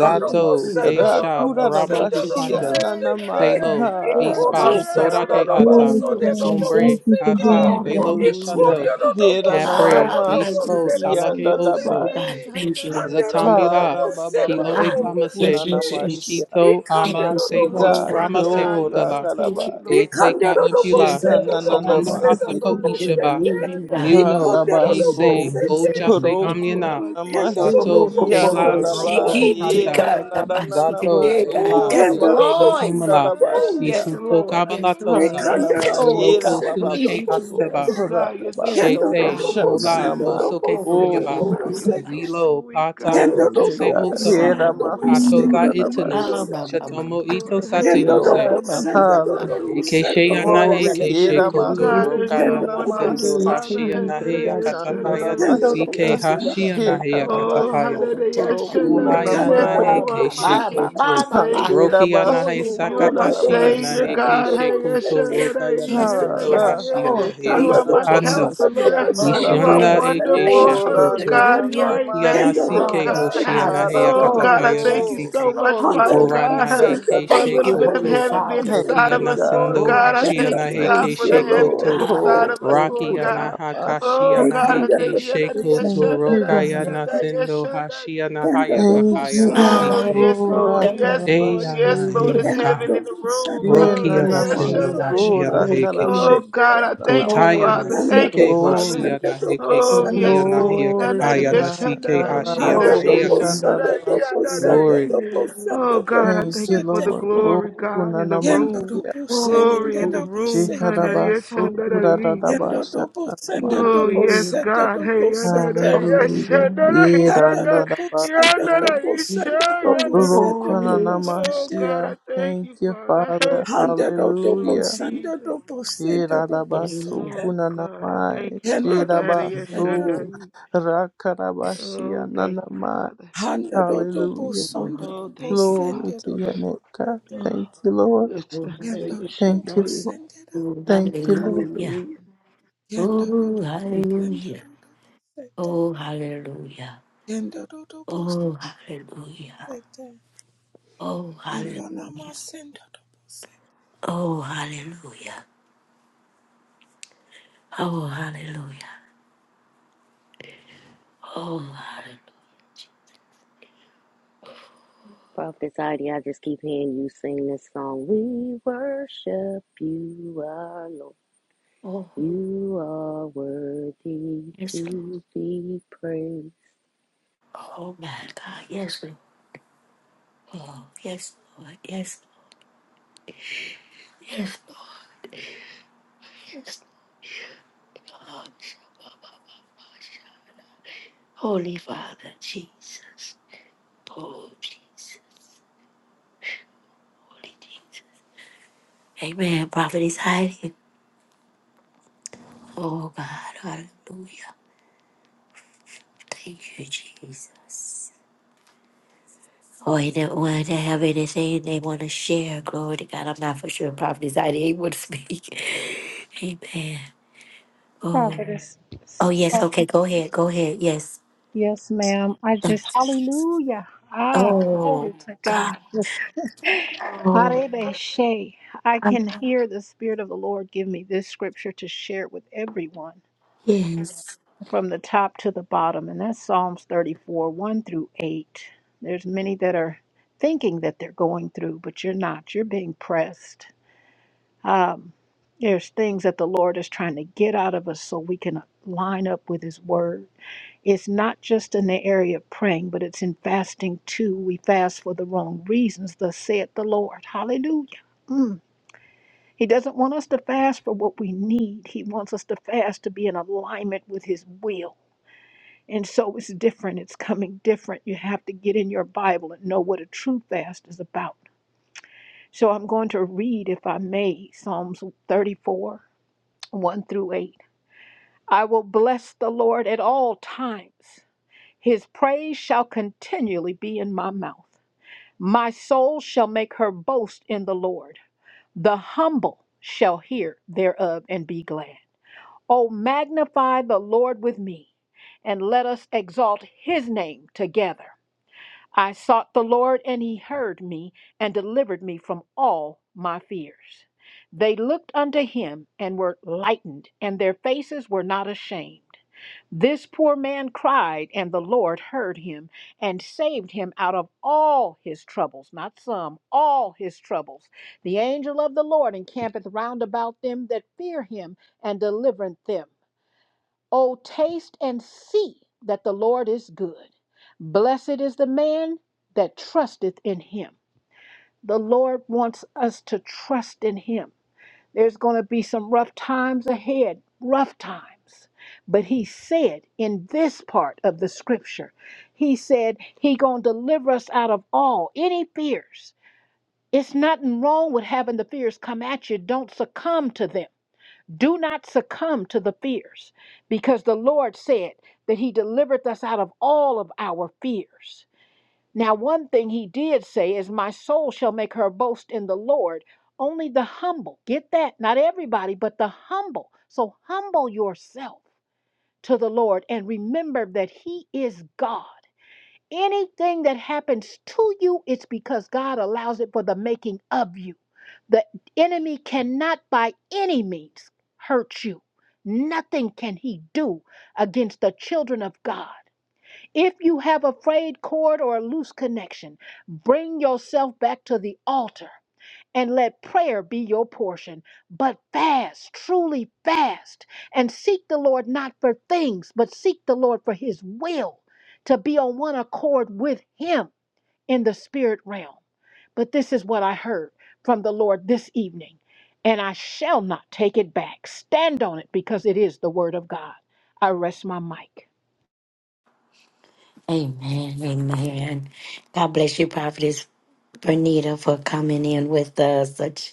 Speaker 1: Thank you, Jesus.
Speaker 10: kesha ramo
Speaker 1: Thank you,
Speaker 4: Rakurarabashia
Speaker 10: ikando
Speaker 1: Jesus.
Speaker 5: Hey,
Speaker 4: nanamai.
Speaker 10: telo
Speaker 1: Oh,
Speaker 10: ispa
Speaker 1: Jesus.
Speaker 10: sodake ata
Speaker 5: God.
Speaker 6: Yes,
Speaker 1: Oh,
Speaker 4: Harokandarabaso.
Speaker 6: God.
Speaker 10: sombre
Speaker 1: Jesus.
Speaker 6: Thank you for
Speaker 10: kata
Speaker 6: doing it,
Speaker 10: pelo
Speaker 1: Oh,
Speaker 6: God.
Speaker 1: Jesus.
Speaker 5: Oh,
Speaker 4: Hallelujah.
Speaker 10: ushando
Speaker 5: thank you, Jesus.
Speaker 10: capre
Speaker 1: Ah,
Speaker 5: Thank you.
Speaker 4: Herananamasi
Speaker 10: ispo
Speaker 1: Jesus.
Speaker 10: talake oso
Speaker 1: Oh,
Speaker 4: kiandarabai.
Speaker 1: God, thank you.
Speaker 10: Zatambuha, Kilo
Speaker 1: Ah,
Speaker 4: Harabababaso
Speaker 1: thank
Speaker 10: Etamase,
Speaker 1: you,
Speaker 4: kunanamashia.
Speaker 1: Jesus.
Speaker 10: Ikito
Speaker 1: Thank
Speaker 10: Ama
Speaker 4: Thank
Speaker 1: you
Speaker 9: Ikandero
Speaker 1: so
Speaker 9: no
Speaker 4: you,
Speaker 5: Oh,
Speaker 1: much,
Speaker 10: Teso
Speaker 1: God.
Speaker 4: God.
Speaker 5: Father
Speaker 10: Rama Se
Speaker 9: bosete,
Speaker 5: God,
Speaker 4: Oh,
Speaker 5: you're so
Speaker 10: Okala,
Speaker 1: Thank
Speaker 5: sweet,
Speaker 1: you,
Speaker 4: Rakaraba.
Speaker 5: Lord God.
Speaker 9: Candle
Speaker 10: Eteka
Speaker 5: Oh,
Speaker 9: double
Speaker 10: Impula,
Speaker 9: send
Speaker 5: there's
Speaker 6: Yes,
Speaker 5: no one
Speaker 6: God.
Speaker 9: double
Speaker 10: Sakando
Speaker 6: Thank
Speaker 5: like
Speaker 9: send
Speaker 6: you
Speaker 5: you,
Speaker 1: God.
Speaker 6: for
Speaker 4: Shekananamasia.
Speaker 10: Asako
Speaker 1: I
Speaker 6: doing
Speaker 5: Father.
Speaker 10: Ishaba,
Speaker 1: believe in God.
Speaker 10: Muno,
Speaker 1: Oh,
Speaker 4: Harabaso.
Speaker 10: Kese,
Speaker 1: God, we say
Speaker 10: Ochase
Speaker 1: thank
Speaker 4: Roku
Speaker 1: you.
Speaker 5: Oh,
Speaker 10: Amyana,
Speaker 5: I thank
Speaker 10: Sato,
Speaker 5: you.
Speaker 4: namashiki
Speaker 10: Kela, Rosso
Speaker 5: I
Speaker 4: anadaba.
Speaker 5: thank you,
Speaker 10: Itanda,
Speaker 4: Era nadananama.
Speaker 10: Zato,
Speaker 4: Oh,
Speaker 10: Ela, Eke
Speaker 4: rabaso.
Speaker 10: Untumala,
Speaker 4: Kudarabashia.
Speaker 10: Isuto Kabalatosa,
Speaker 5: Father.
Speaker 4: Handadaba. Era
Speaker 10: Inoko Sinake
Speaker 4: bababaso.
Speaker 10: Astaba,
Speaker 5: Oh God, you're
Speaker 4: Rakaba.
Speaker 5: so sweet,
Speaker 10: Shete,
Speaker 5: Lord God.
Speaker 10: Kola,
Speaker 5: You're
Speaker 4: Shananama.
Speaker 9: double
Speaker 5: so
Speaker 10: Osoke
Speaker 4: Oh,
Speaker 5: sweet,
Speaker 10: Sonyaba,
Speaker 6: it.
Speaker 5: God.
Speaker 4: glory.
Speaker 5: You're
Speaker 6: Thank
Speaker 5: so
Speaker 10: Zilo,
Speaker 5: sweet,
Speaker 10: Pata,
Speaker 5: God.
Speaker 4: Glory to
Speaker 10: Ochose
Speaker 5: You're
Speaker 4: God.
Speaker 5: so
Speaker 10: Otama,
Speaker 4: Era
Speaker 5: sweet,
Speaker 4: masu.
Speaker 6: you.
Speaker 10: Katoza
Speaker 5: Lord. You're
Speaker 10: Itanu,
Speaker 5: so
Speaker 4: kudarabashia.
Speaker 5: sweet,
Speaker 10: Shatomo Ito
Speaker 5: Lord. Hey,
Speaker 4: you,
Speaker 5: I know
Speaker 4: Lord.
Speaker 10: Satayuse,
Speaker 5: that, yes, I know that, yes.
Speaker 4: Hallelujah.
Speaker 10: Ikeshe Yanahe,
Speaker 4: Glory.
Speaker 9: send
Speaker 10: Keshe
Speaker 5: Oh
Speaker 10: Koto,
Speaker 5: God, there's
Speaker 10: Roka
Speaker 5: no one like you,
Speaker 10: Yanasindo,
Speaker 9: Candorobosa,
Speaker 4: Hirabasukunanamase.
Speaker 5: Father.
Speaker 10: Hashi
Speaker 5: Hey, I know
Speaker 10: Yanahe,
Speaker 5: that, yes, I know
Speaker 10: Akatapaya,
Speaker 5: that, yes.
Speaker 10: Nasike,
Speaker 4: Chandarabashia.
Speaker 9: Candorobosa,
Speaker 10: Hashi Yanahe,
Speaker 5: Oh,
Speaker 10: yakatapaya
Speaker 4: Hekarabasu.
Speaker 5: hallelujah,
Speaker 10: Uha
Speaker 5: Shandaraya, for
Speaker 4: Urokunanamai.
Speaker 1: Ah,
Speaker 10: Yanahe,
Speaker 5: you are
Speaker 1: my,
Speaker 5: my
Speaker 9: Candorobosa,
Speaker 10: Keshe
Speaker 1: my, my,
Speaker 5: King, my
Speaker 1: my,
Speaker 10: Koto,
Speaker 1: my, my.
Speaker 5: Savior.
Speaker 10: Roki Yanahe,
Speaker 1: Holy,
Speaker 4: Handerabasu.
Speaker 5: You are
Speaker 1: holy
Speaker 5: my
Speaker 10: Sakatashi
Speaker 1: Jesus.
Speaker 5: Savior,
Speaker 10: Yanahe,
Speaker 4: Kurarabashia.
Speaker 5: God.
Speaker 10: Keshe
Speaker 5: Hey,
Speaker 10: Koto, Roka
Speaker 5: Shandaraya,
Speaker 1: Jesus,
Speaker 10: Yanasindo,
Speaker 1: yes,
Speaker 4: Hara.
Speaker 10: Hashi
Speaker 5: Shandaraya.
Speaker 1: Lord,
Speaker 10: Yanahe,
Speaker 5: You
Speaker 1: praise
Speaker 5: are
Speaker 1: you,
Speaker 5: my
Speaker 10: yakatapando.
Speaker 1: Jesus.
Speaker 5: counselor.
Speaker 4: Shekandaramasia.
Speaker 1: Oh,
Speaker 5: You are
Speaker 10: Ishanda
Speaker 4: Narabai.
Speaker 1: praise you,
Speaker 10: eke
Speaker 5: wonderful,
Speaker 1: praise you,
Speaker 4: Ora
Speaker 5: oh
Speaker 10: shakoto.
Speaker 5: God. You
Speaker 1: hallelujah.
Speaker 5: are
Speaker 10: Rokia
Speaker 4: nananamai.
Speaker 5: Emmanuel,
Speaker 10: nasike
Speaker 1: Oh,
Speaker 4: Sega.
Speaker 9: Candorobosa,
Speaker 5: God.
Speaker 10: hoshia nahe
Speaker 1: Father's
Speaker 5: Oh God,
Speaker 1: glory,
Speaker 5: I
Speaker 10: akatapaya
Speaker 5: thank you
Speaker 4: Harabasu.
Speaker 1: Jesus,
Speaker 5: so
Speaker 10: nasike.
Speaker 5: much,
Speaker 1: glory to
Speaker 5: Father
Speaker 1: you.
Speaker 10: Ora
Speaker 5: God,
Speaker 10: nahe heke
Speaker 5: for a
Speaker 1: Thank
Speaker 5: little
Speaker 1: you,
Speaker 4: Rokushandanamai.
Speaker 5: bit of
Speaker 1: Holy
Speaker 10: shekoto.
Speaker 5: heaven being
Speaker 1: Father.
Speaker 4: Thank
Speaker 5: inside
Speaker 10: Rokia
Speaker 5: of
Speaker 4: you,
Speaker 5: us,
Speaker 4: God.
Speaker 5: Lord
Speaker 10: nasindo
Speaker 1: Glory
Speaker 5: God. I
Speaker 10: hashia
Speaker 5: thank you,
Speaker 1: to you,
Speaker 10: nahe
Speaker 5: God,
Speaker 10: ke
Speaker 4: Thank
Speaker 5: for
Speaker 4: you,
Speaker 5: the heaven
Speaker 4: Lord.
Speaker 5: that's
Speaker 10: shekoto.
Speaker 5: inside
Speaker 1: Father.
Speaker 4: Oh,
Speaker 5: of us,
Speaker 4: oh,
Speaker 9: Candorobosa,
Speaker 5: Lord
Speaker 10: Rakia
Speaker 4: kuna
Speaker 5: God.
Speaker 10: naha kashia
Speaker 5: Oh
Speaker 4: namasia.
Speaker 5: God,
Speaker 10: nahe
Speaker 5: I
Speaker 10: ke
Speaker 5: thank you. Yadada
Speaker 10: shekoto.
Speaker 4: Thank you,
Speaker 5: yashandada
Speaker 10: Rokaya
Speaker 4: God.
Speaker 9: Candorobosa,
Speaker 10: nasindo hashia
Speaker 9: Yanda
Speaker 10: nahaya
Speaker 9: dobo
Speaker 4: Thank you,
Speaker 10: kapaya
Speaker 9: sonde
Speaker 4: God.
Speaker 5: Oh
Speaker 9: da
Speaker 1: Ah,
Speaker 10: nasike.
Speaker 5: yes,
Speaker 4: Oh,
Speaker 1: Oh,
Speaker 9: sete.
Speaker 5: Lord, yes,
Speaker 1: God.
Speaker 5: Lord,
Speaker 10: Eya
Speaker 5: yes,
Speaker 4: rakarabashi.
Speaker 5: Lord,
Speaker 10: nahe
Speaker 5: it's
Speaker 9: Yanda
Speaker 5: heaven
Speaker 10: yaka.
Speaker 5: in the
Speaker 9: dobo
Speaker 5: room.
Speaker 9: sanda
Speaker 5: Oh,
Speaker 1: Oh,
Speaker 4: Ena
Speaker 10: Rokia
Speaker 9: dobo
Speaker 1: oh,
Speaker 9: sanda
Speaker 10: nasindo
Speaker 1: oh,
Speaker 9: dobo
Speaker 4: namaso
Speaker 10: hashia
Speaker 9: sanda
Speaker 1: oh,
Speaker 9: dobo
Speaker 5: Oh,
Speaker 10: nahe
Speaker 9: sete.
Speaker 4: rakarabashi.
Speaker 5: God, I
Speaker 4: Ena
Speaker 5: thank you,
Speaker 10: Kotaya
Speaker 1: oh,
Speaker 5: Father.
Speaker 4: namase.
Speaker 9: Yanda
Speaker 5: Thank you,
Speaker 10: nasike
Speaker 1: oh,
Speaker 9: dobo
Speaker 5: Father.
Speaker 4: Glory.
Speaker 10: hoshia
Speaker 9: sanda dobo
Speaker 10: naheke
Speaker 5: Oh
Speaker 9: sanda
Speaker 1: oh,
Speaker 5: yes,
Speaker 10: kotia
Speaker 9: dobo
Speaker 5: Lord.
Speaker 10: nahia
Speaker 4: Glory
Speaker 5: Yadada
Speaker 4: to
Speaker 9: sete.
Speaker 10: kapaya
Speaker 4: God.
Speaker 10: nasike
Speaker 5: yashandada
Speaker 1: oh,
Speaker 10: hashia
Speaker 9: Yanda
Speaker 5: yada
Speaker 4: Arabashi
Speaker 9: dobo
Speaker 10: nahiaka.
Speaker 1: oh.
Speaker 9: sanda dobo
Speaker 4: kandalabashia.
Speaker 9: sanda dobo
Speaker 1: Hallelujah.
Speaker 5: Oh
Speaker 9: sanda
Speaker 5: God, I
Speaker 9: dobo
Speaker 4: Thank
Speaker 5: thank
Speaker 4: you,
Speaker 5: you for
Speaker 9: sete.
Speaker 5: the
Speaker 4: Lord. Oh,
Speaker 5: glory, God,
Speaker 1: Hallelujah.
Speaker 4: kuna
Speaker 5: in the
Speaker 9: Yanda
Speaker 5: room.
Speaker 4: namasia.
Speaker 9: dobo sete
Speaker 5: Glory
Speaker 9: da
Speaker 5: in the
Speaker 1: Oh,
Speaker 9: dobo
Speaker 5: room.
Speaker 9: sete.
Speaker 5: Yadada
Speaker 4: Shikarabasu kura
Speaker 1: hallelujah.
Speaker 9: Yanda dobo sanda
Speaker 1: Oh,
Speaker 5: Oh
Speaker 9: dobo
Speaker 5: yes,
Speaker 1: hallelujah.
Speaker 9: sete
Speaker 5: God. Hey,
Speaker 9: dobo
Speaker 5: yonder,
Speaker 9: sete.
Speaker 1: Oh,
Speaker 5: yes,
Speaker 4: Hallelujah.
Speaker 1: hallelujah.
Speaker 5: yonder,
Speaker 9: Yanda
Speaker 5: yonder,
Speaker 9: dobo sanda
Speaker 5: yonder,
Speaker 4: Yerandadabaso.
Speaker 9: dobo
Speaker 5: yesha,
Speaker 9: sanda dobo
Speaker 5: yonder.
Speaker 9: sete dobo
Speaker 5: Oh
Speaker 9: sete.
Speaker 5: God, I
Speaker 4: Rokonanamashia.
Speaker 5: thank
Speaker 4: Thank
Speaker 5: you,
Speaker 4: you,
Speaker 5: Father. Hey,
Speaker 4: Father.
Speaker 9: Handa do do
Speaker 5: oh
Speaker 9: bo
Speaker 4: Hallelujah.
Speaker 9: sanda
Speaker 5: Jesus.
Speaker 9: do bo senda do bo
Speaker 4: Yeradabaso
Speaker 9: sete.
Speaker 5: Oh God, I thank
Speaker 4: kunanamai.
Speaker 5: you,
Speaker 9: Handa do
Speaker 5: Father. Hey,
Speaker 9: bo
Speaker 5: yes,
Speaker 9: senda.
Speaker 5: yonder.
Speaker 4: Shirabaso. Rakarabashia
Speaker 5: Oh, thank you,
Speaker 4: nanamai.
Speaker 5: Father.
Speaker 9: Handa do do bo
Speaker 4: Hallelujah.
Speaker 9: sonda do
Speaker 5: Oh,
Speaker 9: bo
Speaker 5: thank you,
Speaker 4: Glory
Speaker 5: Father.
Speaker 9: senda
Speaker 4: to
Speaker 9: do
Speaker 4: your
Speaker 9: do
Speaker 4: name,
Speaker 9: bo
Speaker 4: God.
Speaker 9: sete.
Speaker 5: Oh,
Speaker 4: Thank you, Lord.
Speaker 5: yes, yonder,
Speaker 9: Handa do
Speaker 5: yes,
Speaker 4: Thank you,
Speaker 9: bo
Speaker 5: yonder.
Speaker 4: Lord.
Speaker 9: senda do
Speaker 4: Thank
Speaker 9: bo
Speaker 4: you,
Speaker 9: sete.
Speaker 4: Lord.
Speaker 5: Hallelujah.
Speaker 1: Oh,
Speaker 9: Handa do
Speaker 1: hallelujah. Oh,
Speaker 9: do bo
Speaker 5: Thank you.
Speaker 9: senda
Speaker 1: hallelujah.
Speaker 9: do do bo sete.
Speaker 1: Oh, hallelujah.
Speaker 9: Handa do do bo sete. Handa nama senda do bo sete.
Speaker 1: Oh, hallelujah.
Speaker 8: Prophet Heidi, I just keep hearing you sing this song. We worship you, our Lord.
Speaker 1: Oh,
Speaker 8: You are worthy
Speaker 1: yes,
Speaker 8: to be praised.
Speaker 1: Oh my God, yes, we will. Yes, Lord, yes. Holy Father, Jesus. Oh, Jesus. Holy Jesus. Amen. Prophet is hiding. Oh God, hallelujah. Thank you, Jesus. Oh, anyone that have anything they want to share, glory to God. I'm not for sure Prophet is hiding. He would speak. Amen. Oh,
Speaker 3: Prophetess.
Speaker 1: oh yes. Okay, go ahead. Go ahead. Yes.
Speaker 3: Yes, ma'am. I
Speaker 1: Thank-
Speaker 3: just, hallelujah. Ah,
Speaker 1: Oh
Speaker 3: glory to
Speaker 1: God.
Speaker 3: God. Just,
Speaker 1: Oh,
Speaker 3: Arebe Shea. I
Speaker 1: God.
Speaker 3: can hear the Spirit of the Lord give me this scripture to share with everyone.
Speaker 1: yes.
Speaker 3: from the top to the bottom, and that's Psalms 34, 1 through 8. There's many that are thinking that they're going through, but you're not. You're being pressed. Um, there's things that the Lord is trying to get out of us so we can line up with His Word. It's not just in the area of praying, but it's in fasting too. We fast for the wrong reasons, thus saith the Lord. Hallelujah. Mm. He doesn't want us to fast for what we need. He wants us to fast to be in alignment with His will and so it's different. It's coming different. You have to get in your Bible and know what a true fast is about. So I'm going to read, if I may, Psalms 34, 1 through 8. I will bless the Lord at all times. His praise shall continually be in my mouth. My soul shall make her boast in the Lord. The humble shall hear thereof and be glad. O magnify the Lord with me, and let us exalt his name together. I sought the Lord, and he heard me and delivered me from all my fears. They looked unto him and were lightened, and their faces were not ashamed. This poor man cried, and the Lord heard him and saved him out of all his troubles, not some, all his troubles. The angel of the Lord encampeth round about them that fear him and delivereth them. Oh, taste and see that the Lord is good. Blessed is the man that trusteth in him. The Lord wants us to trust in him. There's going to be some rough times ahead, rough times. But he said in this part of the scripture, he said he going to deliver us out of all any fears. It's nothing wrong with having the fears come at you. Don't succumb to them. Do not succumb to the fears, because the Lord said that He delivered us out of all of our fears. Now, one thing He did say is, My soul shall make her boast in the Lord. Only the humble, get that? Not everybody, but the humble. So humble yourself to the Lord and remember that He is God. Anything that happens to you, it's because God allows it for the making of you. The enemy cannot by any means hurt you. Nothing can he do against the children of God. If you have a frayed cord or a loose connection, bring yourself back to the altar and let prayer be your portion. But fast, truly fast, and seek the Lord not for things, but seek the Lord for his will, to be on one accord with him in the spirit realm. But this is what I heard from the Lord this evening, and I shall not take it back. Stand on it because it is the word of God. I rest my mic.
Speaker 1: Amen. Amen. God bless you, Prophetess Bernita, for coming in with us. Such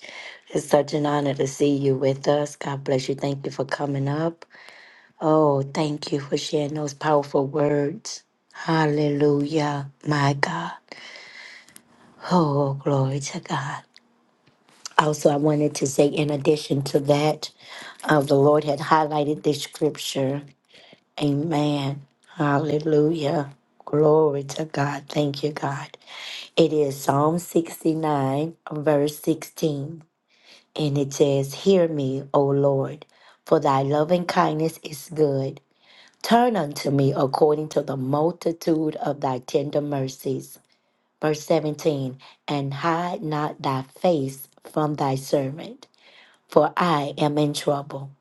Speaker 1: it's such an honor to see you with us. God bless you. Thank you for coming up. Oh, thank you for sharing those powerful words. Hallelujah. My God. Oh, glory to God. Also, I wanted to say, in addition to that, uh, the Lord had highlighted this scripture. Amen. Hallelujah. Glory to God. Thank you, God. It is Psalm 69, verse 16, and it says, Hear me, O Lord, for thy loving kindness is good. Turn unto me according to the multitude of thy tender mercies. Verse 17, and hide not thy face from thy servant, for I am in trouble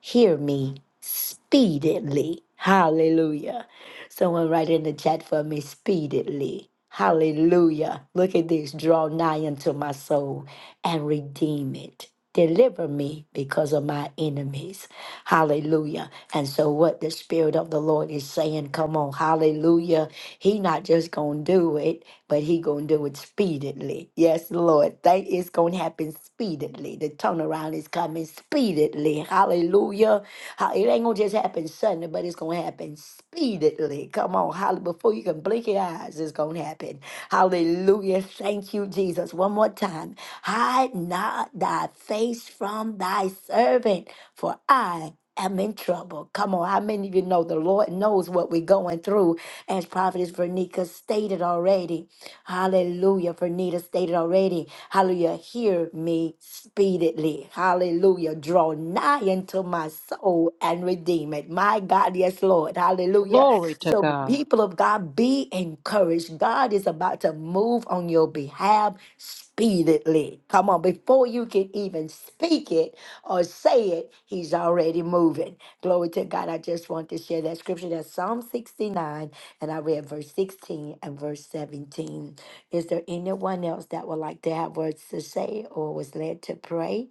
Speaker 1: hear me speedily. Hallelujah. Someone write in the chat for me speedily. Hallelujah. Look at this. Draw nigh unto my soul and redeem it. Deliver me because of my enemies. Hallelujah. And so what the Spirit of the Lord is saying, come on, hallelujah. He not just gonna do it, but he gonna do it speedily. Yes, Lord. That is gonna happen speedily. The turnaround is coming speedily. Hallelujah. Ha- It ain't gonna just happen suddenly, but it's gonna happen speedily. Come on, hallelujah. Before you can blink your eyes, it's gonna happen. Hallelujah. Thank you, Jesus. One more time. Hide not thy face from thy servant, for I am in trouble. Come on, how many of you know the Lord knows what we're going through? As Prophetess Vernica stated already. Hallelujah. Vernita stated already. Hallelujah. Hear me speedily. Hallelujah. Draw nigh unto my soul and redeem it. My God, yes, Lord. Hallelujah. So, people of God, be encouraged. God is about to move on your behalf speedily. Come on, before you can even speak it or say it, he's already moving. Glory to God. I just want to share that scripture. That's Psalm 69, and I read verse 16 and verse 17. Is there anyone else that would like to have words to say or was led to pray?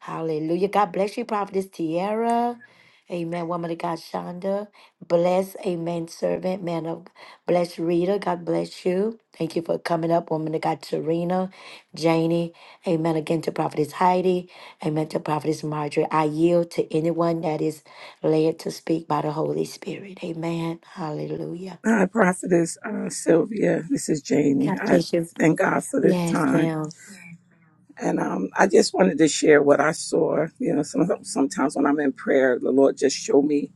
Speaker 1: Hallelujah. God bless you, Prophetess Tierra. Amen. Woman of God, Shonda. Bless. Amen. Servant, man of bless Rita. God bless you. Thank you for coming up. Woman of God, Serena, Janie. Amen. Again to Prophetess Heidi. Amen to Prophetess Marjorie. I yield to anyone that is led to speak by the Holy Spirit. Amen. Hallelujah.
Speaker 9: Hi, Prophetess uh, Sylvia. This is Janie.
Speaker 1: God
Speaker 9: I
Speaker 1: bless you.
Speaker 9: thank God for this
Speaker 1: Yes,
Speaker 9: time.
Speaker 1: ma'am.
Speaker 9: And um, I just wanted to share what I saw. You know, some, sometimes when I'm in prayer, the Lord just show me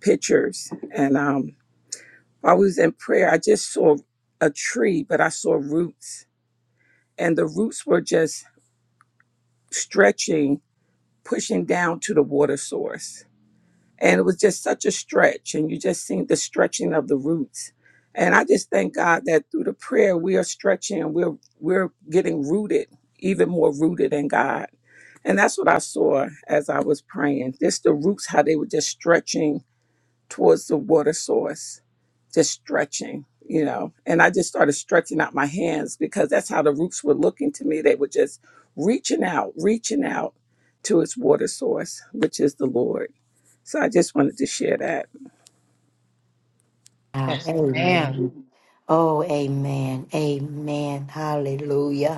Speaker 9: pictures. And um, while I was in prayer, I just saw a tree, but I saw roots, and the roots were just stretching, pushing down to the water source. And it was just such a stretch, and you just seen the stretching of the roots. And I just thank God that through the prayer we are stretching, and we're we're getting rooted, even more rooted in God And that's what I saw as I was praying. Just the roots, how they were just stretching towards the water source, just stretching, you know. And I just started stretching out my hands because that's how the roots were looking to me. They were just reaching out, reaching out to its water source, which is the Lord. So I just wanted to share that.
Speaker 1: Wow. Amen. Oh, amen. Amen. Hallelujah.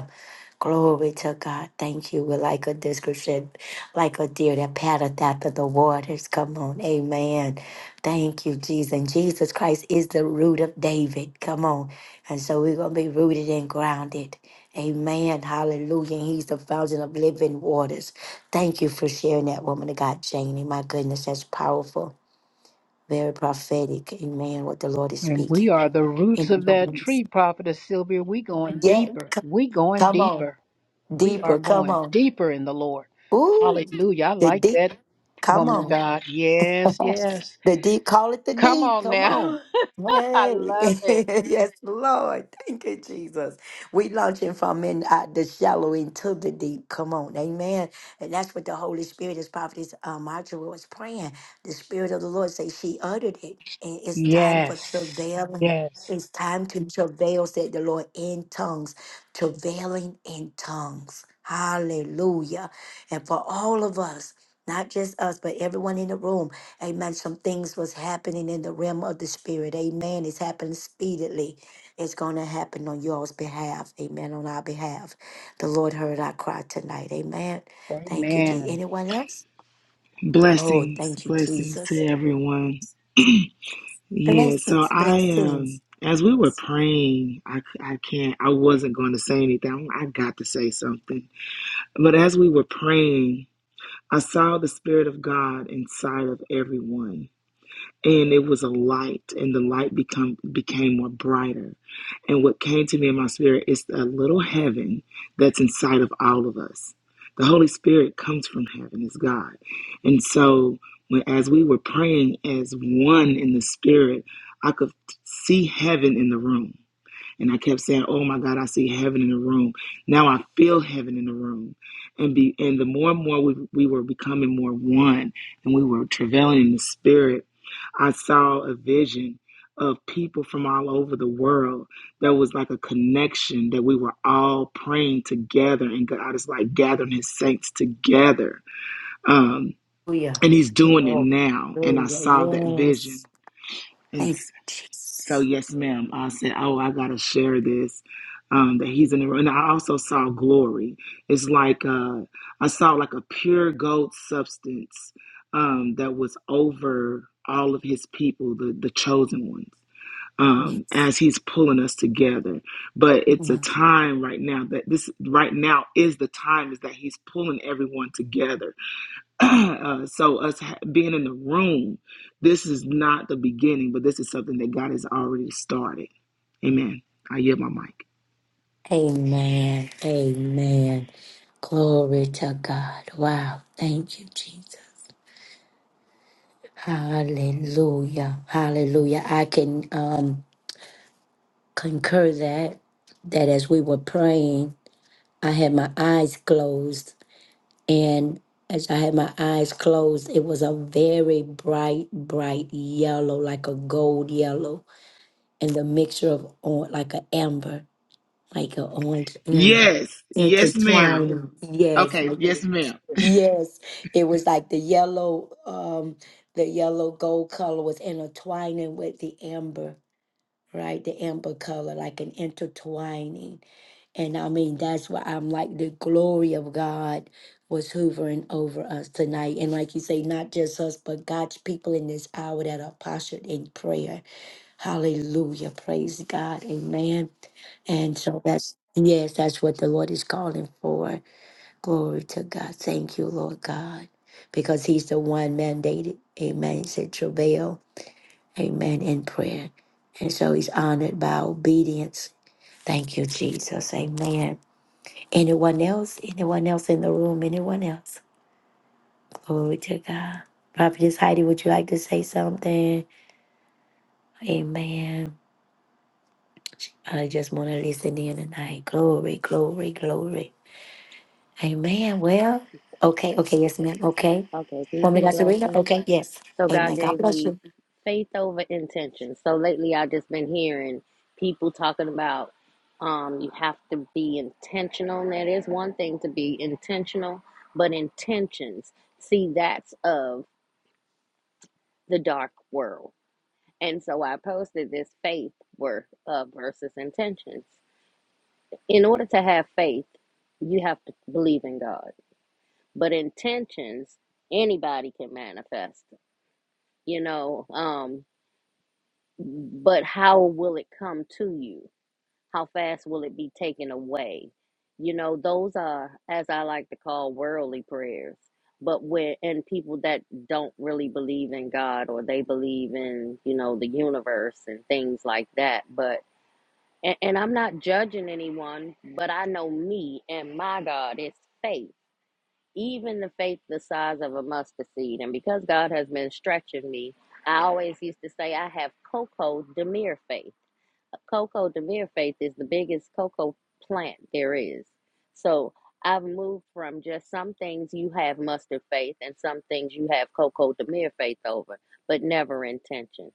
Speaker 1: Glory to God. Thank you. We're like a description, like a deer that patteth after the waters. Come on. Amen. Thank you, Jesus. And Jesus Christ is the root of David. Come on. And so we're going to be rooted and grounded. Amen. Hallelujah. And he's the fountain of living waters. Thank you for sharing that woman of God, Janie. My goodness, that's powerful. Very prophetic. Amen. What the Lord is
Speaker 3: And we
Speaker 1: speaking.
Speaker 3: are the roots of
Speaker 1: In-
Speaker 3: that tree, Prophetess Sylvia. We going
Speaker 1: yeah.
Speaker 3: deeper. We going
Speaker 1: Come on.
Speaker 3: deeper. We are
Speaker 1: Deeper. Come
Speaker 3: going
Speaker 1: on.
Speaker 3: deeper in the Lord.
Speaker 1: Ooh,
Speaker 3: Hallelujah. I
Speaker 1: the
Speaker 3: like
Speaker 1: deep.
Speaker 3: that
Speaker 1: Come
Speaker 3: woman
Speaker 1: on.
Speaker 3: of God. Yes, yes.
Speaker 1: the D, call it the
Speaker 3: Come
Speaker 1: D.
Speaker 3: on
Speaker 1: Come on.
Speaker 3: now. I
Speaker 1: Hey,
Speaker 3: love it.
Speaker 1: yes, Lord. Thank you, Jesus. We launching from in uh, the shallow into the deep. Come on, amen. And that's what the Holy Spirit is prophetess uh, Marjorie was praying. The Spirit of the Lord say she uttered it. And it's time for travailing.
Speaker 3: Yes.
Speaker 1: It's time to travail, said the Lord, in tongues. Travailing in tongues. Hallelujah. And for all of us, not just us, but everyone in the room. Amen. Some things was happening in the realm of the spirit. Amen. It's happening speedily. It's going to happen on y'all's behalf. Amen. On our behalf. The Lord heard our cry tonight. Amen. Thank
Speaker 3: Amen.
Speaker 1: one else? Oh,
Speaker 5: Blessings,
Speaker 1: thank you,
Speaker 5: blessings
Speaker 1: Jesus.
Speaker 5: to everyone. Yeah,
Speaker 1: Blessings.
Speaker 5: so I um as we were praying, I c- I can't I wasn't going to say anything. I got to say something. But as we were praying, I saw the spirit of God inside of everyone and it was a light and the light become became more brighter and what came to me in my spirit is a little heaven that's inside of all of us the holy spirit comes from heaven is god and so when as we were praying as one in the spirit i could see heaven in the room and I kept saying, "Oh my God, I see heaven in the room. Now I feel heaven in the room." And be and the more and more we we were becoming more one, and we were travailing in the spirit. I saw a vision of people from all over the world. That was like a connection that we were all praying together, and God is like gathering His saints together. Um,
Speaker 1: Hallelujah.
Speaker 5: and He's doing it
Speaker 1: Oh,
Speaker 5: now. And I saw that
Speaker 1: hallelujah.
Speaker 5: vision
Speaker 1: Yes.
Speaker 5: and.
Speaker 1: Thank you,
Speaker 5: So
Speaker 1: Jesus.
Speaker 5: yes, ma'am. I said, oh, I gotta share this. Um, that he's in the room. And I also saw glory. It's like uh, I saw like a pure gold substance um, that was over all of his people, the the chosen ones. Um,
Speaker 1: Yes.
Speaker 5: as he's pulling us together, but it's a time right now that this right now is the time is that he's pulling everyone together uh, so us ha- being in the room, this is not the beginning, but this is something that God has already started. Amen. I yield my mic.
Speaker 1: Amen. Amen. Glory to God. Wow. Thank you, Jesus. Hallelujah. Hallelujah. I can um concur that that as we were praying, I had my eyes closed and as I had my eyes closed, it was a very bright, bright yellow, like a gold yellow, and the mixture of or- like an amber. like an orange amber
Speaker 5: Yes, yes, ma'am.
Speaker 1: intertwined. Yes,
Speaker 5: Okay,
Speaker 1: like
Speaker 5: yes,
Speaker 1: a-
Speaker 5: ma'am.
Speaker 1: yes, it was like the yellow, um, the yellow gold color was intertwining with the amber, right? The amber color, like an intertwining. And I mean, that's why I'm like the glory of God was hoovering over us tonight. And like you say, not just us, but God's people in this hour that are postured in prayer. Hallelujah. Praise God. Amen. And so that's, yes, that's what the Lord is calling for. Glory to God. Thank you, Lord God, because He's the one mandated. Amen. He said, travail. Amen. In prayer. And so He's honored by obedience. Thank you, Jesus. Amen. Anyone else? Anyone else in the room? Anyone else? Glory to God. Prophetess Heidi, would you like to say something? Amen. I just want to listen in tonight. Glory, glory, glory. Amen. Well, okay, okay, yes, ma'am. Okay.
Speaker 8: Okay, peace
Speaker 1: Want me to
Speaker 8: and
Speaker 1: guys to read it?
Speaker 8: blessings.
Speaker 1: Okay, yes.
Speaker 8: So God
Speaker 1: Amen. God
Speaker 8: gave
Speaker 1: bless
Speaker 8: me
Speaker 1: you.
Speaker 8: faith over intention. So lately I've just been hearing people talking about um, you have to be intentional. And that is one thing to be intentional, but intentions, see, that's of the dark world. And so I posted this faith worth uh, versus intentions. In order to have faith, you have to believe in God. But intentions, anybody can manifest. You know, um, but how will it come to you? How fast will it be taken away? You know, those are, as I like to call, worldly prayers. But when, and people that don't really believe in God or they believe in, you know, the universe and things like that. But, and, and I'm not judging anyone, but I know me and my God is faith, even the faith the size of a mustard seed. And because God has been stretching me, I always used to say I have Coco Demir faith Cocoa de Beer Faith is the biggest cocoa plant there is. So I've moved from just some things you have mustard faith and some things you have cocoa de Beer faith over, but never intentions.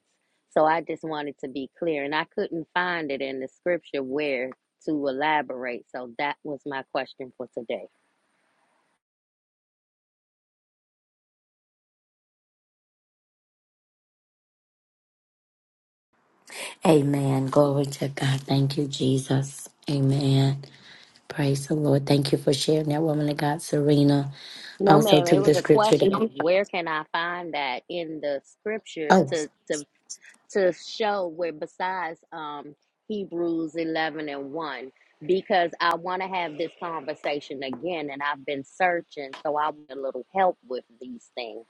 Speaker 8: So I just wanted to be clear, and I couldn't find it in the scripture where to elaborate. So that was my question for today.
Speaker 1: Amen. Glory to God. Thank you, Jesus. Amen. Praise the Lord. Thank you for sharing that woman of God, Serena.
Speaker 8: No,
Speaker 1: Also
Speaker 8: ma'am, it
Speaker 1: took
Speaker 8: was
Speaker 1: the
Speaker 8: a
Speaker 1: scripture
Speaker 8: question.
Speaker 1: that
Speaker 8: Where can I find that in the scripture
Speaker 1: oh,
Speaker 8: to to to show where besides um, Hebrews 11 and 1 because I want to have this conversation again and I've been searching so I want a little help with these things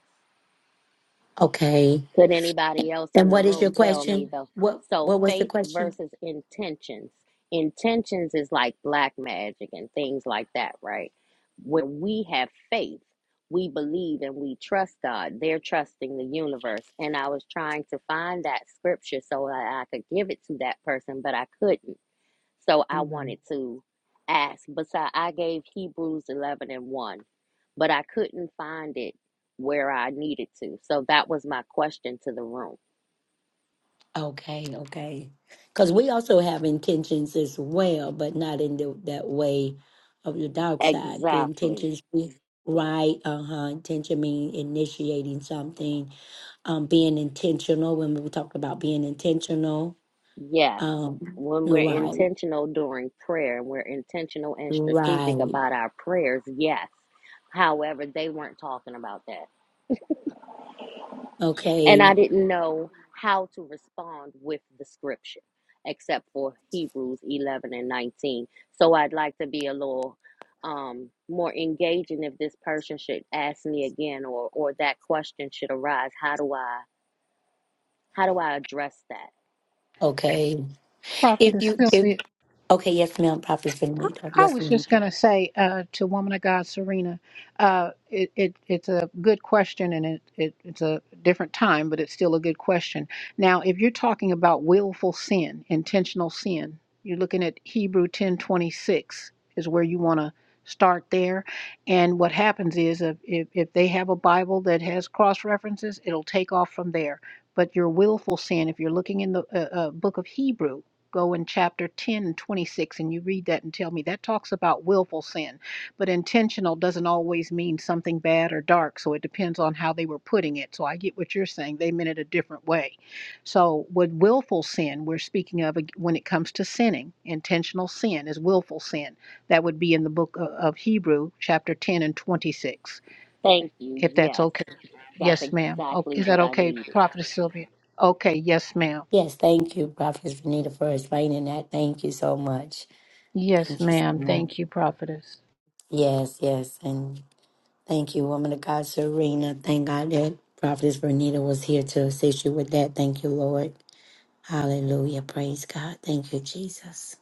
Speaker 1: okay.
Speaker 8: could anybody else in
Speaker 1: And
Speaker 8: the
Speaker 1: what is your
Speaker 8: room tell me
Speaker 1: question?
Speaker 8: though?
Speaker 1: What
Speaker 8: So
Speaker 1: what was the
Speaker 8: faith
Speaker 1: question?
Speaker 8: versus intentions. Intentions is like black magic and things like that, right? When we have faith, we believe and we trust God. They're trusting the universe. And I was trying to find that scripture so that I could give it to that person, but I couldn't. So I
Speaker 1: Mhm.
Speaker 8: wanted to ask. Besides, I gave Hebrews 11 and 1 but I couldn't find it where I needed to. So that was my question to the room.
Speaker 1: Okay, okay. Because we also have intentions as well, but not in the, that way of your dark side. The
Speaker 8: Exactly.
Speaker 1: intentions be right. Uh huh. Intention mean initiating something. Um, being intentional. When we talk about being intentional.
Speaker 8: Yes.
Speaker 1: Um,
Speaker 8: When we're
Speaker 1: right,
Speaker 8: intentional during prayer and we're intentional and strategic
Speaker 1: right.
Speaker 8: about our prayers, yes. However, they weren't talking about that. and I
Speaker 1: Okay,
Speaker 8: didn't know how to respond with the scripture except for Hebrews 11 and 19. So I'd like to be a little um, more engaging if this person should ask me again or or that question should arise. How do I how do I address that?
Speaker 1: okay. If
Speaker 3: Prophetess
Speaker 1: you, if
Speaker 3: Sylvia.
Speaker 1: okay, yes, ma'am. Prophet Benito.
Speaker 3: I
Speaker 1: Yes,
Speaker 3: was
Speaker 1: ma'am.
Speaker 3: just going to say uh, to Woman of God, Serena, uh, it, it, it's a good question and it, it, it's a different time, but it's still a good question. Now, if you're talking about willful sin, intentional sin, you're looking at Hebrew 10 26 is where you want to start there. And what happens is if, if if they have a Bible that has cross references, it'll take off from there. But your willful sin, if you're looking in the uh, uh, book of Hebrew, go in chapter 10 and 26 and you read that and tell me that talks about willful sin but intentional doesn't always mean something bad or dark so it depends on how they were putting it so i get what you're saying they meant it a different way so with willful sin we're speaking of when it comes to sinning intentional sin is willful sin that would be in the book of hebrew chapter 10 and 26
Speaker 8: Thank you.
Speaker 3: if that's
Speaker 8: Yes,
Speaker 3: okay
Speaker 8: that's
Speaker 3: yes ma'am oh,
Speaker 8: exactly
Speaker 3: is that
Speaker 8: what I
Speaker 3: okay
Speaker 8: needed.
Speaker 3: prophetess sylvia okay yes ma'am
Speaker 1: Thank you so much.
Speaker 3: yes
Speaker 1: Thank you so
Speaker 3: ma'am
Speaker 1: much.
Speaker 3: thank you prophetess
Speaker 1: Yes, yes, and thank you, woman of God, Serena. Thank God that Prophetess Bernita was here to assist you with that. Thank you, Lord. Hallelujah. Praise God. Thank you, Jesus.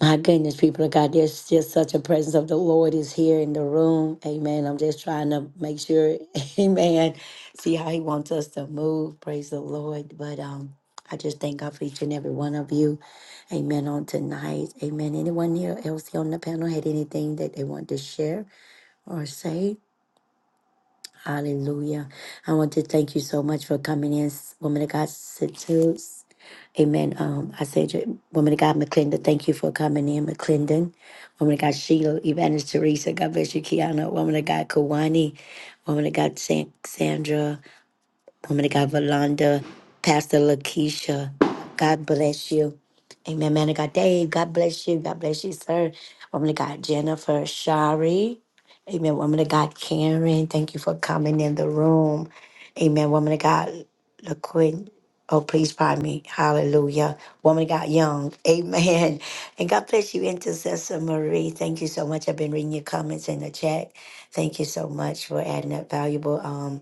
Speaker 1: My goodness, people of God, there's just such a presence of the Lord is here in the room. Amen. I'm just trying to make sure, amen, see how he wants us to move. Praise the Lord. But um, I just thank God for each and every one of you. Amen. On tonight. Amen. Anyone here else here on the panel had anything that they want to share or say? Hallelujah. I want to thank you so much for coming in, woman of God, Situs. Amen. Um, I said, to woman of God, McClendon, thank you for coming in, McClendon. Woman of God, Sheila, Evangelist Teresa, God bless you, Kiana. Woman of God, Kawani. Woman of God, San- Sandra. Woman of God, Valanda, Pastor Lakeisha, God bless you. Amen. Man of God, Dave, God bless you. God bless you, sir. Woman of God, Jennifer, Shari. Amen. Woman of God, Karen, thank you for coming in the room. Amen. Woman of God, LaQuinn. Oh, please pardon me. Hallelujah. Woman of God, Young. Amen. And God bless you, Intercessor Marie. Thank you so much. I've been reading your comments in the chat. Thank you so much for adding that valuable. Um,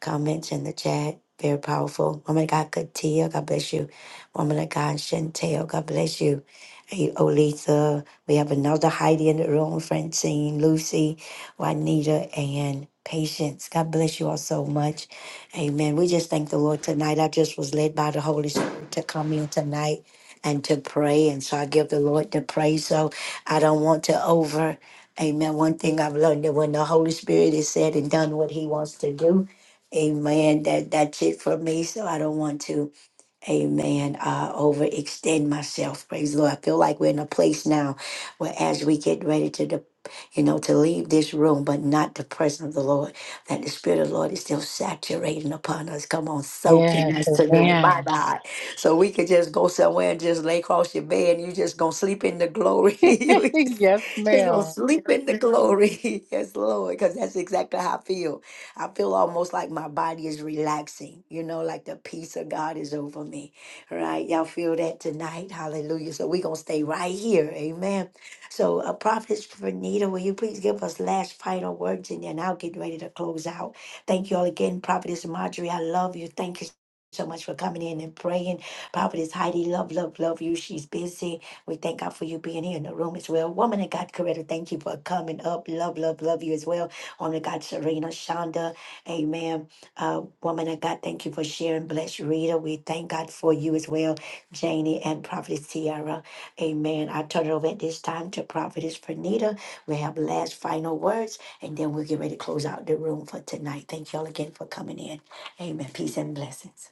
Speaker 1: comments in the chat. Very powerful. Woman of God, Katia, God bless you. Woman of God, Chantel, God bless you. Hey, Olitha, we have another Heidi in the room, Francine, Lucy, Juanita, and Patience. God bless you all so much. Amen. We just thank the Lord tonight. I just was led by the Holy Spirit to come in tonight and to pray. And so I give the Lord the praise. So I don't want to over. Amen. One thing I've learned that when the Holy Spirit is said and done what he wants to do, Amen. That that's it for me. So I don't want to, amen, uh overextend myself. Praise the Lord. I feel like we're in a place now where as we get ready to depart you know, to leave this room, but not the presence of the Lord, that the Spirit of the Lord is still saturating upon us. Come on,
Speaker 3: Yeah.
Speaker 1: soaking us tonight. My God. So we could just go somewhere and just lay across your bed and you just gonna sleep in the glory. you just,
Speaker 3: yes,
Speaker 1: just gonna
Speaker 3: ma'am.
Speaker 1: sleep in the glory. yes, Lord, because that's exactly how I feel. I feel almost like my body is relaxing, you know, like the peace of God is over me. All right. Y'all feel that tonight. Hallelujah. So we gonna stay right here. Amen so, uh, Prophet Vernita, will you please give us last final words and then I'll get ready to close out. Thank you all again, Prophetess Marjorie. I love you. Thank you so much for coming in and praying. Prophetess Heidi, love, love, love you. She's busy. We thank God for you being here in the room as well. Woman of God, Coretta, thank you for coming up. Love, love, love you as well. Woman of God, Serena, Shonda, amen. Uh, woman of God, thank you for sharing. Bless Rita. We thank God for you as well, Janie and Prophetess Tiara. Amen. I turn it over at this time to Prophetess Pernita. We have last final words, and then we'll get ready to close out the room for tonight. Thank y'all again for coming in. Amen. Peace and blessings.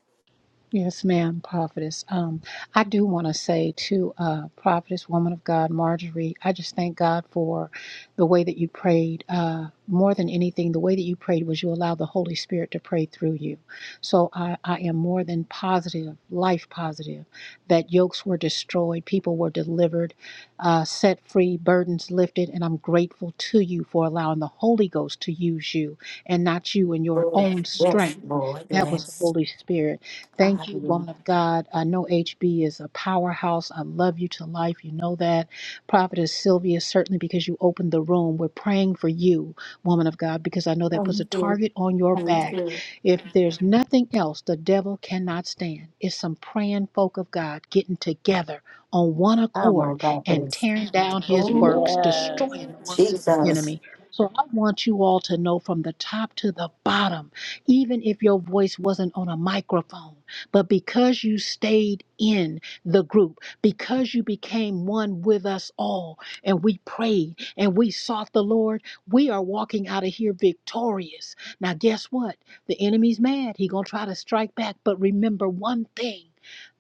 Speaker 3: Yes, ma'am, prophetess. Um, I do want to say to uh, prophetess, woman of God, Marjorie, I just thank God for the way that you prayed. Uh, more than anything, the way that you prayed was you allowed the Holy Spirit to pray through you. So I, I am more than positive, life positive, that yokes were destroyed, people were delivered, uh, set free, burdens lifted, and I'm grateful to you for allowing the Holy Ghost to use you and not you in your
Speaker 1: Oh,
Speaker 3: own
Speaker 1: yes,
Speaker 3: strength.
Speaker 1: Lord.
Speaker 3: That was the
Speaker 1: Yes.
Speaker 3: Holy Spirit. Thank you,
Speaker 1: Hallelujah.
Speaker 3: woman of God. I know HB is a powerhouse. I love you to life. You know that. Prophetess Sylvia, certainly because you opened the room. We're praying for you, woman of God, because I know that puts a
Speaker 1: Thank you.
Speaker 3: target on your
Speaker 1: Thank
Speaker 3: back.
Speaker 1: you.
Speaker 3: If there's nothing else, the devil cannot stand. It's some praying folk of God getting together on one
Speaker 1: Come
Speaker 3: accord
Speaker 1: on,
Speaker 3: and
Speaker 1: Prophetess.
Speaker 3: tearing down his works,
Speaker 8: Yes.
Speaker 3: destroying
Speaker 1: Oh,
Speaker 3: the works of the
Speaker 1: Jesus.
Speaker 3: enemy. So I want you all to know from the top to the bottom even if your voice wasn't on a microphone. But because you stayed in the group, because you became one with us all, and we prayed and we sought the Lord, we are walking out of here victorious. Now, guess what? The enemy's mad. He gonna try to strike back. But remember one thing.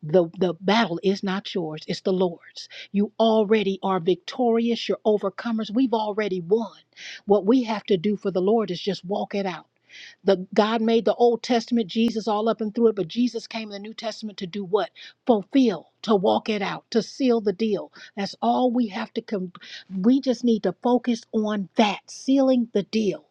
Speaker 3: The, the battle is not yours, it's the Lord's. You already are victorious, you're overcomers. We've already won. What we have to do for the Lord is just walk it out. The God made the Old Testament, Jesus all up and through it, but Jesus came in the New Testament to do what? Fulfill, to walk it out, to seal the deal. That's all we have to com- we just need to focus on that, sealing the deal.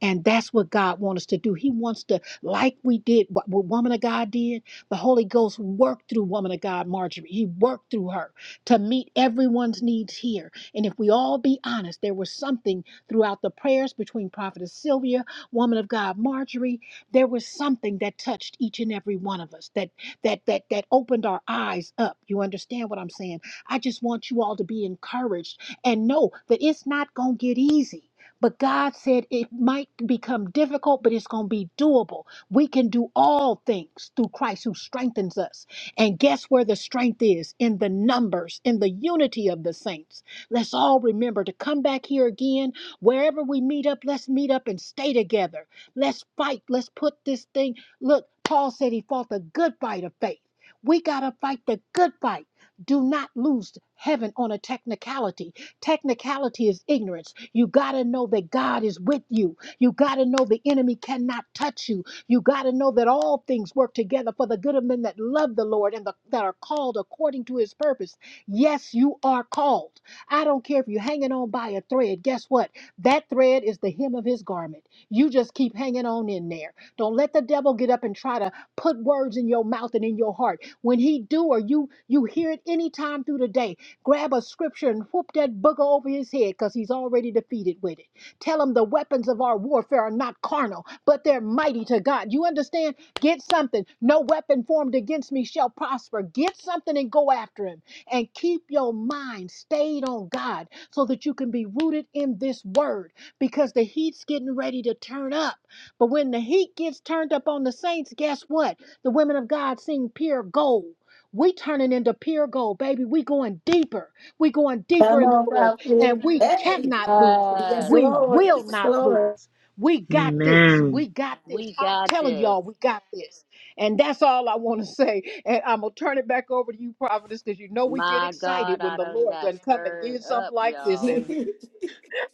Speaker 3: And that's what God wants us to do. He wants to, like we did, what, what woman of God did, the Holy Ghost worked through woman of God, Marjorie. He worked through her to meet everyone's needs here. And if we all be honest, there was something throughout the prayers between Prophetess Sylvia woman of God, Marjorie, there was something that touched each and every one of us that that that that opened our eyes up. You understand what I'm saying? I just want you all to be encouraged and know that it's not going to get easy. But God said it might become difficult, but it's going to be doable. We can do all things through Christ who strengthens us. And guess where the strength is? In the numbers, in the unity of the saints. Let's all remember to come back here again Wherever we meet up, let's meet up and stay together. Let's fight. Let's put this thing. Look, Paul said he fought the good fight of faith. We got to fight the good fight. Do not lose heaven on a technicality. Technicality is ignorance. You got to know that God is with you. You got to know the enemy cannot touch you. You got to know that all things work together for the good of men that love the Lord and the, that are called according to his purpose. Yes, you are called. I don't care if you're hanging on by a thread. Guess what? That thread is the hem of his garment. You just keep hanging on in there. Don't let the devil get up and try to put words in your mouth and in your heart. When he do or you you hear it anytime through the day, grab a scripture and whoop that booger over his head because he's already defeated with it. Tell him the weapons of our warfare are not carnal, but they're mighty to God. You understand? Get something. No weapon formed against me shall prosper. Get something and go after him. And keep your mind stayed on God so that you can be rooted in this word because the heat's getting ready to turn up. But when the heat gets turned up on the saints, guess what? The women of God sing pure gold. We turning into pure gold, baby. We going deeper. We going deeper
Speaker 1: Come
Speaker 3: in the
Speaker 1: on,
Speaker 3: Lord.
Speaker 1: Prophetess.
Speaker 3: And we
Speaker 1: Hey.
Speaker 3: cannot lose.
Speaker 1: Yes,
Speaker 8: Yes.
Speaker 3: We
Speaker 1: Lord.
Speaker 3: will
Speaker 1: Yes,
Speaker 3: not lose.
Speaker 1: Lord.
Speaker 3: We got this.
Speaker 5: Amen.
Speaker 3: We got this.
Speaker 8: We
Speaker 3: I'm
Speaker 8: got
Speaker 3: telling
Speaker 8: this.
Speaker 3: y'all, we got this. And that's all I want to say. And I'm gonna turn it back over to you, Providence, because you know we get
Speaker 8: My
Speaker 3: excited
Speaker 8: God,
Speaker 3: when
Speaker 8: I
Speaker 3: the
Speaker 8: done
Speaker 3: Lord
Speaker 8: got
Speaker 3: doesn't come and
Speaker 8: stirred
Speaker 3: did
Speaker 8: up,
Speaker 3: something like this
Speaker 8: y'all.
Speaker 3: in us.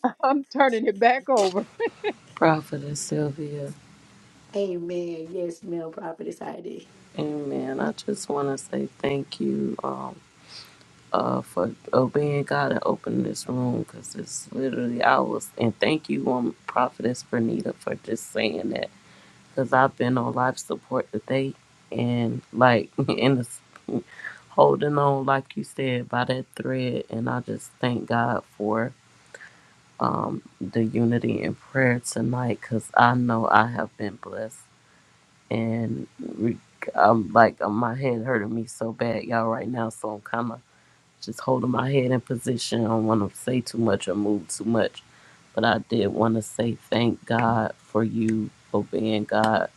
Speaker 3: I'm turning it back over.
Speaker 7: Prophetess Sylvia,
Speaker 1: Amen. Yes, ma'am, Prophetess Heidi.
Speaker 7: amen. I just want to say thank you um, uh, for obeying God and opening this room because it's literally, I was, and thank you, um, Prophetess Bernita, for just saying that because I've been on life support today and like, and it's holding on, like you said, by that thread. And I just thank God for the unity in prayer tonight because I know I have been blessed. and re- I'm like uh, my head hurting me so bad, y'all, right now. So I'm kind of just holding my head in position. I don't want to say too much or move too much, but I did want to say thank God for you obeying God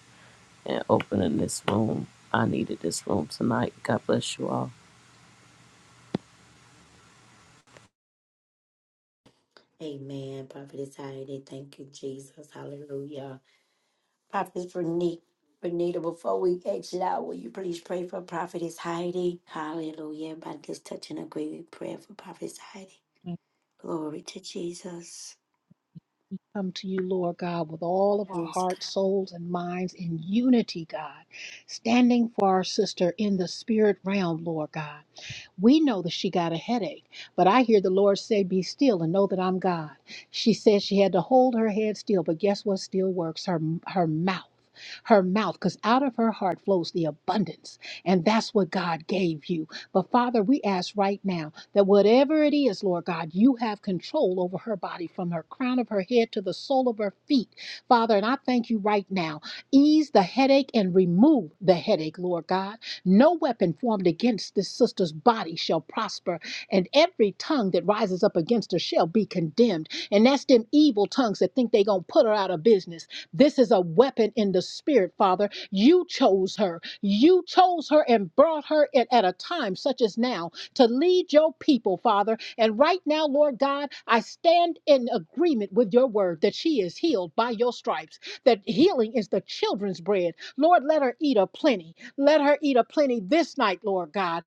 Speaker 7: and opening this room. I needed this room tonight. God bless you all.
Speaker 1: Amen. Prophetess Heidi, thank you, Jesus. Hallelujah. Prophetess Renita. Bernita, before we exit out, will you please pray for Prophetess Heidi? Hallelujah. Everybody just touch and agree with prayer for Prophetess Heidi. Glory to Jesus.
Speaker 3: come to you, Lord God, with all of our
Speaker 1: Yes,
Speaker 3: hearts,
Speaker 1: God.
Speaker 3: souls, and minds in unity, God, standing for our sister in the spirit realm, Lord God. We know that she got a headache, but I hear the Lord say, Be still and know that I'm God. She said she had to hold her head still, but guess what still works? Her, her mouth. Her mouth, because out of her heart flows the abundance, and that's what God gave you. But Father, we ask right now that whatever it is, Lord God, you have control over her body from her crown of her head to the sole of her feet, Father. And I thank you right now ease the headache and remove the headache, Lord God. No weapon formed against this sister's body shall prosper, and every tongue that rises up against her shall be condemned. And that's them evil tongues that think they gonna put her out of business. This is a weapon in the spirit, Father. You chose her. You chose her and brought her in at a time such as now to lead your people, Father. And right now, Lord God, I stand in agreement with your word that she is healed by your stripes, that healing is the children's bread. Lord, let her eat a plenty. Let her eat a plenty this night, Lord God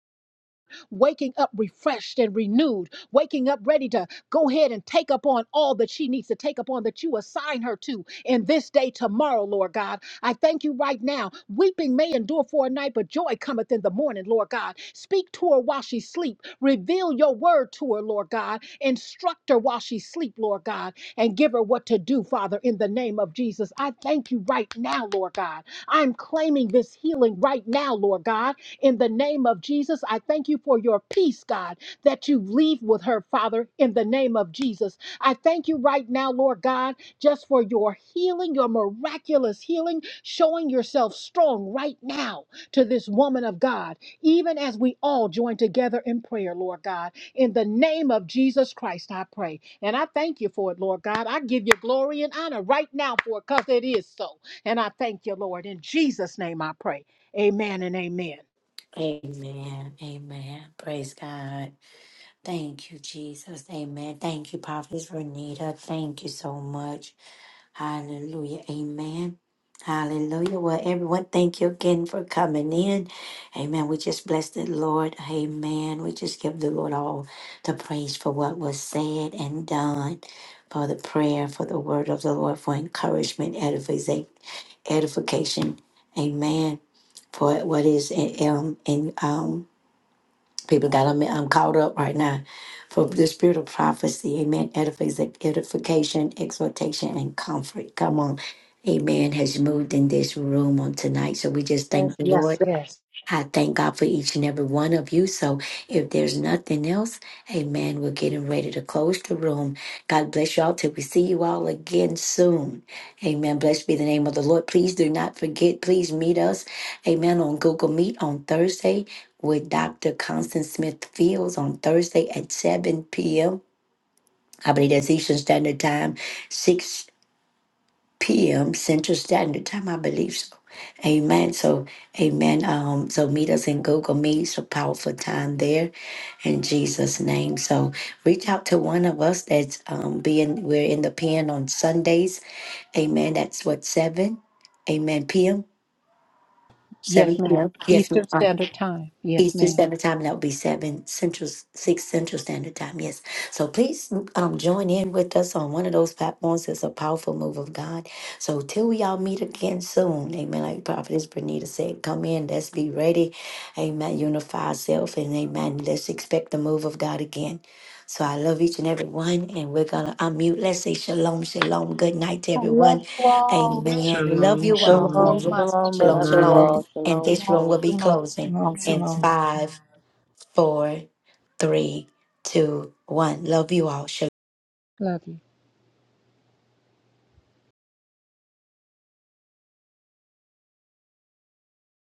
Speaker 3: waking up refreshed and renewed, waking up ready to go ahead and take up on all that she needs to take up on that you assign her to in this day tomorrow, Lord God. I thank you right now. Weeping may endure for a night, but joy cometh in the morning, Lord God. Speak to her while she sleep. Reveal your word to her, Lord God. Instruct her while she sleep, Lord God, and give her what to do, Father, in the name of Jesus. I thank you right now, Lord God. I'm claiming this healing right now, Lord God. In the name of Jesus, I thank you for your peace, God, that you leave with her, Father, in the name of Jesus. I thank you right now, Lord God, just for your healing, your miraculous healing, showing yourself strong right now to this woman of God, even as we all join together in prayer, Lord God. In the name of Jesus Christ, I pray. And I thank you for it, Lord God. I give you glory and honor right now for it because it is so. And I thank you, Lord. In Jesus' name I pray. Amen and amen.
Speaker 1: Amen. Amen. Praise God. Thank you, Jesus. Amen. Thank you, Prophetess Renita. Thank you so much. Hallelujah. Amen. Hallelujah. Well, everyone, thank you again for coming in. Amen. We just bless the Lord. Amen. We just give the Lord all the praise for what was said and done, for the prayer, for the word of the Lord, for encouragement, edification, edification. Amen. For what is um, in um People got um am caught up right now for the spirit of prophecy. Amen. Edific- Edification, exhortation, and comfort. Come on. Amen. Has moved in this room on tonight. So we just thank
Speaker 3: Yes,
Speaker 1: the Lord.
Speaker 3: yes, yes.
Speaker 1: I thank God for each and every one of you. So if there's nothing else, amen, we're getting ready to close the room. God bless y'all till we see you all again soon. Amen. Blessed be the name of the Lord. Please do not forget, please meet us, amen, on Google Meet on Thursday with Dr. Constance Smith Fields on Thursday at 7 p.m. I believe that's Eastern Standard Time, 6 p.m. Central Standard Time, I believe so. Amen. So, amen. Um, so meet us in Google Meet. It's a powerful time there in Jesus' name. So reach out to one of us that's um being we're in the pen on Sundays. Amen. That's what seven. Amen. PM.
Speaker 3: Yes,
Speaker 1: Seven
Speaker 3: ma'am.
Speaker 1: PM. Yes.
Speaker 3: Eastern Standard Time. Yes,
Speaker 1: Eastern
Speaker 3: ma'am.
Speaker 1: Standard Time, and that would be seven Central, six Central Standard Time. Yes. So please um, join in with us on one of those platforms. It's a powerful move of God. So till we all meet again soon, Amen. Like Prophetess Bernita said, come in. Let's be ready. Amen. Unify ourselves, and Amen. Let's expect the move of God again. So I love each and every one, and we're gonna unmute. Let's say shalom, shalom. Good night to
Speaker 3: I love
Speaker 1: everyone.
Speaker 3: you all.
Speaker 1: Amen. Amen. Love
Speaker 3: I
Speaker 5: Shalom,
Speaker 1: you
Speaker 3: love you
Speaker 1: all.
Speaker 3: so
Speaker 4: Shalom,
Speaker 5: shalom.
Speaker 3: much.
Speaker 4: shalom,
Speaker 5: Good
Speaker 1: Shalom,
Speaker 8: Love you
Speaker 4: everyone.
Speaker 1: shalom.
Speaker 5: night.
Speaker 8: all.
Speaker 1: And
Speaker 8: Shalom,
Speaker 1: this
Speaker 3: Shalom,
Speaker 1: room will
Speaker 8: shalom.
Speaker 1: be
Speaker 3: shalom.
Speaker 1: closing
Speaker 9: Shalom,
Speaker 1: in
Speaker 9: shalom.
Speaker 1: five, four, three, two, one. Love you all. Shalom.
Speaker 3: Love you.